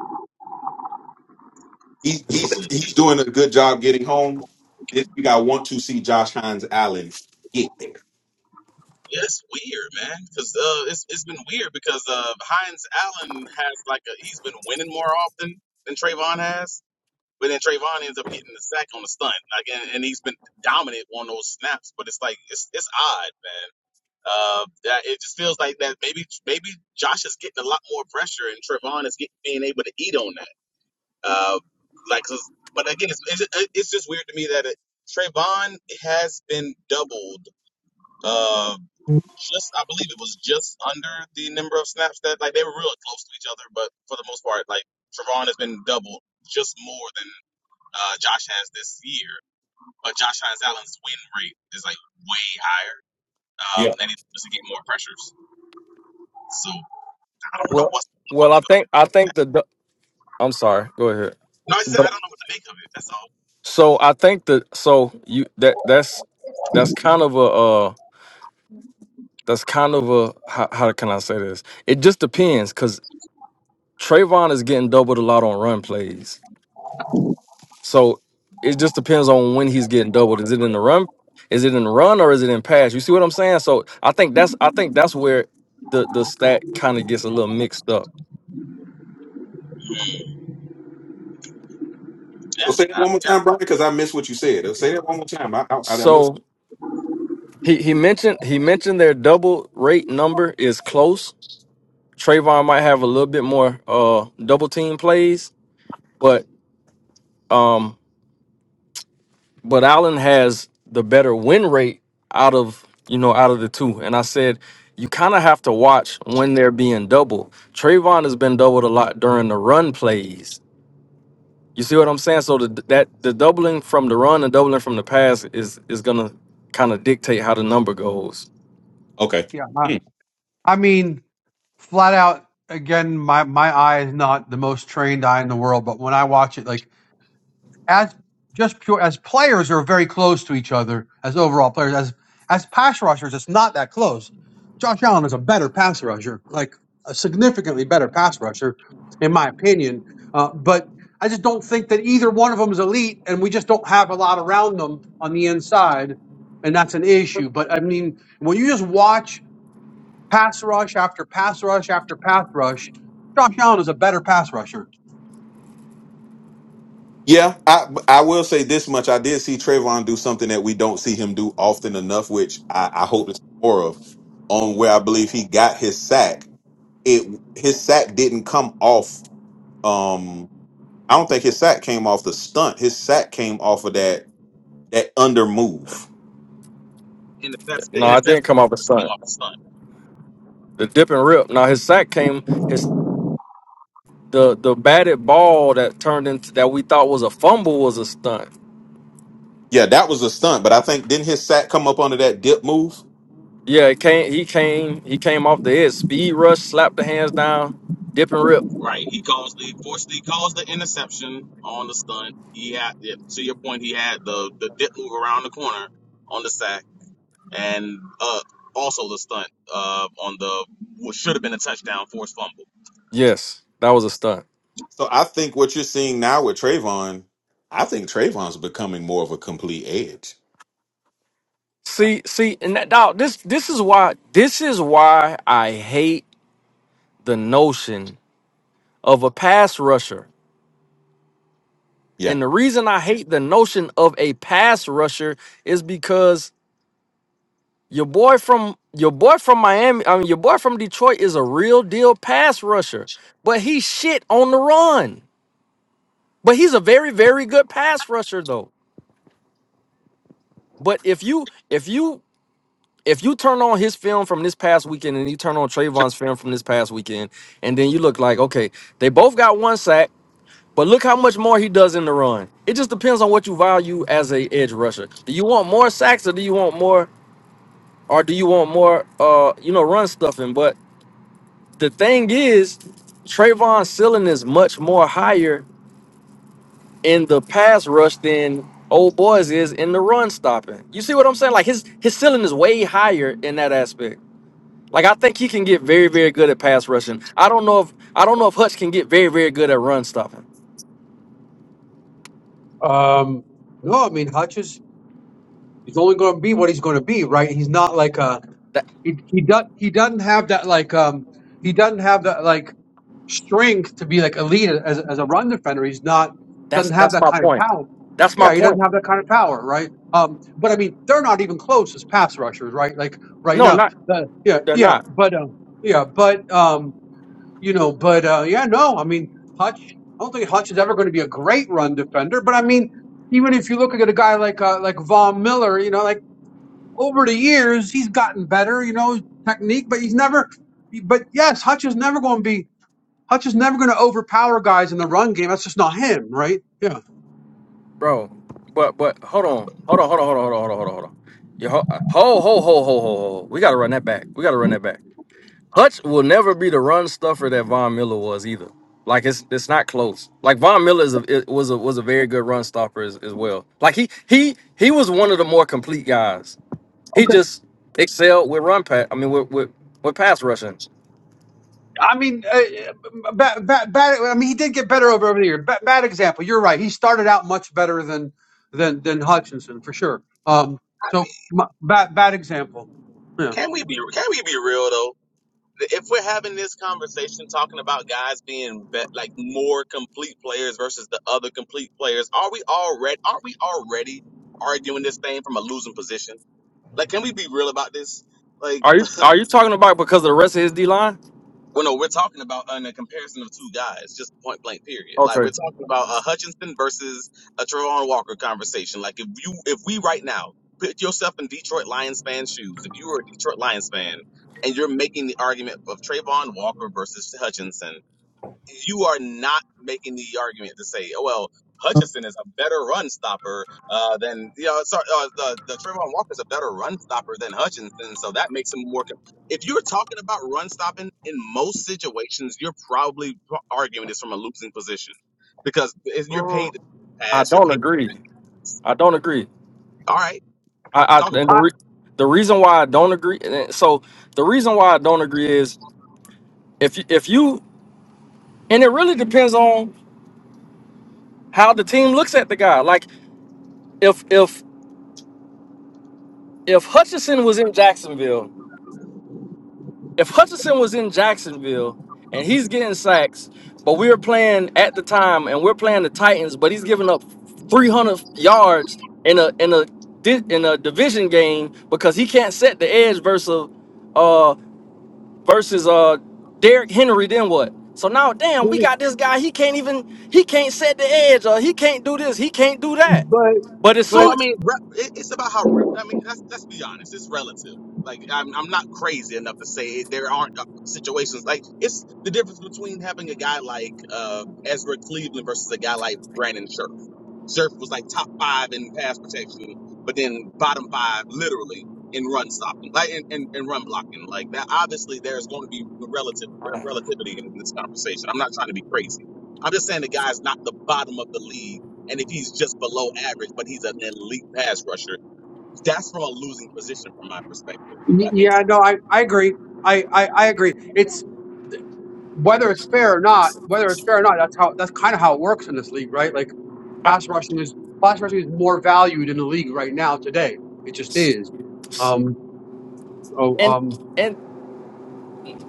S3: He's, he's, he's doing a good job getting home. This week, I want to see Josh Hines Allen get
S5: Yeah, it's weird, man. Because uh, it's it's been weird because uh, Heinz Allen has like a he's been winning more often than Trayvon has. But then Trayvon ends up getting the sack on the stunt, like, and, and he's been dominant on those snaps. But it's like it's it's odd, man. Uh, that it just feels like that maybe maybe Josh is getting a lot more pressure, and Trayvon is getting being able to eat on that. Uh, like, 'cause- but again, it's, it's just- it's just weird to me that it, Trayvon has been doubled. Uh,
S3: there.
S5: just I believe it was just under the number of snaps that like they were really close to each other, but for the most part, like Trayvon has been doubled just more than uh, Josh has this year, but Josh Allen's win rate is like way higher, um,
S3: Yeah.
S5: and he just get more pressures. So I don't know
S1: well
S5: what's what
S1: well I
S5: to
S1: think I
S5: make
S1: think the the- I'm sorry. Go ahead.
S5: No, I said I don't know what to make of it. That's all.
S1: So I think that so you that that's that's kind of a uh that's kind of a how, how can I say this? It just depends because Trayvon is getting doubled a lot on run plays. So it just depends on when he's getting doubled. Is it in the run? Is it in the run or is it in pass? You see what I'm saying? So I think that's I think that's where the the stat kind of gets a little mixed up.
S3: So
S5: Yeah,
S3: say that one more time, Brian, because I missed what you said. Say that one more time. I, I, I missed.
S1: So he he mentioned he mentioned their double rate number is close. Trayvon might have a little bit more uh double team plays, but um but Allen has the better win rate out of you know out of the two. And I said you kind of have to watch when they're being doubled. Trayvon has been doubled a lot during the run plays. You see what I'm saying? So the, that the doubling from the run and doubling from the pass is is gonna kind of dictate how the number goes.
S2: Yeah, I, I mean, flat out again, my my eye is not the most trained eye in the world, but when I watch it, like as just pure as players are very close to each other as overall players. As as pass rushers, it's not that close. Josh Allen is a better pass rusher, like a significantly better pass rusher, in my opinion. Uh, but I just don't think that either one of them is elite, and we just don't have a lot around them on the inside, and that's an issue. But I mean, when you just watch pass rush after pass rush after pass rush, Josh Allen is a better pass rusher.
S3: Yeah, I I will say this much. I did see Trayvon do something that we don't see him do often enough, which I, I hope to see more of. On where I believe he got his sack, it his sack didn't come off. Um, I don't think his sack came off the stunt. His sack came off of that that under move.
S5: and that's the
S1: No, I didn't
S5: interception
S1: come off a
S5: just came
S1: stunt.
S5: off the stunt.
S1: The dip and rip. Now his sack came his the the batted ball that turned into that we thought was a fumble was a stunt.
S3: Yeah, that was a stunt, but I think didn't his sack come up under that dip move?
S1: Yeah, it came. He came. He came off the edge. Speed rush, slapped the hands down, dip and rip.
S5: Right, he calls the fortunately he calls the interception on the stunt. He had yeah, to your point. He had the the dip move around the corner on the sack, and uh, also the stunt uh, on the what should have been a touchdown forced fumble.
S1: Yes, that was a stunt.
S3: So I think what you're seeing now with Trayvon, I think Trayvon's becoming more of a complete edge.
S1: See, see, and that dog. This, this is why. This is why I hate the notion of a pass rusher.
S3: Yeah.
S1: And the reason I hate the notion of a pass rusher is because your boy from your boy from Miami. I mean, your boy from Detroit is a real deal pass rusher, but he's shit on the run. But he's a very, very good pass rusher, though. But if you if you if you turn on his film from this past weekend and you turn on Trayvon's film from this past weekend, and then you look like, okay, they both got one sack, but look how much more he does in the run. It just depends on what you value as a edge rusher. Do you want more sacks or do you want more or do you want more uh you know run stuffing? But the thing is, Trayvon's ceiling is much more higher in the pass rush than old boys is in the run stopping. You see what I'm saying? Like his his ceiling is way higher in that aspect. Like I think he can get very, very good at pass rushing. I don't know if I don't know if Hutch can get very, very good at run stopping.
S2: Um, no, I mean Hutch is He's only going to be what he's going to be, right? He's not like a
S1: That
S2: he he does he doesn't have that like um he doesn't have that like strength to be like elite as as a run defender. He's not
S1: that's
S2: doesn't have
S1: that's
S2: that
S1: my
S2: kind of
S1: point.
S2: power.
S1: That's my
S2: Yeah, he doesn't
S1: point.
S2: have that kind of power, right? Um, but I mean, they're not even close as pass rushers, right? Like right
S1: No,
S2: now,
S1: not
S2: the, yeah,
S1: they're
S2: yeah,
S1: not,
S2: but um, yeah, but um, you know, but uh, yeah, no, I mean, Hutch. I don't think Hutch is ever going to be a great run defender, but I mean, even if you look at a guy like uh, like Von Miller, you know, like over the years, he's gotten better, you know, technique, but he's never, but yes, Hutch is never going to be, Hutch is never going to overpower guys in the run game. That's just not him, right? Yeah.
S1: bro. But but hold on, hold on, hold on, hold on, hold on, hold on, hold on, hold on. You ho ho ho ho ho ho ho. We gotta run that back. We gotta run that back. Hutch will never be the run stuffer that Von Miller was either. Like it's it's not close. Like Von Miller is a, it was a was a very good run stopper as, as well. Like he he he was one of the more complete guys. He just excelled with run pass. I mean, with with, with pass rushing.
S2: I mean, uh, uh, bad, bad, bad, I mean, he did get better over, over the year. Bad, bad example. You're right. He started out much better than, than, than Hutchinson for sure. Um,
S5: I mean,
S2: so my, bad, bad example. Yeah.
S5: Can we be can we be real though? If we're having this conversation talking about guys being be- like more complete players versus the other complete players, are we already aren't we already arguing this thing from a losing position? Like, can we be real about this? Like.
S1: Are you are you talking about because of the rest of his D line?
S5: Well, no, we're talking about uh, in a comparison of two guys, just point blank, period. Like
S1: Okay.
S5: we're talking about a Hutchinson versus a Trevon Walker conversation. Like if you, if we right now put yourself in Detroit Lions fan shoes, if you were a Detroit Lions fan and you're making the argument of Trayvon Walker versus Hutchinson, you are not making the argument to say, oh, well, Hutchinson is a better run stopper uh, than you know. Sorry, uh, the the Trayvon Walker is a better run stopper than Hutchinson, so that makes him more. com- If you're talking about run stopping in most situations, you're probably arguing this from a losing position because if you're paid
S1: Mm,
S5: to
S1: I
S5: pass, you're
S1: don't
S5: paid.
S1: agree. I don't agree.
S5: All right,
S1: I,
S5: talk about. it.
S1: I and the
S2: I,
S1: re, the reason why I don't agree. and then- So the reason why I don't agree is if you, if you and it really depends on how the team looks at the guy. Like if if if Hutchinson was in Jacksonville if Hutchinson was in Jacksonville and he's getting sacks, but we were playing at the time and we're playing the Titans, but he's giving up 300 yards in a in a di- in a division game because he can't set the edge versus uh versus uh Derrick Henry. Then what? So now, damn,
S2: let
S1: we
S2: me,
S1: got this guy. He can't even he can't set the edge or he can't do this. He can't do that.
S2: but,
S1: But as
S5: Well,
S2: but
S5: I
S1: soon
S5: mean, re- it- it's about how. Re- I mean, let's let's be honest. It's relative. Like, I'm I'm not crazy enough to say there aren't uh, situations like it's the difference between having a guy like uh, Ezra Cleveland versus a guy like Brandon Scherf. Scherf was like top five in pass protection, but then bottom five literally in run stopping, like in, in, in run blocking. Like that, obviously, there's going to be relative re- relativity in this conversation. I'm not trying to be crazy. I'm just saying the guy's not the bottom of the league and if he's just below average, but he's an elite pass rusher, that's from a losing position from my perspective, if
S2: y-
S5: that makes
S2: yeah,
S5: sense.
S2: no, I, I agree. I, I, I agree. It's whether it's fair or not, whether it's fair or not, that's how that's kind of how it works in this league, right? Like
S1: I,
S2: pass rushing is pass rushing is more valued in the league right now today. It just is. Um. Oh.
S1: and
S2: Um.
S1: and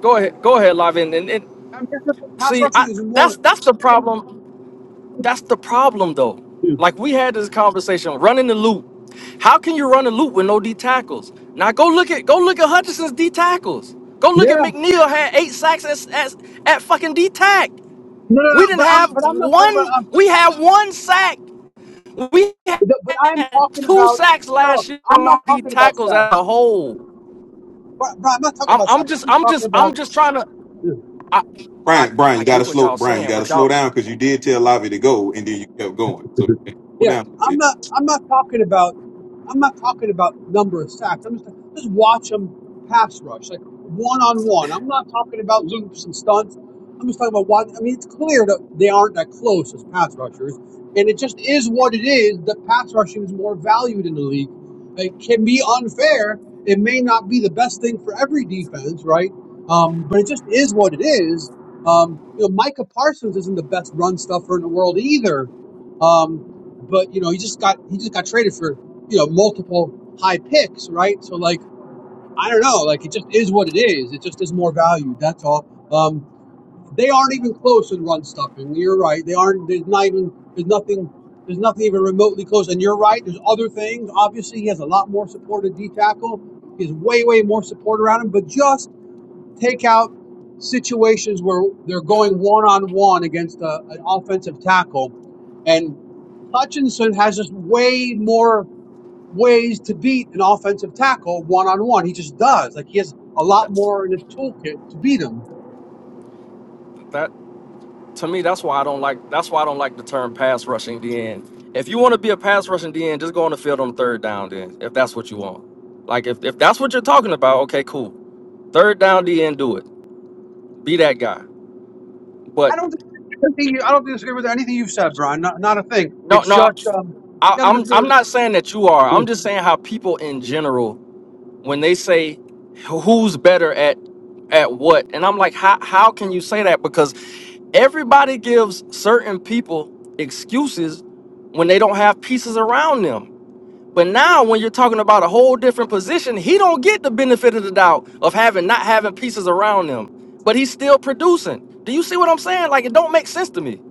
S1: go ahead, go ahead, Lavin, and, and
S2: I mean, that's what- pass
S1: see,
S2: rushing
S1: I
S2: is more.
S1: that's that's the problem. That's the problem, though.
S2: Yeah.
S1: Like we had this conversation, running the loop. How can you run a loop with no D tackles? Now go look at go look at Hutchinson's D tackles. Go look at
S2: No.
S1: McNeil had eight sacks at, at, at fucking D tack.
S2: No. No.
S1: We didn't
S2: But I'm.
S1: have
S2: But I'm not talking about.
S1: one. We had one sack. We
S2: But but I'm
S1: had
S2: talking
S1: two
S2: about.
S1: sacks
S2: No. No.
S1: last year
S2: I'm
S1: from our
S2: not
S1: D
S2: talking about
S1: tackles
S2: sack.
S1: as a whole.
S2: But, but I'm not talking
S1: I'm
S2: about
S1: I'm
S2: sack. I'm
S1: just
S2: just
S1: I'm just
S2: talking
S1: I'm
S2: about.
S1: just trying to. I I
S3: Brian, Brian,
S1: I
S3: you
S1: get
S3: gotta
S1: what
S3: slow
S1: y'all
S3: Brian, you
S1: saying,
S3: gotta
S1: but
S3: slow
S1: y'all.
S3: down because you did tell Lavi to go and then you kept going. So you gotta slow
S2: Yeah.
S3: down a
S2: I'm
S3: bit.
S2: not. I'm not talking about. I'm not talking about number of sacks. I'm just just watch them pass rush, like one on one. I'm not talking about loops and stunts. I'm just talking about what. I mean, it's clear that they aren't that close as pass rushers, and it just is what it is. That pass rushing is more valued in the league. It can be unfair. It may not be the best thing for every defense, right? Um, but it just is what it is. Um, you know, Micah Parsons isn't the best run stuffer in the world either. Um, but you know, he just got he just got traded for you know multiple high picks, right? So like I don't know, like it just is what it is. It just is more value. That's all. Um, they aren't even close in run stuffing. You're right. They aren't. There's not even. There's nothing. There's nothing even remotely close. And you're right. There's other things. Obviously, he has a lot more support at D tackle. He has way, way more support around him. But just take out situations where they're going one on one against a, an offensive tackle, and Hutchinson has just way more ways to beat an offensive tackle one on one. He just does. Like he has a lot
S1: That's,
S2: more in his toolkit to beat him.
S1: to me, that's why I don't like that's why I don't like the term pass rushing DN. If you want to be a pass rushing DN, just go on the field on third down then, if that's what you want. Like if, if that's what you're talking about, okay, cool. Third down DN, do it. Be that guy. But
S2: I don't think anything you- I don't disagree with anything you've said, Brian. Not, not a thing.
S1: no,
S2: It's
S1: no,
S2: just um,
S1: I,
S2: yeah, I don't
S1: I'm
S2: disagree
S1: I'm not saying that you are. I'm
S2: with.
S1: just saying how people in general, when they say who's better at at what, and I'm like, how how can you say that? Because everybody gives certain people excuses when they don't have pieces around them. But now, when you're talking about a whole different position, he don't get the benefit of the doubt of having not having pieces around him, but he's still producing. Do you see what I'm saying? Like it don't make sense to me.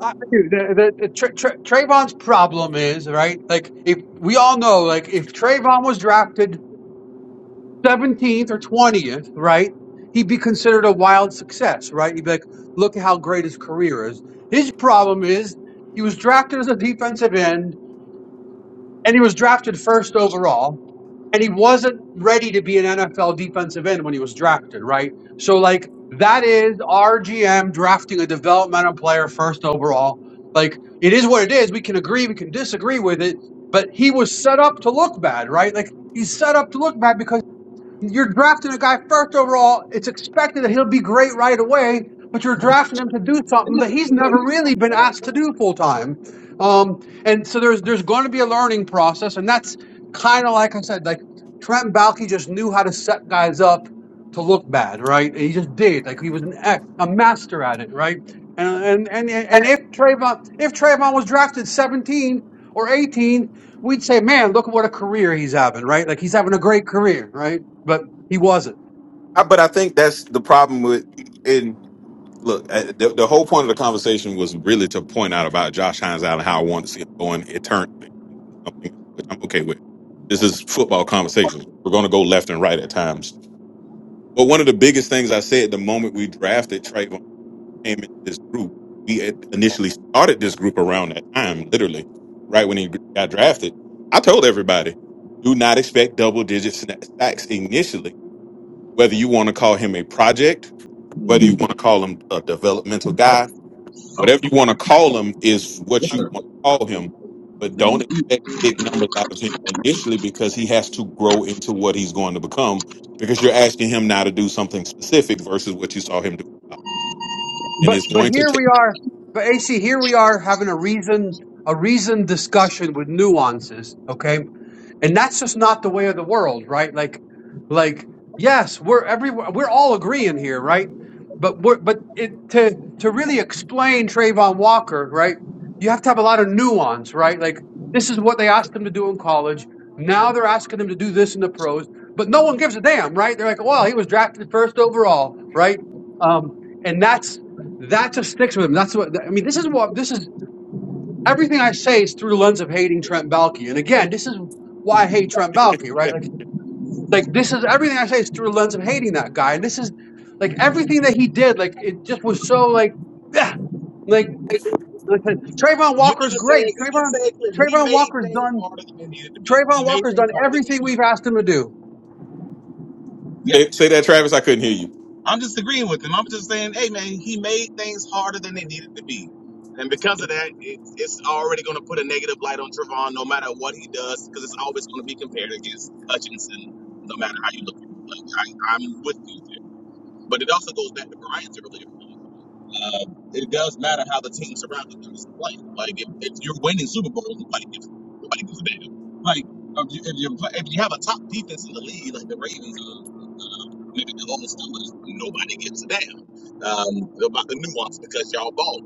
S2: I I do. The, the, the Tra- Tra- Trayvon's problem is right. Like if we all know, like if Trayvon was drafted seventeenth or twentieth, right, he'd be considered a wild success, right? He'd be like, look at how great his career is. His problem is he was drafted as a defensive end and he was drafted first overall and he wasn't ready to be an NFL defensive end when he was drafted, right? So like that is our GM drafting a developmental player first overall. Like it is what it is. We can agree, we can disagree with it, but he was set up to look bad, right? Like he's set up to look bad because you're drafting a guy first overall. It's expected that he'll be great right away, but you're drafting him to do something that he's never really been asked to do full time. Um, and so there's there's going to be a learning process, and that's kind of like I said, like Trent Baalke just knew how to set guys up to look bad, right? He just did. Like he was an ex, a master at it, right? And and and
S3: I,
S2: and if Trayvon if Trayvon was drafted 17 or 18, we'd say, man, look at what a career he's having, right? Like he's having a great career, right? but he wasn't.
S3: I- but I think that's the problem with and look, uh, the, the whole point of the conversation was really to point out about Josh Hines out and how I want to see him going eternally something which I'm okay with. This is football conversations. We're gonna go left and right at times. But one of the biggest things I said the moment we drafted Trayvon came into this group. We had initially started this group around that time, literally, right when he got drafted. I told everybody, do not expect double digit sna- sacks initially, whether you want to call him a project, whether you want to call him a developmental guy, whatever you want to call him is what you want to call him. But don't expect big numbers out of him initially because he has to grow into what he's going to become because you're asking him now to do something specific versus what you saw him do. And
S2: But
S3: it's
S2: but
S3: going to
S2: here
S3: take
S2: we are. But AC, here we are having a reason a reasoned discussion with nuances. Okay, and that's just not the way of the world right like like yes we're every we're all agreeing here right but we're but it to to really explain Trayvon Walker right you have to have a lot of nuance right like this is what they asked him to do in college now they're asking him to do this in the pros but no one gives a damn right they're like well he was drafted first overall right um and that's that just sticks with him that's what I mean this is what this is everything I say is through the lens of hating Trent Baalke, And again, this is why I hate Trent Baalke, right? Like, like this is everything I say is through the lens of hating that guy. And this is like everything that he did, like it just was so like, yeah, like listen, Trayvon
S5: You
S2: Walker's
S5: didn't say
S2: great.
S5: it, you didn't
S2: Trayvon,
S5: say it clearly. He
S2: Trayvon
S5: made
S2: Walker's
S5: things
S2: done.
S5: harder than they needed to be. He
S2: Trayvon
S5: made
S2: Walker's
S5: things
S2: done
S5: harder than they
S2: everything
S5: needed to
S2: we've asked him to do.
S5: be. Yeah.
S3: Say, say that, Travis. I couldn't hear you.
S5: I'm just agreeing with him. I'm just saying, hey man, he made things harder than they needed to be. And because of that, it, it's already going to put a negative light on Trevon no matter what he does, because it's always going to be compared against Hutchinson, no matter how you look at it. Like, I, I'm with you there. But it also goes back to Brian's earlier Um, it does matter how the team surrounding you is playing. Like if, if you're winning Super Bowls, nobody gives nobody gives a damn. Like if you if you if you have a top defense in the league, like the Ravens or maybe the old Steelers, nobody gives a damn um, about the nuance because y'all ball.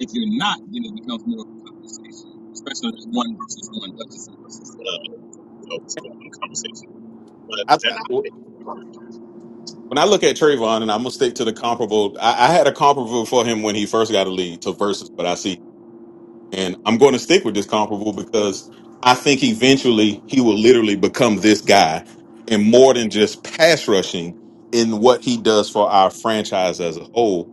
S5: If you're not, then it becomes more of a conversation, especially that one versus one, Hutchinson versus uh, you know, it's more of a conversation. But
S3: I,
S5: they're not. They-
S3: when I look at Trayvon, and I'm gonna stick to the comparable. I, I had a comparable for him when he first got a lead to versus, but I see, and I'm going to stick with this comparable because I think eventually he will literally become this guy, and more than just pass rushing in what he does for our franchise as a whole.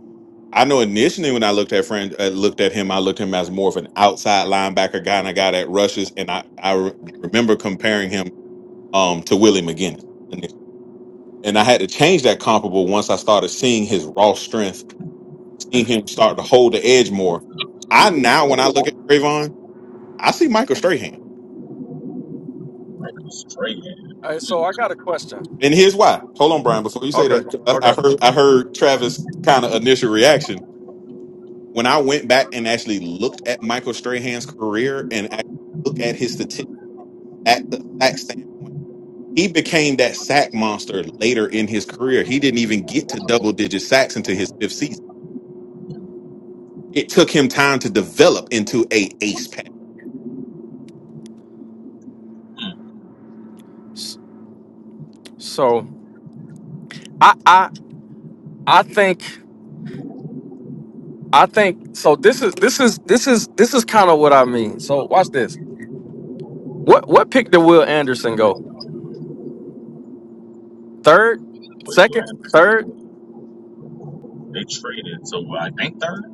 S3: I know initially when I looked at friend uh, looked at him, I looked at him as more of an outside linebacker guy and a guy that rushes, and I I re- remember comparing him um to Willie McGinnis And I had to change that comparable once I started seeing his raw strength, seeing him start to hold the edge more. I now, when I look at Trayvon, I see Michael Strahan.
S5: Straight,
S1: Hey, so I got a question.
S3: And here's why. Hold on, Brian, before you say
S1: Okay,
S3: that, 'cause I, I
S1: okay.
S3: heard I heard Travis kind of initial reaction. When I went back and actually looked at Michael Strahan's career and actually looked at his statistics at the sack standpoint, he became that sack monster later in his career. He didn't even get to double digit sacks until his fifth season it took him time to develop into a ace
S1: S- So I I I think I think so. This is this is this is this is kind of what I mean. So watch this. What what pick did Will Anderson go? Third, second,
S5: traded.
S1: third.
S5: They traded. So I think third.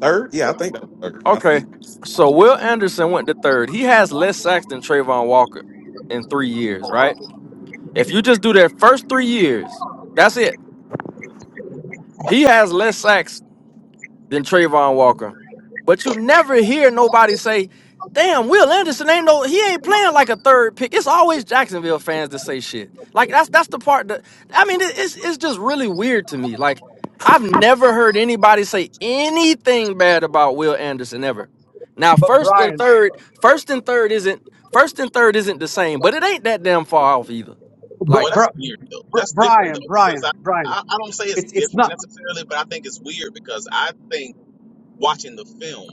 S3: Third? Yeah, I think that was third. I
S1: Okay.
S3: think.
S1: So Will Anderson went to third. He has less sacks than Trayvon Walker in three years, right? If you just do their first three years, that's it. He has less sacks than Trayvon Walker. But you never hear nobody say, damn, Will Anderson ain't no he ain't playing like a third pick. It's always Jacksonville fans that say shit. Like that's that's the part that I mean it- it's it's just really weird to me. Like I've never heard anybody say anything bad about Will Anderson ever. Now
S2: But
S1: first and
S2: Brian,
S1: third, first and third isn't first and third isn't the same, but it ain't that damn far off either.
S5: Well,
S2: but
S1: Like,
S2: Br-
S5: that's weird though.
S2: Br-
S5: That's different
S2: Brian,
S5: though because
S2: Brian,
S5: I,
S2: Brian,
S5: I I don't say it's
S2: it's it's not.
S5: different necessarily, but I think it's weird because I think watching the film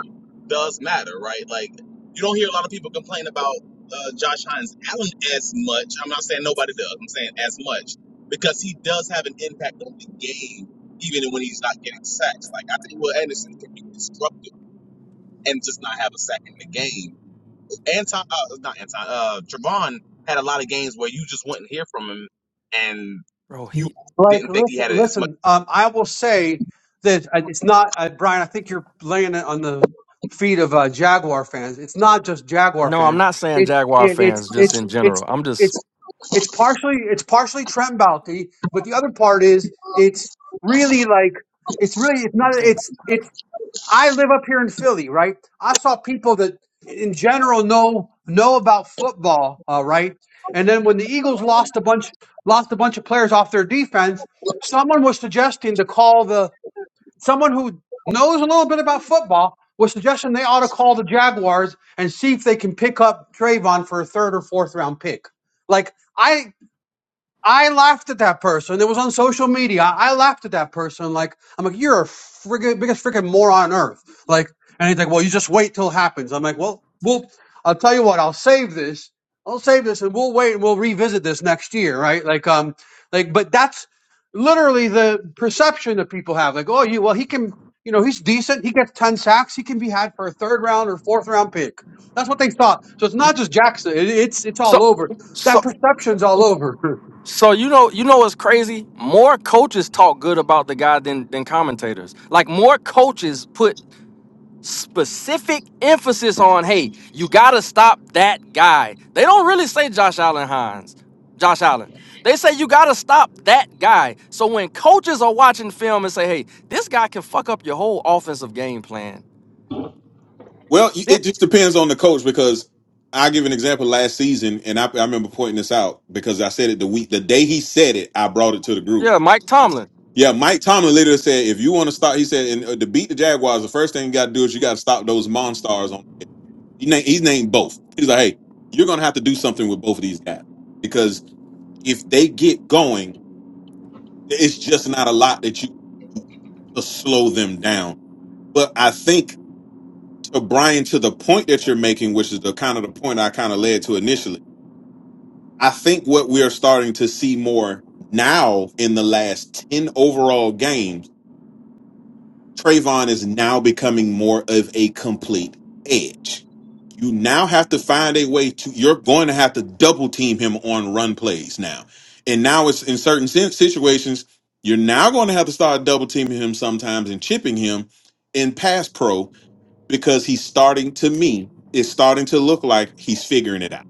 S5: does matter, right? Like you don't hear a lot of people complain about uh, Josh Hines Allen as much. I'm not saying nobody does. I'm saying as much because he does have an impact on the game, even when he's not getting sacks. Like I think Will Anderson can be disruptive and just not have a sack in the game Anton, uh, not Anton, uh, Javon had a lot of games where you just wouldn't hear from him, and
S1: bro,
S5: you
S1: he
S2: Like,
S5: didn't think he
S2: listen,
S5: had as much.
S2: listen. Um, I will say that uh, it's not uh, Brian. I think you're laying it on the feet of uh, Jaguar fans. It's not just Jaguar
S1: no, I'm
S2: fans.
S1: not saying
S2: It's
S1: Jaguar
S2: it, it's
S1: fans just
S2: it's
S1: in
S2: it's
S1: general. I'm just
S2: it's it's partially it's partially Trent Baalke, but the other part is it's really like it's really it's
S1: I
S2: not
S1: don't think
S2: it's
S1: it's.
S2: it's I live up here in Philly, right? I saw people that in general know know about football, uh, right? And then when the Eagles lost a bunch lost a bunch of players off their defense, someone was suggesting to call the someone who knows a little bit about football was suggesting they ought to call the Jaguars and see if they can pick up Trayvon for a third or fourth round pick. Like I I laughed at that person. It was on social media. I I laughed at that person. Like, I'm like, you're a friggin' biggest freaking moron on earth. Like, and he's like, well, you just wait till it happens. I'm like, well, well, I'll tell you what, I'll save this. I'll save this and we'll wait and we'll revisit this next year, right? Like, um, like, but that's literally the perception that people have. Like, oh, you, well, he can, you know, he's decent. He gets 10 sacks. He can be had for a third round or fourth round pick. That's what they thought. So it's not just Jackson. It, it's, it's
S1: So,
S2: all over. That
S1: so,
S2: perception's all over. *laughs*
S1: so you know, you know what's crazy? More coaches talk good about the guy than than commentators. Like more coaches put specific emphasis on, hey, you gotta stop that guy. They don't really say Josh Allen Hines, Josh Allen. They say you gotta stop that guy. So when coaches are watching film and say, hey, this guy can fuck up your whole offensive game plan.
S3: Well, y- it just depends on the coach because I give an example last season, and I, I remember pointing this out because I said it the week, the day he said it, I brought it to the
S1: Yeah,
S3: group.
S1: Mike
S3: Yes.
S1: Tomlin.
S3: Yeah,
S1: I've-
S3: Mike Tomlin later said, if you want to stop, he said, and uh, to beat the Jaguars, the first thing you got to do is you got to stop those monsters. On he named, he's named both. He's like, hey, you're gonna have to do something with both of these guys because if they get going, it's just not a lot that you can slow them down. But I think to Brian to the point that you're making, which is the kind of the point I kind of led to initially. I think what we are starting to see more now in the last 10 overall games, Trayvon is now becoming more of a complete edge. You now have to find a way to, you're going to have to double team him on run plays now. And now it's in certain sin- situations, you're now going to have to start double teaming him sometimes and chipping him in pass pro because he's starting to me it's starting to look like he's figuring it out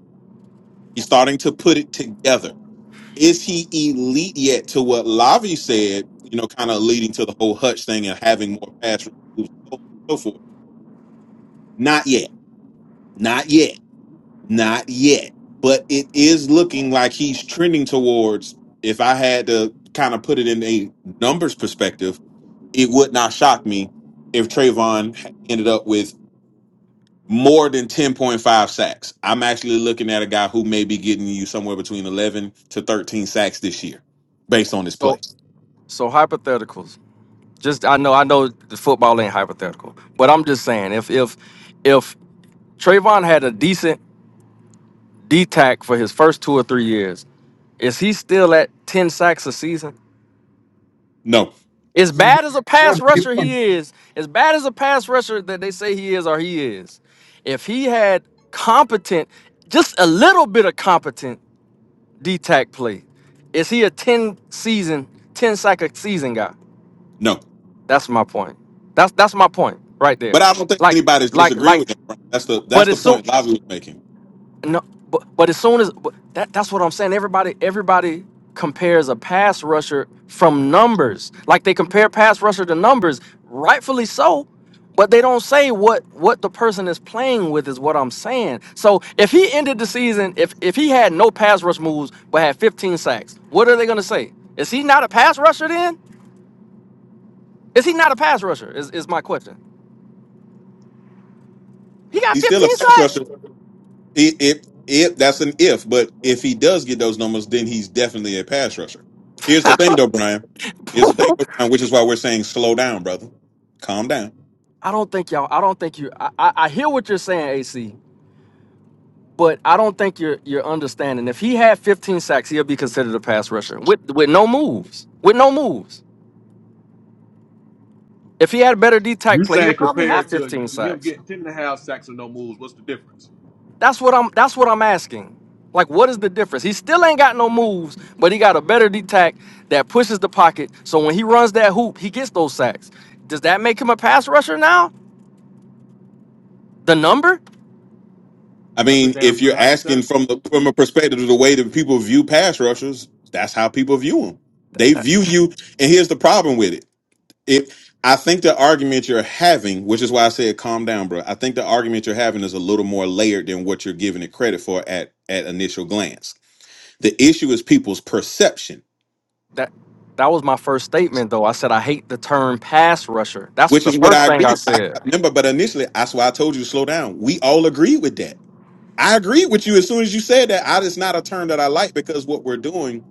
S3: he's starting to put it together is he elite yet to what lavi said you know kind of leading to the whole hutch thing and having more pass moves so so forth not yet not yet not yet but it is looking like he's trending towards if i had to kind of put it in a numbers perspective it would not shock me if Trayvon ended up with more than 10.5 sacks. I'm actually looking at a guy who may be getting you somewhere between 11 to 13 sacks this year based on his
S1: So,
S3: play.
S1: so hypotheticals. Just I know I know the football ain't hypothetical, but I'm just saying if if if Trayvon had a decent D tack for his first two or three years, is he still at ten sacks a season?
S3: No,
S1: As
S2: Maybe.
S1: bad as a
S2: Yeah.
S1: pass
S2: maybe
S1: rusher
S2: one.
S1: he is, as bad as a pass rusher that they say he is or he is, if he had competent, just a little bit of competent D tack play, is he a ten season, ten sack a season guy?
S3: no.
S1: That's my point. That's that's my point right
S3: But
S1: there.
S3: I don't think
S1: Like
S3: anybody's
S1: like
S3: disagreeing
S1: like
S3: with that. Brian. That's the
S1: But
S3: that's the
S1: as soon
S3: point Lavi was making.
S1: no, but, but as soon as but that that's what I'm saying. Everybody everybody compares a pass rusher from numbers, like they compare pass rusher to numbers, rightfully so. But they don't say what what the person is playing with is what I'm saying. So if he ended the season, if if he had no pass rush moves but had 15 sacks, what are they gonna say? Is he not a pass rusher then? Is he not a pass rusher? Is is my question. He got
S3: He's still a
S1: 15
S3: pass
S1: sacks.
S3: rusher. If if if that's an if, but if he does get those numbers, then he's definitely a pass rusher. Here's the thing though, Brian. Here's the thing,
S1: *laughs*
S3: though, Brian, which is why we're saying slow down, brother. Calm down.
S1: I don't think y'all. I don't think you. I, I, I hear what you're saying, AC, but I don't think you're you're understanding. If he had 15 sacks, he'll be considered a pass rusher with with no moves. With no moves. If he had a better D tack
S4: You
S1: play, he'll
S4: saying
S1: probably have
S4: compared to
S1: 15
S4: him
S1: sacks.
S4: getting ten and a half sacks and no moves, what's the difference?
S1: That's what I'm. That's what I'm asking. Like, what is the difference? He still ain't got no moves, but he got a better D tack that pushes the pocket. So when he runs that hoop, he gets those sacks. Does that make him a pass rusher now? The number?
S3: I
S4: That's a
S3: mean,
S4: damn
S3: if you're
S4: good
S3: asking
S4: hypothetical.
S3: from the from a perspective of the way that people view pass rushers, that's how people view them. They view you, and here's the problem with it. If I think the argument you're having, which is why I said calm down, bro. I think the argument you're having is a little more layered than what you're giving it credit for at at initial glance. The issue is people's perception,
S1: that that was my first statement though. I said I hate the term pass rusher. That's
S3: which
S1: the
S3: is what
S1: first
S3: I
S1: thing I
S3: agree. I
S1: said.
S3: remember, but initially, that's why I told you to slow down. We all agree with that. I agree with you as soon as you said that. I just not a term that I like because what we're doing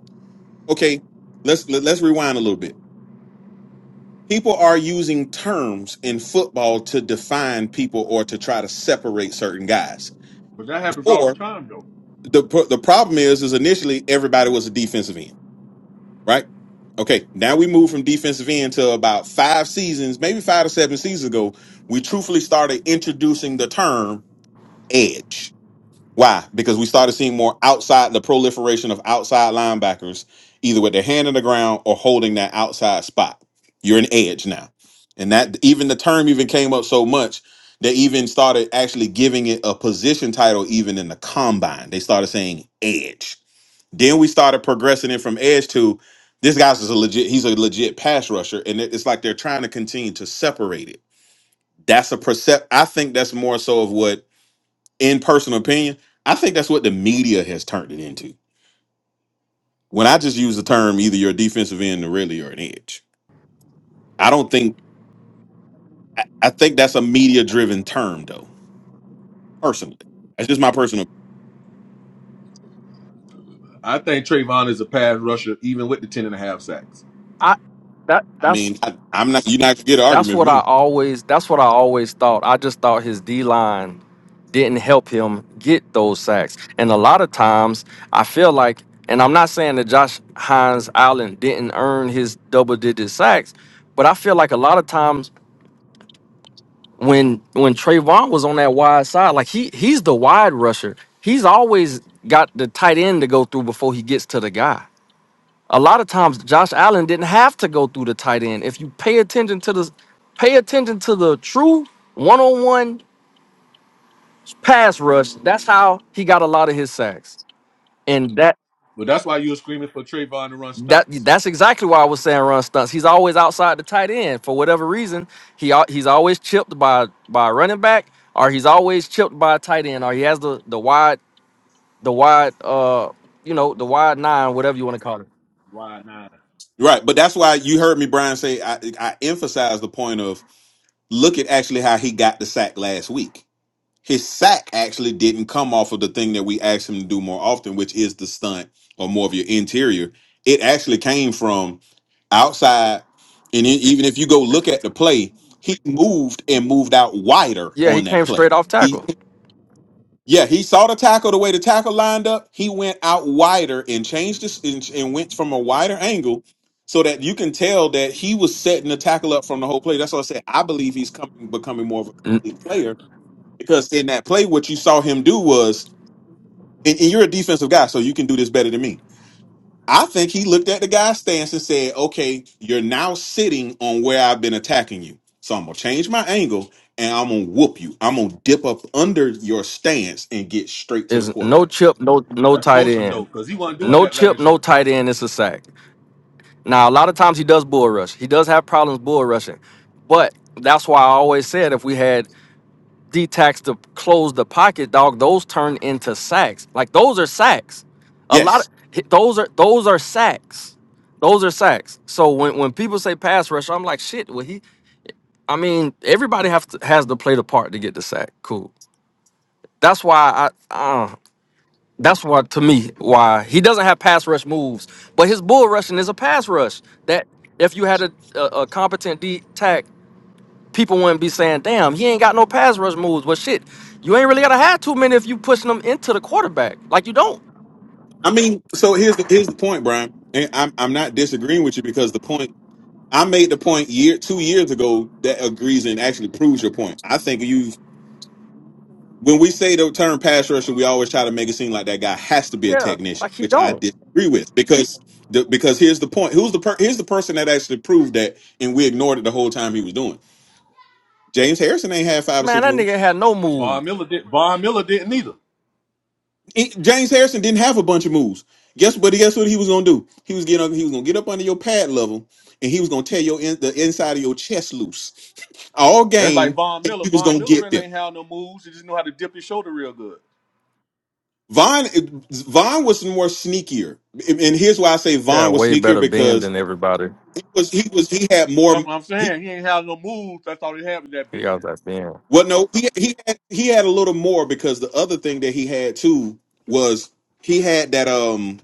S3: okay let's let- let's rewind a little bit people are using terms in football to define people or to try to separate certain guys
S4: But that happens all the
S3: or
S4: time though.
S3: the pro- the problem is is initially everybody was a defensive end right okay now we move from defensive end to about five seasons maybe five to seven seasons ago we truthfully started introducing the term edge Why? Because we started seeing more outside the proliferation of outside linebackers, either with their hand in the ground or holding that outside spot. You're an edge now, and that even the term even came up so much they even started actually giving it a position title even in the combine. They started saying edge. Then we started progressing it from edge to this guy's is a legit. He's a legit pass rusher, and it- it's like they're trying to continue to separate it. That's a percept. I think that's more so of what in personal opinion, I think that's what the media has turned it into. When I just use the term either you're a defensive end or really you're an edge. I don't think I, I think that's a media driven term though, personally. That's just my personal
S4: I think Trayvon is a pass rusher even with the ten and a half sacks.
S1: I that
S3: I
S1: that's
S3: mean, I, I'm not you're not gonna get an
S1: that's
S3: argument from
S1: what I
S3: me.
S1: always that's what I always thought. I just thought his D line didn't help him get those sacks. And a lot of times I feel like and I'm not saying that Josh Hines Allen didn't earn his double digit sacks, but I feel like a lot of times when when Trayvon was on that wide side, like he he's the wide rusher. He's always got the tight end to go through before he gets to the guy. A lot of times Josh Allen didn't have to go through the tight end. If you pay attention to the pay attention to the true one-on-one pass rush, that's how he got a lot of his sacks. And that
S4: But that's why you were screaming for Trayvon to run
S1: That
S4: stunts.
S1: that's exactly why I was saying run stunts. He's always outside the tight end for whatever reason. He al- he's always chipped by by a running back, or he's always chipped by a tight end, or he has the the wide the wide uh you know the wide nine, whatever you want to call it.
S4: Why not?
S3: Right. But that's why you heard me, Brian, say I I emphasize the point of look at actually how he got the sack last week his sack actually didn't come off of the thing that we asked him to do more often, which is the stunt or more of your interior. It actually came from
S1: Tackle bro.
S3: outside, and e- even if you go
S1: Straight
S3: look
S1: from the
S3: at the
S1: tackle.
S3: play, he moved and moved out wider
S1: Yeah, he
S3: on that
S1: came
S3: play.
S1: straight off
S3: He,
S1: tackle.
S3: yeah, he saw the tackle the way the tackle lined up. He went out wider and changed this and, and went from a wider angle so that you can tell that he was setting the tackle up from the whole play. That's why I said I believe he's coming, becoming more of a
S1: N-
S3: complete player because in that play, what you saw him do was, and, and you're a defensive guy, so you can do this better than me. I think he looked at the guy's stance and said, okay, you're now sitting on where I've been attacking you. So I'm going to change my angle and I'm going to whoop you. I'm going to dip up under your stance and get straight to the
S1: Is no
S3: quarterback.
S1: chip, no no
S4: That's
S1: tight
S4: coaching though,
S1: end,
S4: because he wasn't doing
S1: no
S4: that
S1: chip,
S4: last
S1: no
S4: year.
S1: tight end. It's a sack. Now a lot of times he does bull rush. He does have problems bull rushing, but that's why I always said if we had D tax to close the pocket, dog, those turn into sacks. Like those are sacks. A lot
S3: Yes.
S1: of those are those are sacks. Those are sacks. So when, when people say pass rush, I'm like, shit, well he I mean, everybody have to has to play the part to get the sack. Cool. That's why I uh, that's why to me why he doesn't have pass rush moves, but his bull rushing is a pass rush. That if you had a a, a competent D tack people wouldn't be saying, "Damn, he ain't got no pass rush moves." Well, shit, you ain't really gotta have too many if you pushing them into the quarterback. Like you don't.
S3: I mean, so here's the, here's the point, Brian. And I'm, I'm not disagreeing with you because the point I made the point year two years ago that agrees and actually proves your point. I think you when we say the term pass rusher, we always try to make it seem like that guy has to be a
S1: Yeah,
S3: technician,
S1: like you
S3: which I
S1: don't.
S3: disagree with because the, because here's the point: who's the per, here's the person that actually proved that, and we ignored it the whole time he was doing. James Harrison ain't had five or
S1: Man,
S3: six
S1: that nigga
S3: moves.
S1: had no move.
S4: Von Miller did Von Miller didn't either.
S3: He- James Harrison didn't have a bunch of moves. Guess but guess what he was gonna do? He was getting up, he was gonna get up under your pad level, and he was gonna tear your in, the inside of your chest loose all
S4: That's like
S3: game.
S4: Von
S3: and
S4: Miller.
S3: He was
S4: Von
S3: gonna
S4: Miller
S3: get there.
S4: really ain't had no moves. He just know how to dip his shoulder real good.
S3: Vaughn Vaughn was more sneakier, and and here's why I say
S1: Yeah,
S3: Vaughn was
S1: way
S3: sneakier
S1: better bend
S3: because
S1: than everybody.
S3: he was he was he had more.
S4: That's what I'm
S3: He,
S4: saying. He ain't had no moves. That's all he had with that
S1: He
S4: bend.
S1: got that bend.
S3: well, no, he he had, he had a little more because the other thing that he had too was he had that um.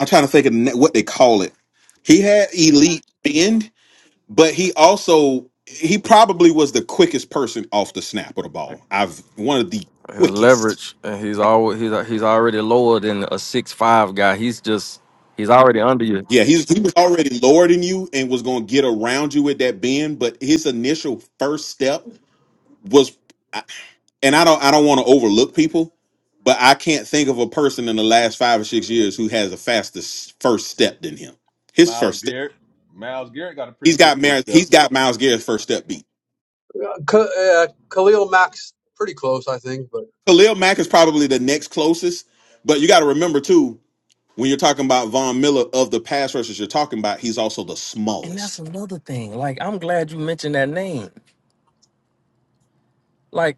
S3: I'm trying to think of the na- what they call it. He had elite bend, but he also he probably was the quickest person off the snap of the ball. I've one of the
S1: His
S3: quickest.
S1: leverage, and he's always he's he's already lower than a six five guy. He's just he's already under you.
S3: Yeah, he's he was already lower than you and was going to get around you with that bend, but his initial first step was, and I don't I don't want to overlook people, but I can't think of a person in the last five or six years who has a faster s- first step than him. His
S4: Miles
S3: first step,
S4: Garrett. Miles Garrett got a pretty
S3: he's
S4: quick
S3: got
S4: first
S3: Mar-
S4: step.
S3: he's got Miles Garrett's first step beat.
S2: Uh, K- uh, Khalil Mack's pretty close, I think, but
S3: Khalil Mack is probably the next closest, but you got to remember too when you're talking about Von Miller of the pass rushers you're talking about, he's also the
S1: And that's
S3: smallest.
S1: another thing. Like I'm glad you mentioned that name. Like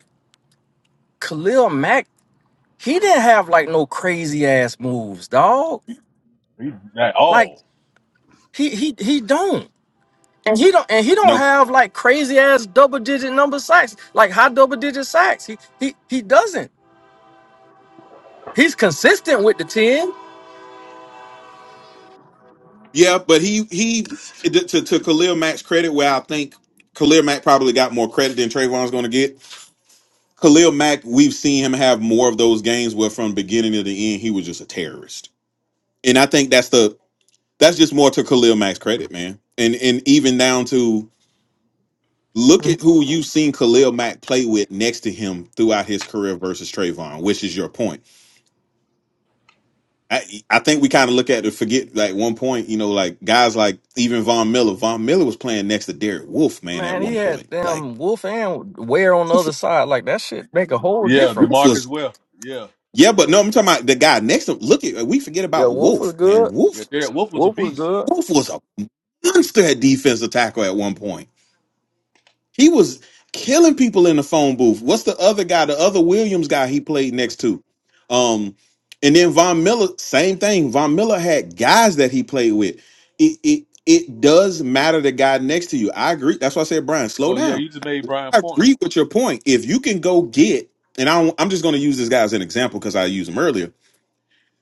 S1: Khalil Mack, he didn't have like no crazy ass moves, dog.
S4: He that
S1: Like
S4: oh.
S1: He he he don't. And he don't and he don't
S3: No.
S1: have like crazy ass double digit number sacks, like high double digit sacks. He he he doesn't. He's consistent with the 10.
S3: Yeah, but he he to to Khalil Mack's credit, where I think Khalil Mack probably got more credit than Trayvon's going to get. Khalil Mack, we've seen him have more of those games where from beginning to the end he was just a terrorist, and I think that's the that's just more to Khalil Mack's credit, man. And and even down to look at who you've seen Khalil Mack play with next to him throughout his career versus Trayvon, which is your point. I, I think we kind of look at it, forget like one point, you know, like guys like even Von Miller. Von Miller was playing next to Derek Wolf, man, at
S1: Man, he
S3: one
S1: had
S3: point. Like
S1: damn Wolf and Ware on the
S3: Wolf
S1: other side. Like that shit make a whole
S4: Yeah,
S1: difference.
S4: DeMarcus
S3: was,
S4: well. Yeah.
S3: yeah, but
S4: Yeah.
S3: no, I'm talking about the guy next to him. Look at we forget
S1: Yeah,
S3: about
S1: Wolf was
S3: Wolf,
S1: good.
S3: man. Wolf,
S4: Yeah. Derek Wolf was a
S1: Wolf was
S4: beast.
S1: good.
S3: Wolf was a monster at defensive tackle at one point. He was killing people in the phone booth. What's the other guy, the other Williams guy he played next to? Um, and then Von Miller, same thing. Von Miller had guys that he played with. It it it does matter the guy next to you. I agree. That's why I said, Brian, slow
S4: So yeah,
S3: down.
S4: you just made Brian
S3: I
S4: point.
S3: agree with your point. If you can go get, and I don't, I'm just going to use this guy as an example because I used him earlier.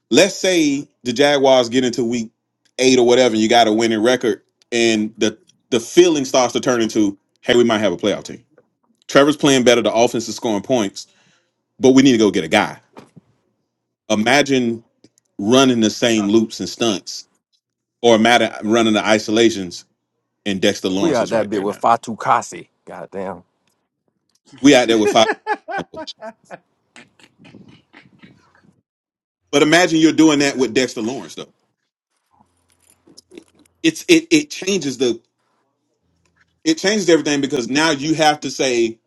S3: Let's say the Jaguars get into week eight or whatever, and you got a winning record, and the the feeling starts to turn into, hey, we might have a playoff team Trevor's playing better. The offense is scoring points, but we need to go get a guy. Imagine running the same loops and stunts, or imagine running the isolations, and Dexter
S1: We
S3: Lawrence
S1: out
S3: is
S1: that
S3: right
S1: bit
S3: there
S1: with
S3: now.
S1: Fatu Kasi. Goddamn.
S4: *laughs*
S3: We out there with five. But imagine you're doing that with Dexter Lawrence though. It's it it changes the it changes everything because now you have to say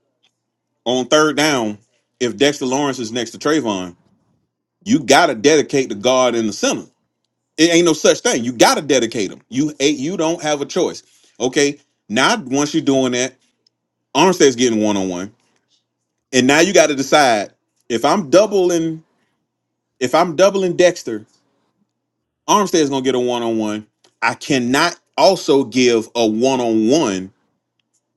S3: on third down if Dexter Lawrence is next to Trayvon, you got to dedicate the guard and the center It ain't no such thing. You gotta dedicate them. You ain't you don't have a choice. Okay. Now once you're doing that, Armstead's getting one on one, and now you got to decide if I'm doubling if I'm doubling Dexter, Armstead's gonna get a one on one. I cannot also give a one on one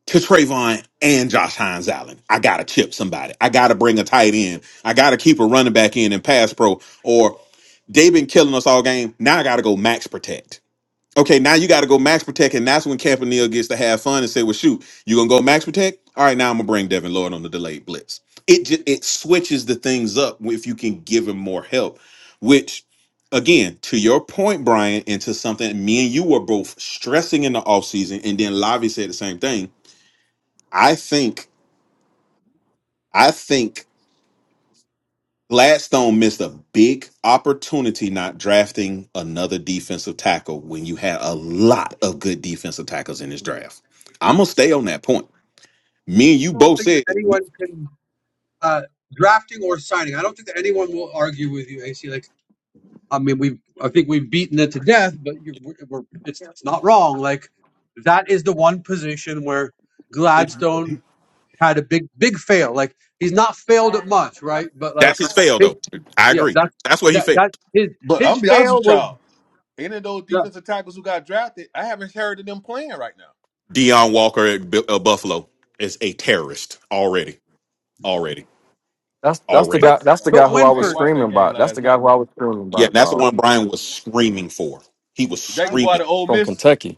S3: to Trayvon and Josh Hines Allen. I gotta chip somebody. I gotta bring a tight end. I gotta keep a running back in and pass pro. Or they've been killing us all game. Now I gotta go max protect. Okay, now you got to go max protect, and that's when Campanile gets to have fun and say, "Well, shoot, you gonna go max protect? All right, now I'm gonna bring Devin Lloyd on the delayed blitz." It just it switches the things up if you can give him more help. Which, again, to your point, Brian, and to something me and you were both stressing in the offseason, and then Lavi said the same thing. I think, I think. Gladstone missed a big opportunity not drafting another defensive tackle when you had a lot of good defensive tackles in this draft. I'm gonna stay on that point. Me and you
S2: I don't
S3: both
S2: think that
S3: said
S2: anyone can uh, drafting or signing. I don't think that anyone will argue with you, AC. Like, I mean, we I think we've beaten it to death, but you, we're, we're, it's it's not wrong. Like, that is the one position where
S4: it's
S2: Gladstone had a big big fail. Like, he's not failed at much, right? But like,
S3: that's his fail,
S2: his,
S3: though. I
S2: yeah,
S3: agree.
S2: that's
S3: That's what he
S2: that
S3: failed.
S2: that his
S4: but I'm
S2: his
S4: gonna be honest
S2: fail
S4: with
S2: was,
S4: y'all. Any of those
S2: yeah.
S4: defensive tackles who got drafted, I haven't heard of them playing right now.
S3: Deion Walker at Bu- uh, Buffalo is a terrorist already, already,
S1: That's that's the
S3: already.
S2: but
S1: guy
S4: I
S1: that's the
S4: gotta
S1: guy
S2: but
S1: who I
S4: watch. I
S1: was
S4: ain't
S2: Winford.
S4: watched
S1: screaming
S4: that game
S1: about. That's
S4: last
S1: the guy
S4: night.
S1: who I was screaming
S3: Yeah,
S1: about,
S3: that's the
S1: dog.
S3: one Brian was screaming for. He was
S4: Is that your boy
S3: screaming
S4: the Ole
S1: From
S4: miss?
S1: Kentucky.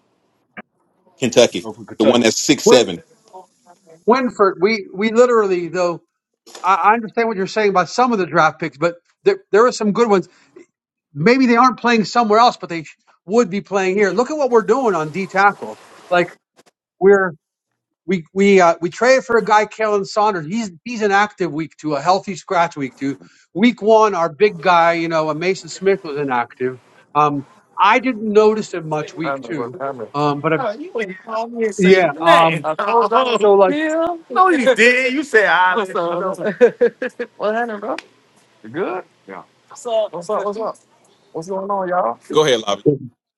S3: Kentucky,
S4: Oh, from
S3: the one
S4: Kentucky,
S3: that's six seven.
S2: Winford, we we literally though I, I understand what you're saying about some of the draft picks, but there there are some good ones. Maybe they aren't playing somewhere else, but they sh- would be playing here. Look at what we're doing on D tackle. Like we're we we uh, we traded for a guy, Kalen Saunders. He's he's an active week two, a healthy scratch week two. Week one, our big guy, you know, a Mason Smith was inactive. Um, I didn't notice him much week two, um, but uh, yeah. Um, so like.
S3: Go ahead, Lobby.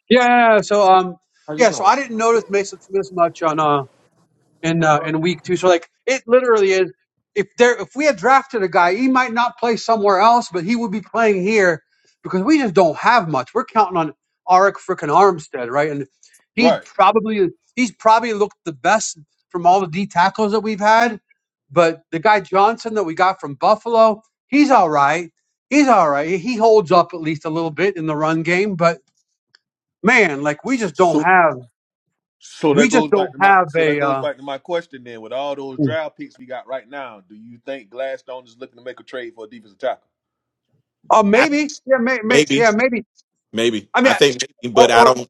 S2: Yeah, so um, yeah, so I didn't notice Mason Smith much on uh in uh, in week two. So like it literally is if there if we had drafted a guy, he might not play somewhere else, but he would be playing here because we just don't have much. We're counting on Arik frickin' Armstead, right? And he's
S4: right?
S2: probably he's probably looked the best from all the D tackles that we've had. But the guy Johnson that we got from Buffalo, he's all right. He's all right. He he holds up at least a little bit in the run game, but man, like we just don't
S4: So,
S2: have,
S4: so
S2: we
S4: that
S2: just
S4: goes
S2: don't
S4: back to my
S2: have
S4: so that
S2: a,
S4: goes
S2: uh,
S4: back to my question. Then, with all those draft picks we got right now, do you think Gladstone is looking to make a trade for a defensive tackle?
S2: or
S3: I,
S2: maybe, yeah, may, may,
S3: maybe,
S2: yeah, maybe.
S3: maybe.
S2: I mean,
S3: I think, maybe,
S2: or,
S3: but I
S2: or
S3: don't.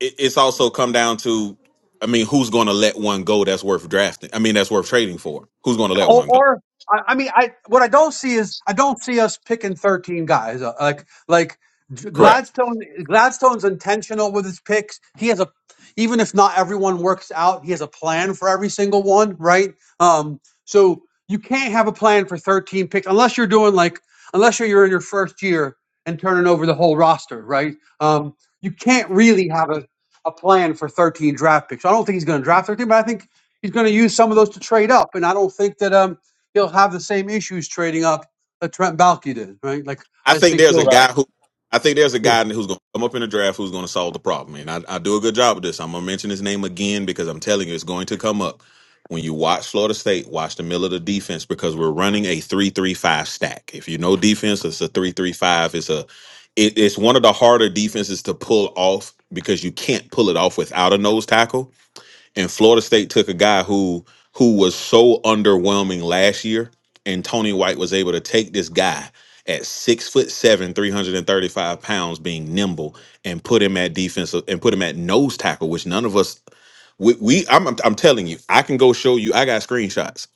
S3: it, it's also come down to, I mean, who's going to let one go that's worth drafting? I mean, that's worth trading for. Who's going to let
S2: or,
S3: one go?
S2: or I, I mean, I what I don't see is I don't see us picking thirteen guys. Uh, Like like
S4: Right,
S3: Correct.
S2: Gladstone Gladstone's intentional with his picks. He has a even if not everyone works out, he has a plan for every single one, right? Um, so you can't have a plan for thirteen picks unless you're doing like unless you're, you're in your first year and turning over the whole roster, right? Um, you can't really have a a plan for 13 draft picks. So I don't think he's going to draft 13, but I think he's going to use some of those to trade up, and I don't think that um he'll have the same issues trading up that Trent Baalke did, right? Like
S3: I
S2: I just
S3: think
S2: think
S3: there's a
S2: he'll.
S4: right.
S3: guy who, I think there's a guy who's going to come up in the draft who's going to solve the problem. And I, I do a good job of this. I'm going to mention his name again because I'm telling you, it's going to come up. When you watch Florida State, watch the middle of the defense because we're running a three-three-five stack. If you know defense, it's a three-three-five. It's a it, it's one of the harder defenses to pull off because you can't pull it off without a nose tackle and Florida State took a guy who who was so underwhelming last year, and Tony White was able to take this guy at six foot seven, three hundred and thirty five pounds, being nimble, and put him at defensive and put him at nose tackle, which none of us we, we I'm I'm I'm telling you, I can go show you. I got screenshots.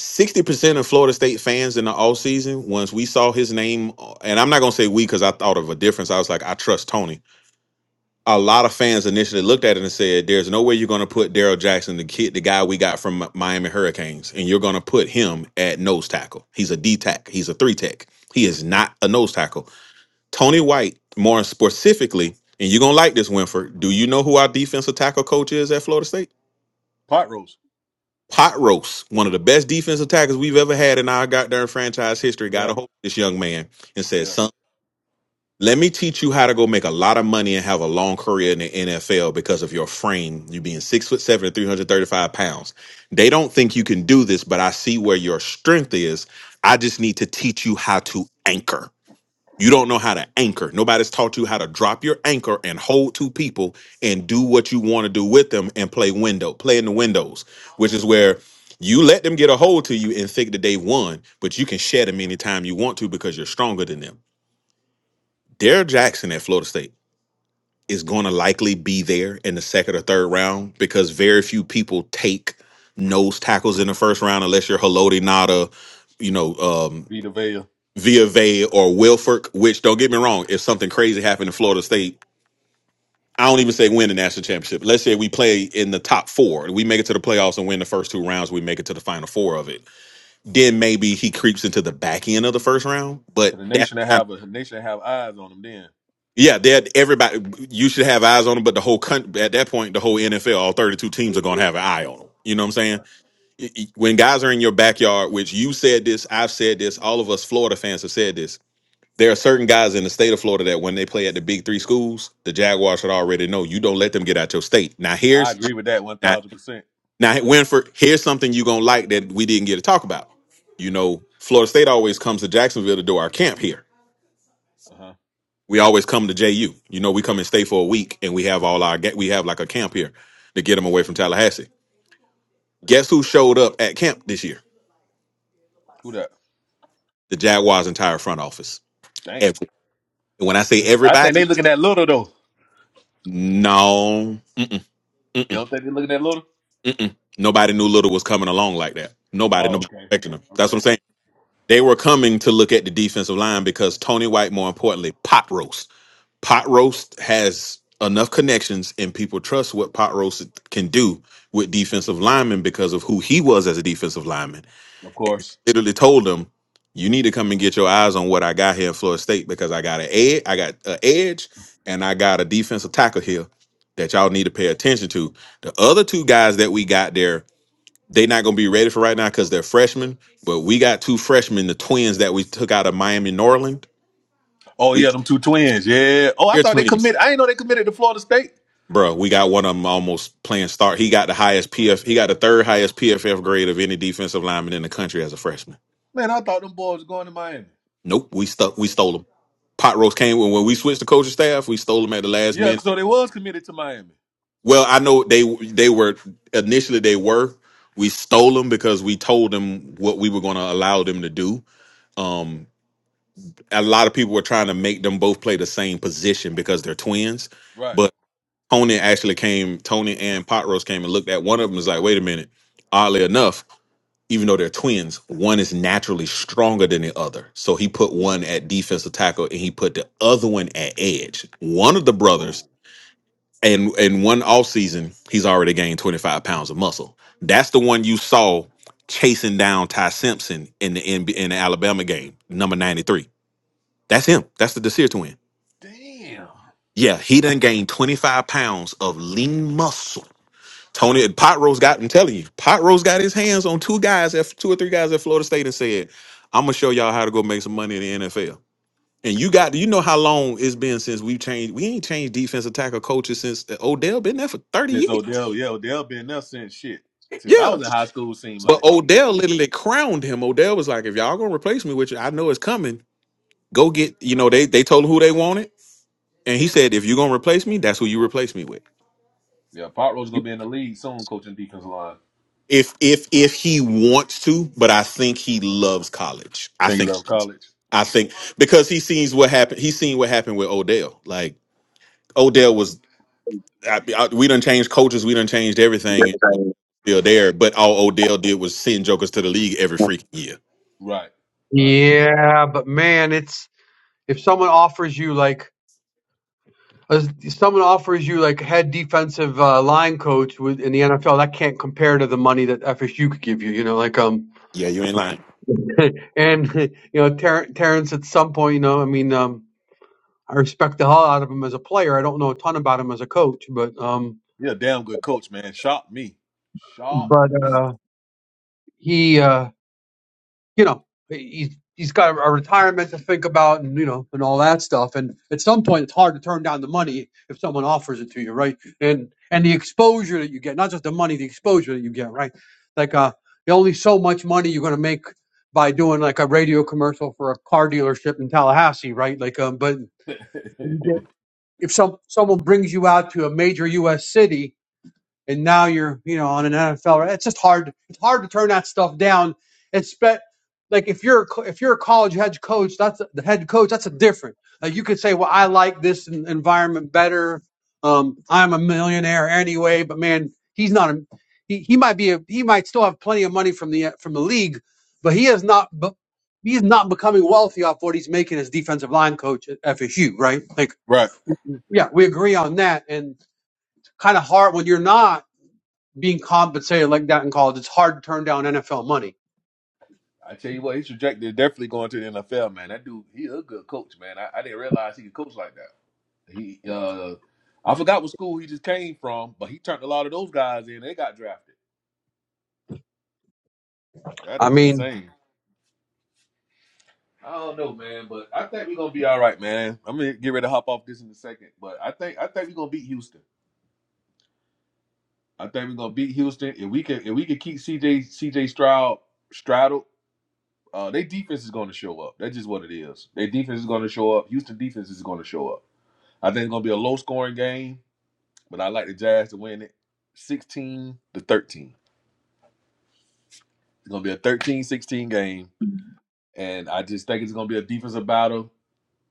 S3: 60% of Florida State fans in the offseason, once we saw his name, uh, and I'm not going to say we because I thought of a difference. I was like, I trust Tony a lot of fans initially looked at it and said, "There's no way you're going to put Daryl Jackson, the kid, the guy we got from Mi- Miami Hurricanes, and you're going to put him at nose tackle. He's a D tack. He's a three tech. He is not a nose tackle." Tony White, more specifically, and you're going to like this, Winford. Do you know who our defensive tackle coach is at Florida State?
S4: Pot roast.
S3: Pot Roast, one of the best defensive tackles we've ever had in our goddamn franchise history, got a
S4: Yeah,
S3: hold of this young man and said,
S4: yeah.
S3: "Son." Let me teach you how to go make a lot of money and have a long career in the NFL because of your frame, you being six foot seven and 335 pounds. They don't think you can do this, but I see where your strength is. I just need to teach you how to anchor. You don't know how to anchor. Nobody's taught you how to drop your anchor and hold two people and do what you want to do with them and play window, play in the windows, which is where you let them get a hold to you and think that they won, but you can shed them anytime you want to because you're stronger than them. Derrick Jackson at Florida State is going to likely be there in the second or third round because very few people take nose tackles in the first round unless you're Haloti Nada, you know, um,
S4: Vita Vea.
S3: Via or Wilfork, which don't get me wrong, if something crazy happened in Florida State, I don't even say win the national championship. Let's say we play in the top four, we make it to the playoffs and win the first two rounds, we make it to the final four of it. Then maybe he creeps into the back end of the first round,
S4: For
S3: but
S4: the
S3: that's
S4: nation that have a a nation that have eyes on them. Then,
S3: Yeah, that everybody you should have eyes on them, but the whole country at that point, the whole NFL, all 32 teams are going to have an eye on them. You know what I'm saying?
S4: right.
S3: Y- y- When guys are in your backyard, which you said this, I've said this, all of us Florida fans have said this. There are certain guys in the state of Florida that when they play at the big three schools, the Jaguars should already know you don't let them get out your state. Now
S4: I
S3: here's
S4: agree with that one
S3: now,
S4: thousand percent.
S3: now Winford, here's something you're gonna like that we didn't get to talk about. You know, Florida State always comes to Jacksonville to do our camp here
S4: Uh huh.
S3: we always come to JU. You know, we come and stay for a week, and we have all our ga- we have like a camp here to get them away from Tallahassee. Guess who showed up at camp this year?
S4: Who that?
S3: The Jaguars' entire front office.
S4: Damn.
S3: Every, when I say
S4: Let's- I think
S3: everybody,
S4: they looking at Little though.
S3: no, mm-mm,
S4: You
S3: mm-mm,
S4: don't think they looking at Little?
S3: mm-mm. nobody knew Little was coming along like that. Nobody,
S4: Oh,
S3: nobody
S4: okay,
S3: expecting him. That's what I'm
S4: okay.
S3: saying. They were coming to look at the defensive line because Tony White, more importantly, pot roast Pot Roast has enough connections and people trust what Pot Roast can do with defensive linemen because of who he was as a defensive lineman.
S4: Of course.
S3: Literally told them, you need to come and get your eyes on what I got here in Florida State because I got an edge, I got an edge, and I got a defensive tackle here that y'all need to pay attention to. The other two guys that we got there, they not gonna be ready for right now because they're freshmen. But we got two freshmen, the twins that we took out of Miami, Norland.
S4: Oh
S3: We
S4: yeah, them two twins. Yeah. Oh, I
S3: they're
S4: thought they
S3: twins.
S4: committed. I didn't know they committed to Florida State.
S3: Bro, we got one of them almost playing start. He got the highest PF. He got the third highest PFF grade of any defensive lineman in the country as a freshman.
S4: Man, I thought them boys was going to Miami.
S3: Nope, we stuck. We stole him. Pot roast came when when we switched the coaching staff. We stole him at the last
S4: Yeah,
S3: minute.
S4: so they was committed to Miami.
S3: Well, I know they they were initially they were. We stole them because we told them what we were going to allow them to do. Um, a lot of people were trying to make them both play the same position because they're twins.
S4: Right.
S3: Conan actually came, Tony and Pot Roast came and looked at one of them is like, wait a minute. Oddly enough, even though they're twins, one is naturally stronger than the other. So he put one at defensive tackle and he put the other one at edge. One of the brothers,
S4: Oh,
S3: and in one offseason, he's already gained 25 pounds of muscle. That's the one you saw chasing down Ty Simpson in the NB in the Alabama game, number 93. That's him. That's the Desir twin.
S4: damn.
S3: Yeah, he done gained 25 pounds of lean muscle Tony Pot Rose got. I'm telling you, Pot Rose got his hands on two guys at two or three guys at Florida State and said, "I'm gonna show y'all how to go make some money in the NFL." And you got you know how long it's been since we've changed. We ain't changed defensive tackle coaches since uh, Odell been there for thirty
S4: Since
S3: years.
S4: Odell, yeah, Odell been there since shit. Since I
S3: Yeah,
S4: was in high school, seemed
S3: but
S4: like.
S3: Odell literally crowned him. Odell was like, "If y'all gonna replace me, which I know is coming, go get." You know they they told him who they wanted, and he said, "If you're gonna replace me, that's who you replace me with."
S4: Yeah, Pop Rose gonna be in the league soon, coaching defense line.
S3: If if if he wants to, but I think he loves college. I
S4: Think he
S3: think.
S4: left college.
S3: I think because he sees what happened. He's seen what happened with Odell. Like Odell was, I, I, we done changed coaches, we done changed everything. and Still there, but all Odell did was send jokers to the league every freaking year.
S4: Right. Right.
S2: Yeah, but man, it's if someone offers you like as- if someone offers you like head defensive uh, line coach with, in the NFL, that can't compare to the money that FSU could give you. You know, like um,
S3: Yeah, you ain't lying.
S2: *laughs* and *laughs* you know Ter- Terrence at some point, you know, I mean, um, I respect the hell out of him as a player. I don't know a ton about him as a coach, but um,
S4: Yeah, damn good coach, man. Shocked me. Shocked
S2: but
S4: me.
S2: uh, he uh you know, he's he's got a retirement to think about, and you know, and all that stuff. And at some point, it's hard to turn down the money if someone offers it to you, right? And and the exposure that you get, not just the money, the exposure that you get, right? Like, uh, only so much money you're going to make by doing like a radio commercial for a car dealership in Tallahassee, right? Like, um, but
S4: *laughs*
S2: if some someone brings you out to a major U.S. city and now you're you know on an NFL. Right? It's just hard. It's hard to turn that stuff down. It's but like if you're if you're a college head coach, that's the head coach. That's a different. Like you could say, well, I like this environment better. Um, I'm a millionaire anyway, but man, he's not a. He, he might be a, he might still have plenty of money from the from the league, but he is not. But he's not becoming wealthy off what he's making as defensive line coach at FSU, right? Like,
S4: right.
S2: yeah, we agree on that, and kind of hard when you're not being compensated like that in college, it's hard to turn down NFL money.
S4: I tell you what, he's projected definitely going to the NFL, man. That dude, he a good coach, man. I, I didn't realize he could coach like that. He, uh, I forgot what school he just came from, but he turned a lot of those guys in. They got drafted. That
S2: I
S4: is
S2: mean,
S4: insane. I don't know, man, but I think we're gonna be all right, man. I'm gonna get ready to hop off this in a second, but I think I think we're gonna beat Houston. I think we're gonna beat Houston if we can if we can keep CJ CJ Stroud straddled. Uh, their defense is going to show up. That's just what it is. Their defense is going to show up. Houston defense is going to show up. I think it's gonna be a low scoring game, but I like the Jazz to win it 16 to 13. It's gonna be a thirteen-sixteen game. And I just think it's gonna be a defensive battle.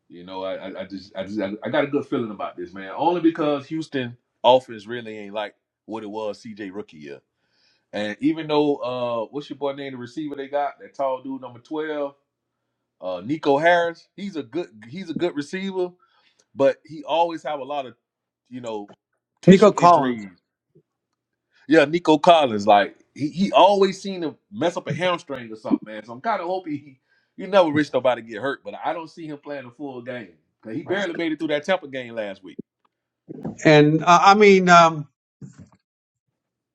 S4: You know, I, I, I just I just I, I got a good feeling about this, man. Only because Houston offense really ain't like what it was CJ rookie year. And even though uh what's your boy name, the receiver they got, that tall dude number 12, uh Nico Harris, he's a good he's a good receiver, but he always have a lot of, you know,
S2: Nico
S4: tissue
S2: Collins,
S4: injuries Yeah, Nico Collins, like he, he always seemed to mess up a hamstring or something, man. So I'm kind of hoping he you never risk nobody get hurt, but I don't see him playing a full game 'Cause he barely made it through that Tampa game last week.
S2: and uh, I mean, um,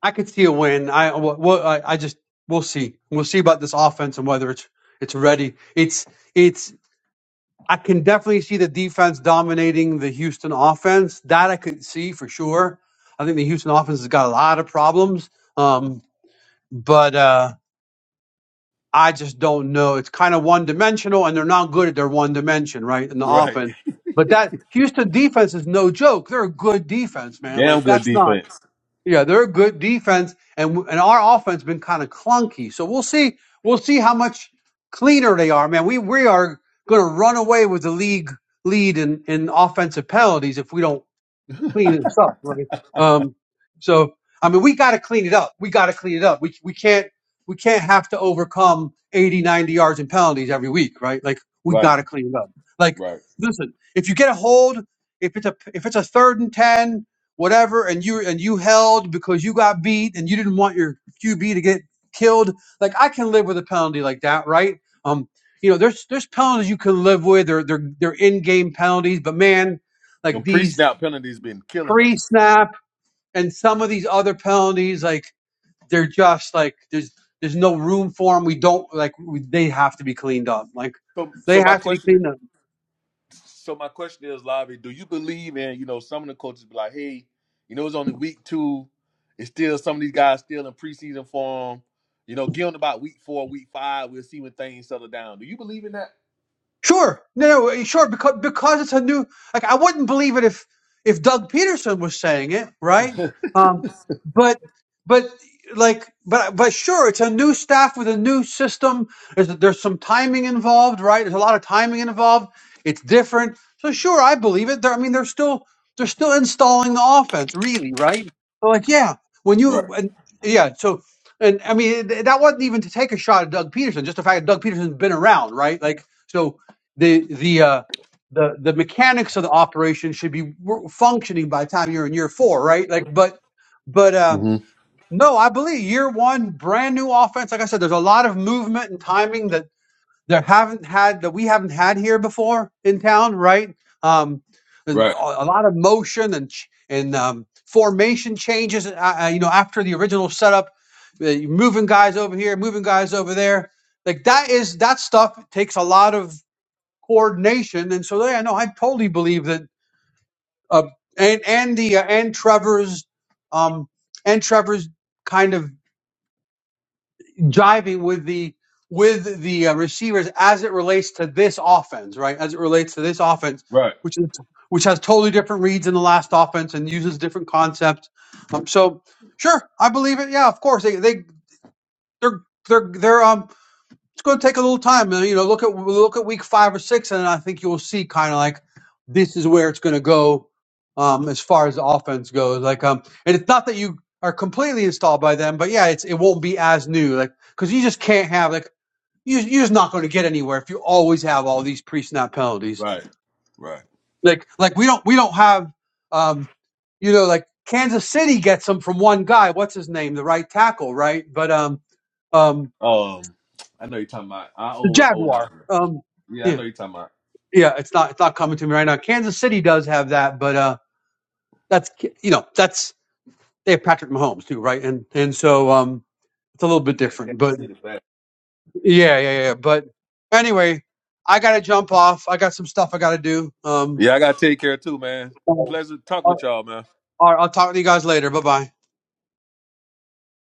S2: I could see a win. I, w- w- I I just we'll see. We'll see about this offense and whether it's it's ready. It's it's. I can definitely see the defense dominating the Houston offense. That I could see for sure. I think the Houston offense has got a lot of problems. Um, but uh, I just don't know. It's kind of one dimensional, and they're not good at their one dimension, right? In the
S4: Right.
S2: offense. But that Houston defense is no joke. They're a good defense, man.
S4: Damn
S2: Like
S4: good
S2: that's not.
S4: defense.
S2: Yeah, they're a good defense, and w- and our offense been kind of clunky. So we'll see. We'll see how much cleaner they are, man. We we are going to run away with the league lead in in offensive penalties if we don't
S4: *laughs*
S2: clean this up, right? Um, so I mean, we got to clean it up. We got to clean it up. We we can't we can't have to overcome 80, 90 yards and penalties every week, right? Like we
S4: Right.
S2: got to clean it up. Like
S4: Right.
S2: listen, if you get a hold, if it's a if it's a third and ten, whatever, and you and you held because you got beat and you didn't want your QB to get killed, like I can live with a penalty like that, right? Um, you know, there's there's penalties you can live with. They're they're they're in game penalties, but man, like
S4: Them
S2: these
S4: pre-snap penalties been killing
S2: pre
S4: us.
S2: snap and some of these other penalties, like they're just like there's there's no room for them. We don't like we, they have to be cleaned up. Like
S4: So
S2: they
S4: so my
S2: have to be
S4: question
S2: cleaned up.
S4: so my question is, Lavi, do you believe in you know some of the coaches be like, hey, you know it's only week two, it's still some of these guys still in preseason form, you know, give them about week four, week five, we'll see when things settle down. Do you believe in that?
S2: Sure, no, no, eh, sure, because because it's a new. Like I wouldn't believe it if if Doug Peterson was saying it, right?
S4: *laughs*
S2: Um, but but like but but sure, it's a new staff with a new system. There's there's some timing involved, right? There's a lot of timing involved. It's different, so sure, I believe it. They're, I mean, they're still they're still installing the offense, really, right? So like, yeah, when
S4: Right,
S2: you and, yeah, so. And I mean, th- that wasn't even to take a shot at Doug Peterson, just the fact that Doug Peterson's been around, right? Like, so the the uh, the the mechanics of the operation should be wor- functioning by the time you're in year four, right? Like, but but um,
S4: hmm
S2: no, I believe year one, brand new offense. Like I said, there's a lot of movement and timing that there haven't had that we haven't had here before in town, right? Um, there's a
S4: right,
S2: a lot of motion and ch- and um, formation changes. Uh, uh, you know, after the original setup, uh, you're moving guys over here, moving guys over there. Like that is that stuff takes a lot of coordination. And so, yeah, no, I totally believe that. Uh, and and the uh, and Trevor's um, and Trevor's kind of jiving with the with the uh, receivers as it relates to this offense, right? As it relates to this offense,
S4: right,
S2: which is which has totally different reads in the last offense and uses different concepts. Um, so, sure, I believe it. Yeah, of course they they they're they're they're um it's going to take a little time. and, You know, look at look at week five or six, and I think you'll see kind of like this is where it's going to go um, as far as the offense goes. Like, um, and it's not that you are completely installed by them, but yeah, it's it won't be as new. Like, because you just can't have like you you're just not going to get anywhere if you always have all these pre snap penalties.
S4: right, right.
S2: Like, like we don't we don't have um, you know like Kansas City gets them from one guy. What's his name? The right tackle, right? But um, um,
S4: Um, I know you're talking about our
S2: the
S4: old old
S2: Jaguar.
S4: lineman.
S2: Um,
S4: Yeah,
S2: yeah.
S4: I know you're talking about
S2: yeah, it's not it's not coming to me right now. Kansas City does have that, but uh, that's you know that's they have Patrick Mahomes too, right? And and so um, it's a little bit
S4: man,
S2: different, but
S4: Kansas City, man.
S2: yeah, yeah, yeah. But anyway, I gotta jump off. I got some stuff I gotta do. Um,
S4: Yeah, I gotta take care too, man.
S2: uh, all
S4: Pleasure to talk with y'all, man.
S2: right, I'll talk to you guys later. Bye bye.